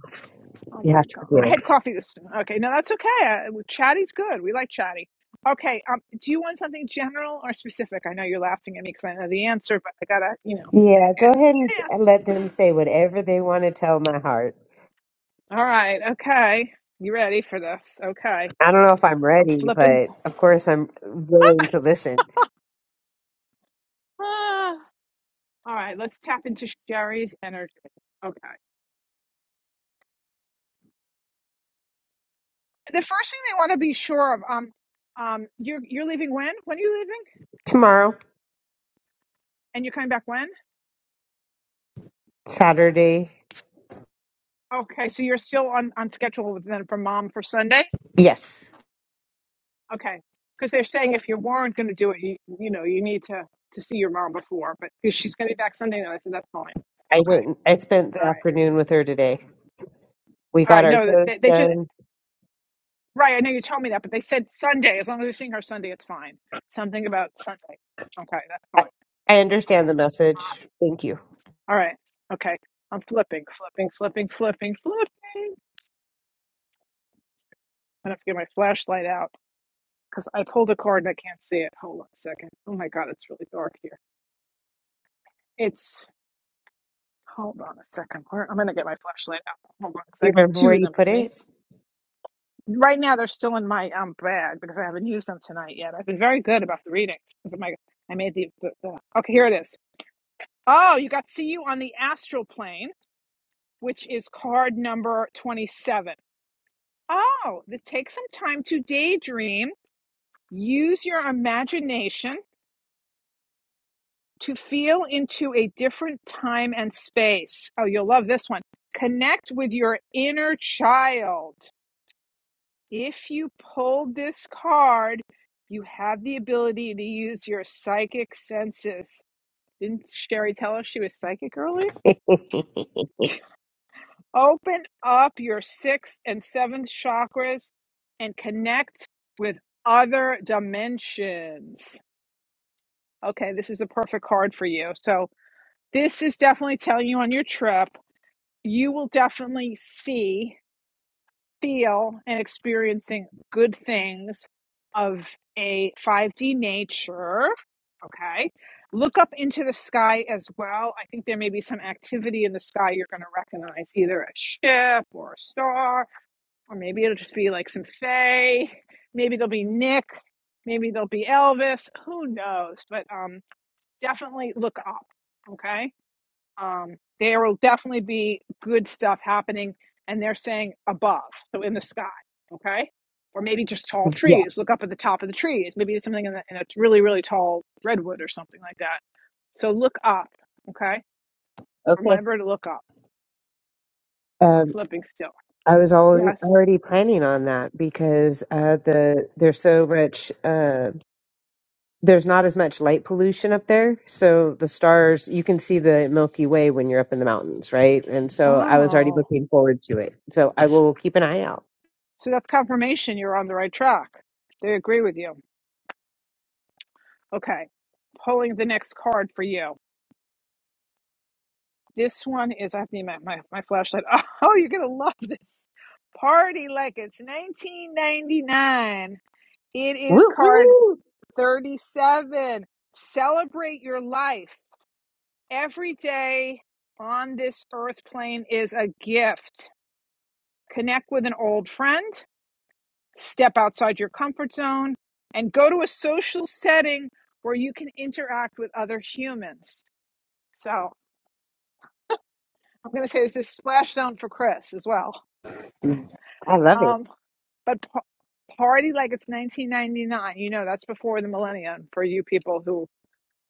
S1: Oh
S3: you
S1: my
S3: have to
S1: god, I
S3: forgive.
S1: had coffee this. Okay, no, that's okay. I, chatty's good. We like chatty. Okay, um, do you want something general or specific? I know you're laughing at me because I know the answer, but I gotta, you know.
S3: Yeah,
S1: [laughs] Yeah.
S3: go ahead and
S1: Yes.
S3: let them say whatever they want to tell my heart.
S1: All right. Okay. You ready for this? Okay.
S3: I don't know if I'm
S1: I'm
S3: ready,
S1: flipping.
S3: but of course I'm willing to listen.
S1: [sighs] All right, let's tap into Sherry's energy. Okay. The first thing they want to be sure of, um, um, you're you're leaving when? When are you leaving?
S3: Tomorrow,
S1: And you're coming back when?
S3: Saturday.
S1: Okay, so you're still on on schedule with them for mom for Sunday.
S3: Yes.
S1: Okay, because they're saying if you weren't going to do it, you you know you need to to see your mom before, but if she's going to be back Sunday night, I said that's fine.
S3: I
S1: Okay,
S3: went I spent
S1: all
S3: the
S1: right,
S3: afternoon with her today. We
S1: all
S3: got
S1: right.
S3: our
S1: No,
S3: toes
S1: they they just
S3: done.
S1: right. I know you told me that, but they said Sunday. As long as you're seeing her Sunday, it's fine. Something about Sunday. Okay, that's
S3: I,
S1: fine.
S3: I
S1: Okay.
S3: understand the message. Thank you.
S1: All right. Okay. I'm flipping, flipping, flipping, flipping, flipping. I have to get my flashlight out because I pulled a card and I can't see it. Hold on a second. Oh my God, it's really dark here. It's, hold on a second. Where, I'm going to get my flashlight out. Hold on a
S3: You
S1: second.
S3: remember where
S1: Two of
S3: you
S1: them
S3: put
S1: with me.
S3: it?
S1: Right now, they're still in my um bag because I haven't used them tonight yet. I've been very good about the readings because of my, I made the, the, the, okay, here it is. Oh, you got see you on the astral plane, which is card number 27. Oh, to take some time to daydream, use your imagination to feel into a different time and space. Oh, you'll love this one. Connect with your inner child. If you pulled this card, you have the ability to use your psychic senses. Didn't Sherry tell us she was psychic earlier? Open up your sixth and seventh chakras and connect with other dimensions. Okay, this is the perfect card for you. So, this is definitely telling you on your trip, you will definitely see, feel, and experiencing good things of a 5D nature. Okay. Look up into the sky as well. I think there may be some activity in the sky you're going to recognize, either a ship or a star, or maybe it'll just be like some Fae. Maybe there'll be Nick. Maybe there'll be Elvis. Who knows? But um, definitely look up. Okay. Um, there will definitely be good stuff happening, and they're saying above, so in the sky. Okay. Or maybe just tall
S3: [laughs] yeah.
S1: trees. Look up at the top of the trees. Maybe it's something in, the, in a really, really tall redwood or something like that. So look up. Okay.
S3: Okay.
S1: Remember to look up. I'm
S3: Um
S1: flipping still.
S3: I was already
S1: Yes.
S3: already planning on that because uh the there's so much uh there's not as much light pollution up there. So the stars, you can see the Milky Way when you're up in the mountains, right? And so I was already
S1: Oh.
S3: looking forward to it. So I will keep an eye out.
S1: So that's confirmation you're on the right track. They agree with you. Okay. Pulling the next card for you. This one is, I have to get my, my, my flashlight. [laughs] Oh, you're going to love this. Party like it's 1999. It is
S3: Woo,
S1: card
S3: woo.
S1: 37. Celebrate your life. Every day on this earth plane is a gift. Connect with an old friend, step outside your comfort zone, and go to a social setting where you can interact with other humans. So I'm going to say it's a splash zone for Chris as well.
S3: I love it.
S1: Um, But pa- party like it's 1999. You know, that's before the millennium for you people who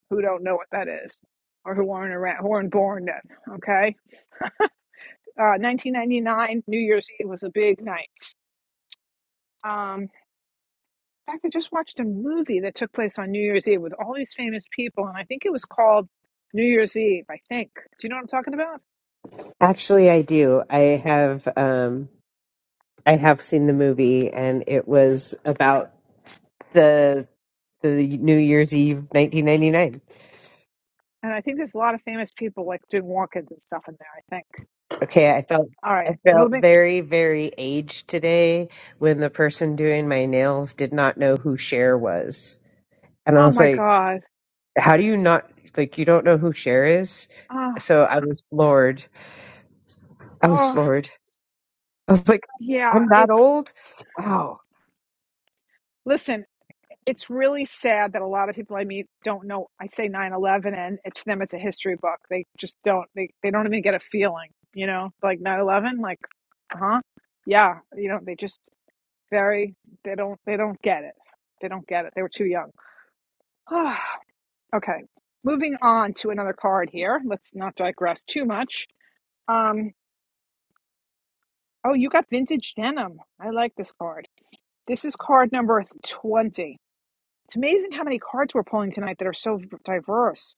S1: who don't know what that is or who weren't around, who weren't born then. Okay, uh, 1999 New Year's Eve was a big night. Um, in fact, I just watched a movie that took place on New Year's Eve with all these famous people, and I think it was called New Year's Eve. I think. Do you know what I'm talking about?
S3: Actually, I do. I have, um, I have seen the movie and it was about the, the New Year's Eve 1999.
S1: And I think there's a lot of famous people like doing walk-ins and stuff in there, I think.
S3: Okay. I felt,
S1: All
S3: I
S1: right,
S3: felt
S1: moving.
S3: very, very aged today when the person doing my nails did not know who Cher was. And I
S1: Oh
S3: was
S1: my
S3: like,
S1: God.
S3: how do you not, like, you don't know who Cher is?
S1: Oh,
S3: So I was floored. I was
S1: oh,
S3: floored. I was like,
S1: yeah.
S3: I'm that
S1: It's,
S3: old? Wow.
S1: listen, it's really sad that a lot of people I meet don't know. I say nine eleven, and it, to them it's a history book. They just don't, they, they don't even get a feeling, you know, like nine eleven. 11 like, huh? Yeah. You know, they just very, they don't, they don't get it. They don't get it. They were too young. [sighs] okay. Moving on to another card here. Let's not digress too much. Um, oh, you got vintage denim. I like this card. This is card number 20. It's amazing how many cards we're pulling tonight that are so v- diverse.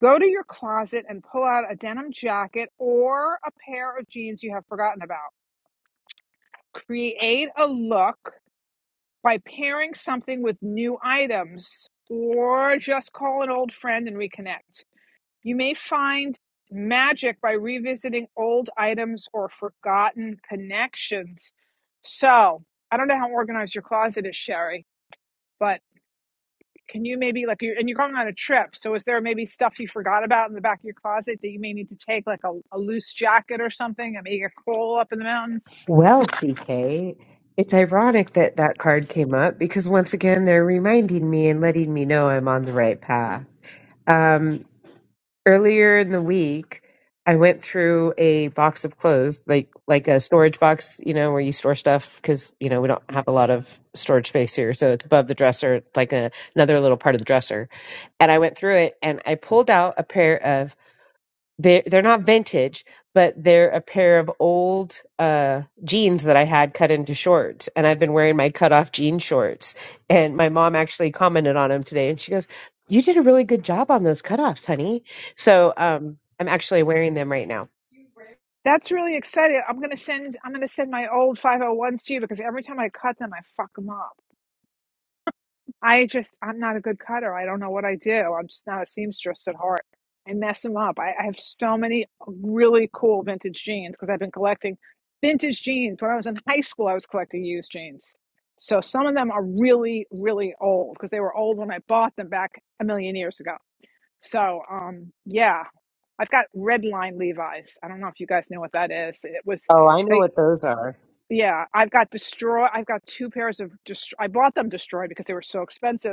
S1: Go to your closet and pull out a denim jacket or a pair of jeans you have forgotten about. Create a look by pairing something with new items or just call an old friend and reconnect. You may find magic by revisiting old items or forgotten connections. So, I don't know how organized your closet is, Sherry, but can you maybe like you're and you're going on a trip, so is there maybe stuff you forgot about in the back of your closet that you may need to take, like a, a loose jacket or something, and make a crawl up in the mountains?
S3: Well, CK, it's ironic that that card came up because once again, they're reminding me and letting me know I'm on the right path. Um, earlier in the week i went through a box of clothes like like a storage box you know where you store stuff because you know we don't have a lot of storage space here so it's above the dresser it's like a, another little part of the dresser and i went through it and i pulled out a pair of they're they're not vintage, but they're a pair of old uh, jeans that I had cut into shorts, and I've been wearing my cut off jean shorts. And my mom actually commented on them today, and she goes, "You did a really good job on those cutoffs, honey." So um, I'm actually wearing them right now.
S1: That's really exciting. I'm gonna send I'm gonna send my old 501s to you because every time I cut them, I fuck them up. I just, I'm not a good cutter. I don't know what I do. I'm just not a seamstress at heart. I mess them up. I, I have so many really cool vintage jeans because I've been collecting vintage jeans. When I was in high school, I was collecting used jeans. So some of them are really, really old because they were old when I bought them back a million years ago. So, um, yeah, I've got red line Levi's. I don't know if you guys know what that is. It was,
S3: Oh, I know
S1: they,
S3: what those are.
S1: yeah, I've got destroy. I've got two pairs of destroy. I bought them destroyed because they were so expensive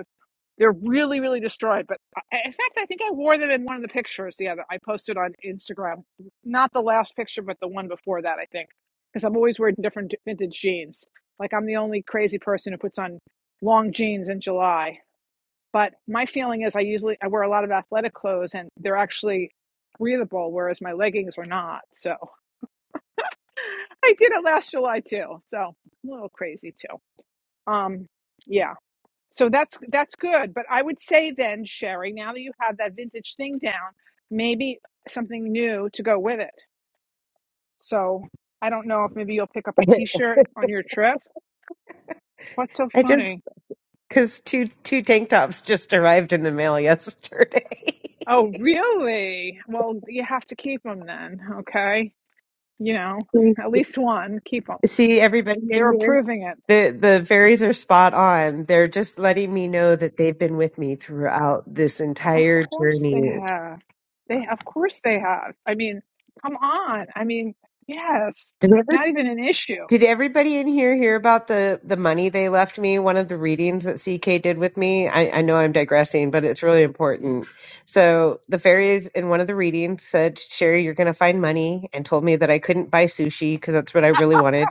S1: they're really, really destroyed. But I, in fact, I think I wore them in one of the pictures. The other I posted on Instagram, not the last picture, but the one before that, I think, because I'm always wearing different vintage jeans. Like I'm the only crazy person who puts on long jeans in July. But my feeling is I usually I wear a lot of athletic clothes and they're actually breathable, whereas my leggings are not. So [laughs] I did it last July too. So a little crazy too. Um, yeah. So that's that's good. But I would say then, Sherry, now that you have that vintage thing down, maybe something new to go with it. So I don't know if maybe you'll pick up a
S3: [laughs]
S1: t-shirt on your trip. What's so
S3: I just
S1: funny?
S3: because two two tank tops just arrived in the mail yesterday.
S1: Oh, really? Well, you have to keep them then, okay? You
S3: [laughs]
S1: know,
S3: See?
S1: at least one, keep them.
S3: See everybody in
S1: They're
S3: here?
S1: approving it.
S3: The the fairies are spot on. They're just letting me know that they've been with me throughout this
S1: Of
S3: entire
S1: course they
S3: journey.
S1: have. They of course they have. I mean, come on. I mean, yes.
S3: Did ever
S1: Not even an issue.
S3: did everybody in here hear about the the money they left me? One of the readings that CK did with me. I, I know I'm digressing, but it's really important. So the fairies in one of the readings said, "Sherry, you're going to find money," and told me that I couldn't buy sushi because that's what I really wanted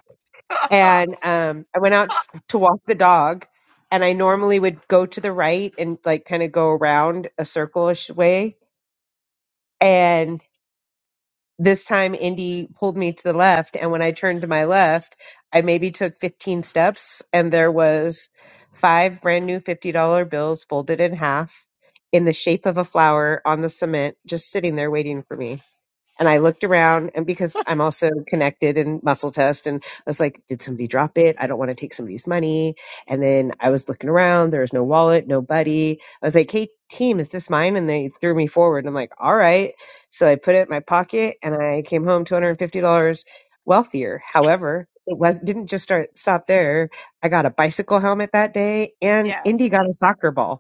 S3: and um, I went out s- to walk the dog. And I normally would go to the right and like kind of go around a circle-ish way. And this time, Indy pulled me to the left. And when I turned to my left, I maybe took 15 steps, and there was five brand new $50 bills folded in half in the shape of a flower on the cement, just sitting there waiting for me and I looked around, and because I'm also connected in muscle test, and I was like, did somebody drop it? I don't want to take somebody's money. And then I was looking around, there was no wallet, nobody. I was like, hey, team, is this mine? And they threw me forward. And I'm like, all right. So I put it in my pocket, and I came home $250 wealthier. However, it was didn't just start stop there. I got a bicycle helmet that day,
S1: [laughs]
S3: and
S1: yes.
S3: Indy got a soccer ball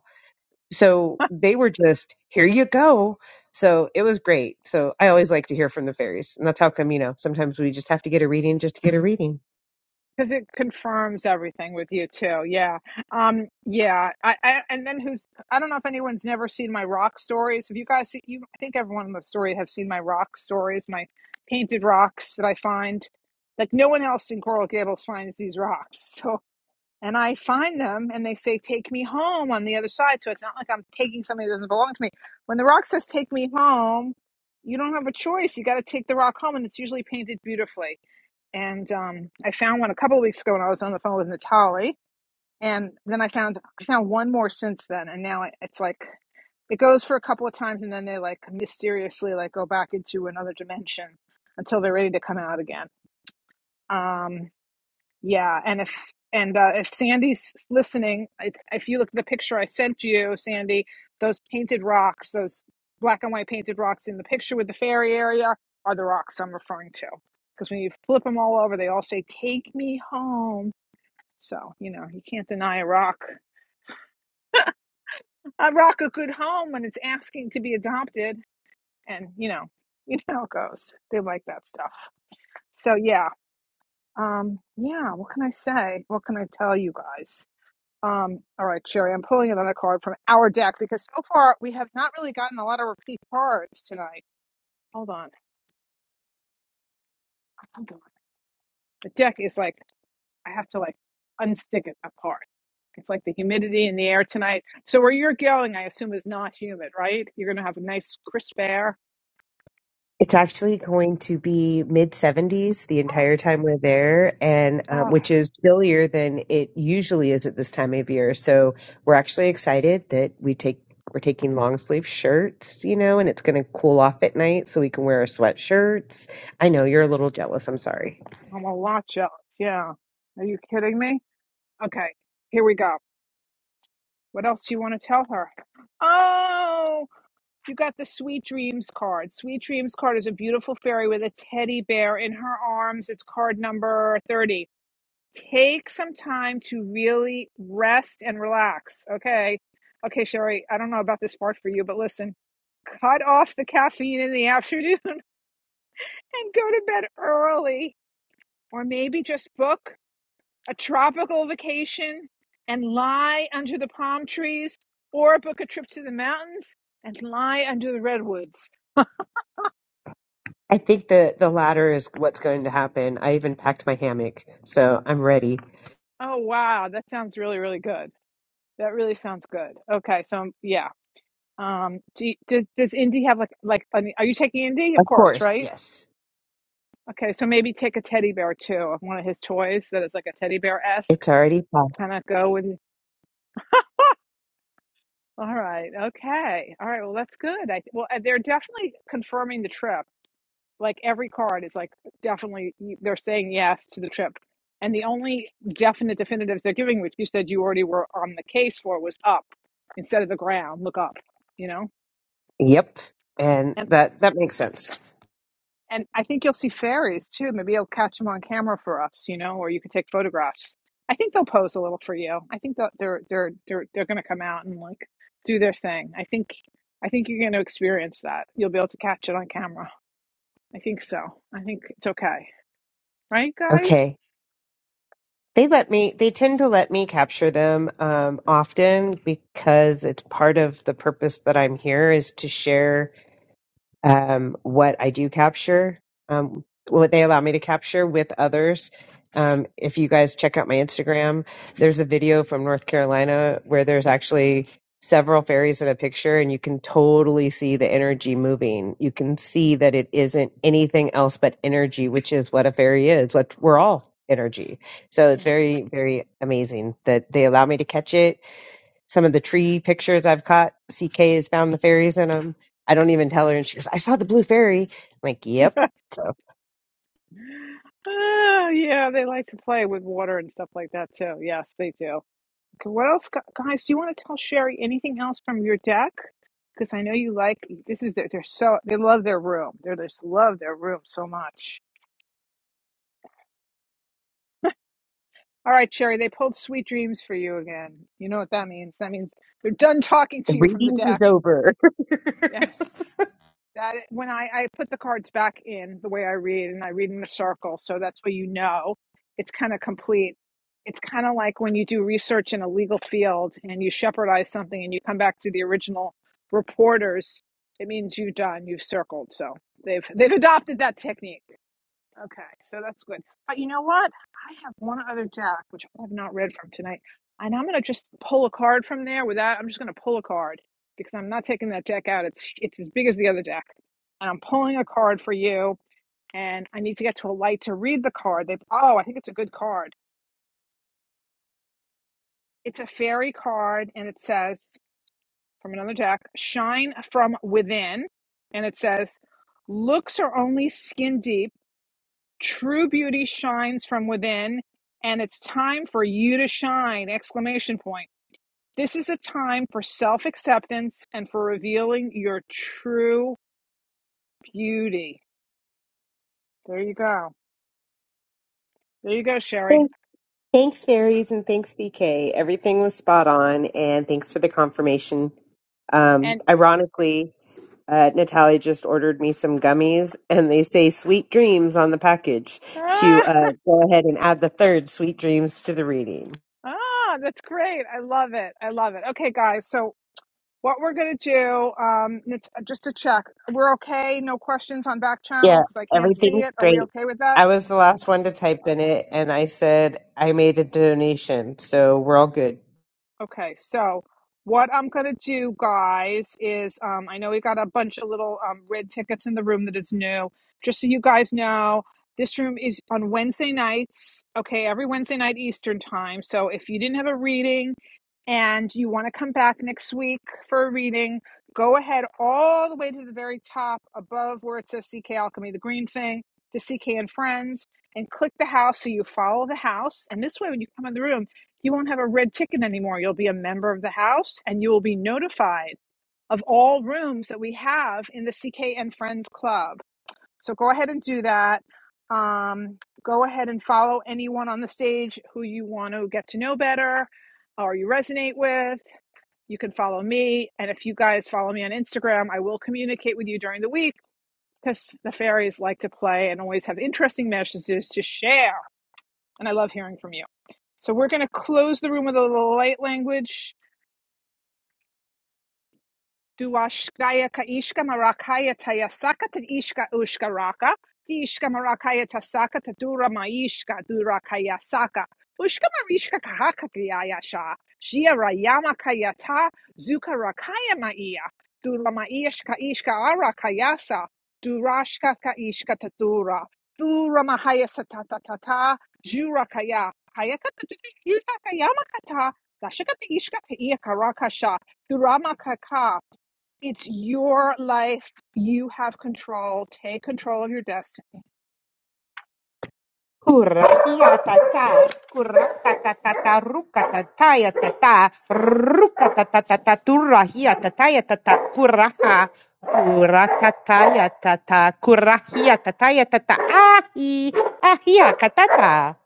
S1: [laughs]
S3: so they were just here you go so it was great so i always like to hear from the fairies and that's how come you know sometimes we just have to get a reading just to get a reading
S1: Because it confirms everything with you too. Yeah. Um, yeah. I, I and then who's I don't know if anyone's never seen my rock stories. Have you guys seen you I think everyone in the story have seen my rock stories, my painted rocks that I find. Like no one else in Coral Gables finds these rocks. [laughs] So and I find them and they say, Take me home on the other side. So it's not like I'm taking something that doesn't belong to me. When the rock says, Take me home, you don't have a choice. You got to take the rock home, and it's usually painted beautifully. And um, I found one a couple of weeks ago when I was on the phone with Natalie. And then I found I found one more since then, and now it- it's like it goes for a couple of times, and then they like mysteriously like go back into another dimension until they're ready to come out again. Um, yeah, and if and uh, if Sandy's listening, I, if you look at the picture I sent you, Sandy, those painted rocks, those black and white painted rocks in the picture with the fairy area, are the rocks I'm referring to. Because when you flip them all over, they all say "Take me home." So you know you can't deny a rock a rock a good home when it's asking to be adopted, and you know [laughs] you know how it goes. They like that stuff. So yeah, um, yeah. What can I say? What can I tell you guys? Um, all right, Sherry, I'm pulling another card from our deck because so far we have not really gotten a lot of repeat cards tonight. Hold on. Hold on. The deck is like, I have to like unstick it apart. It's like the humidity in the air tonight. So where you're going, I assume, is not humid, right? You're going to have a nice crisp air.
S3: it's actually going to be mid 70s the
S1: [gasps]
S3: entire time we're there and uh,
S1: Ah, ah,
S3: which is chillier than it usually is at this time of year so we're actually excited that we take we're taking long sleeve shirts, you know, and it's going to cool off at night so we can wear our sweatshirts. I know you're a little jealous. I'm sorry.
S1: I'm a lot jealous. Yeah. Are you kidding me? Okay, here we go. What else do you want to tell her? Oh! You got the Sweet Dreams card. Sweet Dreams card is a beautiful fairy with a teddy bear in her arms. It's card number 30. Take some time to really rest and relax. Okay. Okay, Sherry, I don't know about this part for you, but listen cut off the caffeine in the [laughs] afternoon and go to bed early. Or maybe just book a tropical vacation and lie under the palm trees, or book a trip to the mountains and lie under the redwoods.
S3: I think the the latter is what's going to happen. I even packed my hammock, so I'm ready.
S1: Oh wow, that sounds really really good. That really sounds good. Okay, so um, yeah. Um, do you, does does Indy have like like I mean, are you taking Indy? Of
S3: Of
S1: course,
S3: course,
S1: right?
S3: yes.
S1: Okay, so maybe take a teddy bear too of one of his toys that is like a teddy bear esque
S3: It's already packed.
S1: kind of go with. All right, okay, all right. Well, that's good. I well, uh, they're definitely confirming the trip. like every card is like definitely they're saying yes to the trip and the only definite definitives they're giving which you said you already were on the case for was up instead of the ground look up you know
S3: Yep. And
S1: and
S3: that that makes sense.
S1: and i think you'll see fairies too maybe you'll catch them on camera for us you know or you could take photographs i think they'll pose a little for you i think that they're they're they're they're going to come out and like do their thing i think i think you're going to experience that you'll be able to catch it on camera i think so i think it's okay right guys
S3: Okay. They let me they tend to let me capture them um often because it's part of the purpose that I'm here is to share um, what I do capture, um, what they allow me to capture with others. Um, if you guys check out my Instagram, there's a video from North Carolina where there's actually several fairies in a picture, and you can totally see the energy moving. You can see that it isn't anything else but energy, which is what a fairy is. What we're all energy. So it's
S1: Yeah.
S3: very, very amazing that they allow me to catch it some of the tree pictures I've caught, CK has found the fairies in them. I don't even tell her, and she goes, "I saw the blue fairy." I'm like, "Yep." So
S1: Oh, yeah, they like to play with water and stuff like that too. Yes, they do. Okay, what else, gu- guys? Do you want to tell Sherry anything else from your deck? Because I know you like this is their, they're so they love their room. They just love their room so much. All right, Sherry, they pulled sweet dreams for you again. You know what that means? That means they're done talking
S3: the
S1: to you from the
S3: reading
S1: deck.
S3: is over.
S1: Yeah. That when I, I put the cards back in the way I read, and I read in a circle, so that's why you know it's kind of complete. It's kind of like when you do research in a legal field and you shepherdize something and you come back to the original reporters. It means you've done, you've circled. So they've they've adopted that technique. Okay, so that's good. But you know what? I have one other deck which I have not read from tonight, and I'm gonna just pull a card from there. Without, I'm just gonna pull a card because I'm not taking that deck out. It's it's as big as the other deck, and I'm pulling a card for you. And I need to get to a light to read the card. They oh, I think it's a good card. It's a fairy card, and it says from another deck, "Shine from within," and it says, "Looks are only skin deep." True beauty shines from within, and it's time for you to shine! Exclamation point. This is a time for self acceptance and for revealing your true beauty. There you go. There you go,
S3: Well,
S1: Sherry.
S3: thanks, fairies, and thanks, CK. Everything was spot on, and thanks for the confirmation. Um,
S1: And
S3: ironically, uh, Natalia just ordered me some gummies, and they say "sweet dreams" on the package to
S1: ah,
S3: uh, go ahead and add the third "sweet dreams" to the reading.
S1: ah, that's great. I love it. I love it. Okay, guys. So what we're gonna do? Um, Nat- just to check, we're okay. No questions on back channel
S3: Yeah,
S1: because I can't see
S3: everything's
S1: it. Are we
S3: great.
S1: okay with that?
S3: I was the last one to type in it, and I said I made a donation, so we're all good.
S1: Okay, so what I'm going to do, guys, is um, I know we got a bunch of little um, red tickets in the room that is new. Just so you guys know, this room is on Wednesday nights, okay, every Wednesday night Eastern time. So if you didn't have a reading, and you want to come back next week for a reading, go ahead all the way to the very top above where it says CK Alchemy, the green thing, to CK and Friends, and click the house so you follow the house. And this way, when you come in the room, you won't have a red ticket anymore. You'll be a member of the house and you will be notified of all rooms that we have in the CK and Friends Club. So go ahead and do that. Um, go ahead and follow anyone on the stage who you want to get to know better or you resonate with. You can follow me. And if you guys follow me on Instagram, I will communicate with you during the week because the fairies like to play and always have interesting messages to share. And I love hearing from you. So we're going to close the room with a little light language Duashkaya Kaishka Marakaya Tayasaka Tadishka Ushka Raka Dishka Marakaya Tasaka Tadura Maishka Dura saka Ushka Marishka Kahaka Kayasha Shia Rayama Kayata Zuka Rakaya Maia Dura Maishka Ishka Ara Kayasa ka Kaishka ta Dura dura Mahaya Satata Tata Jura Kaya Hayaka Tadura Kayama Kata Dashaka Ishka Kaia Karakasha Durama Kaka it's your life. You have control. Take control of your destiny.
S3: Kuratiatata, kuratatatata, rukatatatayatata, rukatatata, turahiatatatayatata, kuraha, kuratatayatata, kurahiatatatayatata, ahi, ahiakatata,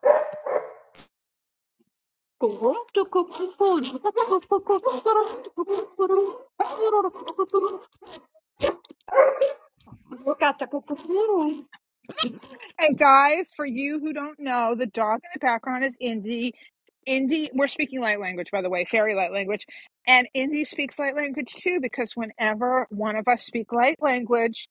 S1: And guys, for you who don't know, the dog in the background is Indy. Indy, we're speaking light language, by the way, fairy light language. And Indy speaks light language too, because whenever one of us speak light language,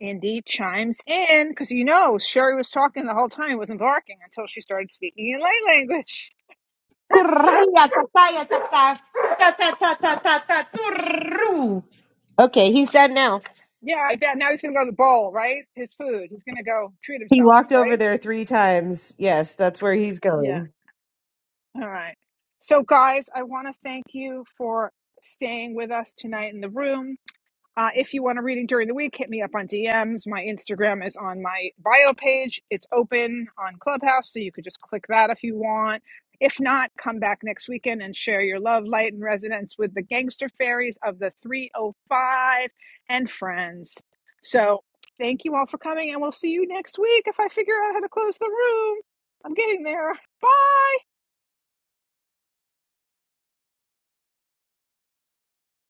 S1: Indy chimes in because you know Sherry was talking the whole time, wasn't barking until she started speaking in light language. [laughs]
S3: kurahiatatatayatata, tatatatatata, turu. Okay, he's done now.
S1: yeah, I bet now he's gonna go to the bowl, right? His food. He's gonna go treat
S3: He
S1: himself,
S3: walked over
S1: right?
S3: there three times. Yes, that's where he's
S1: Yeah.
S3: going.
S1: All right. So, guys, I want to thank you for staying with us tonight in the room. Uh, if you want a reading during the week, hit me up on DMs. My Instagram is on my bio page. It's open on Clubhouse, so you could just click that if you want. If not, come back next weekend and share your love, light, and resonance with the gangster fairies of the 305 and friends. So, thank you all for coming, and we'll see you next week if I figure out how to close the room. I'm getting there. Bye.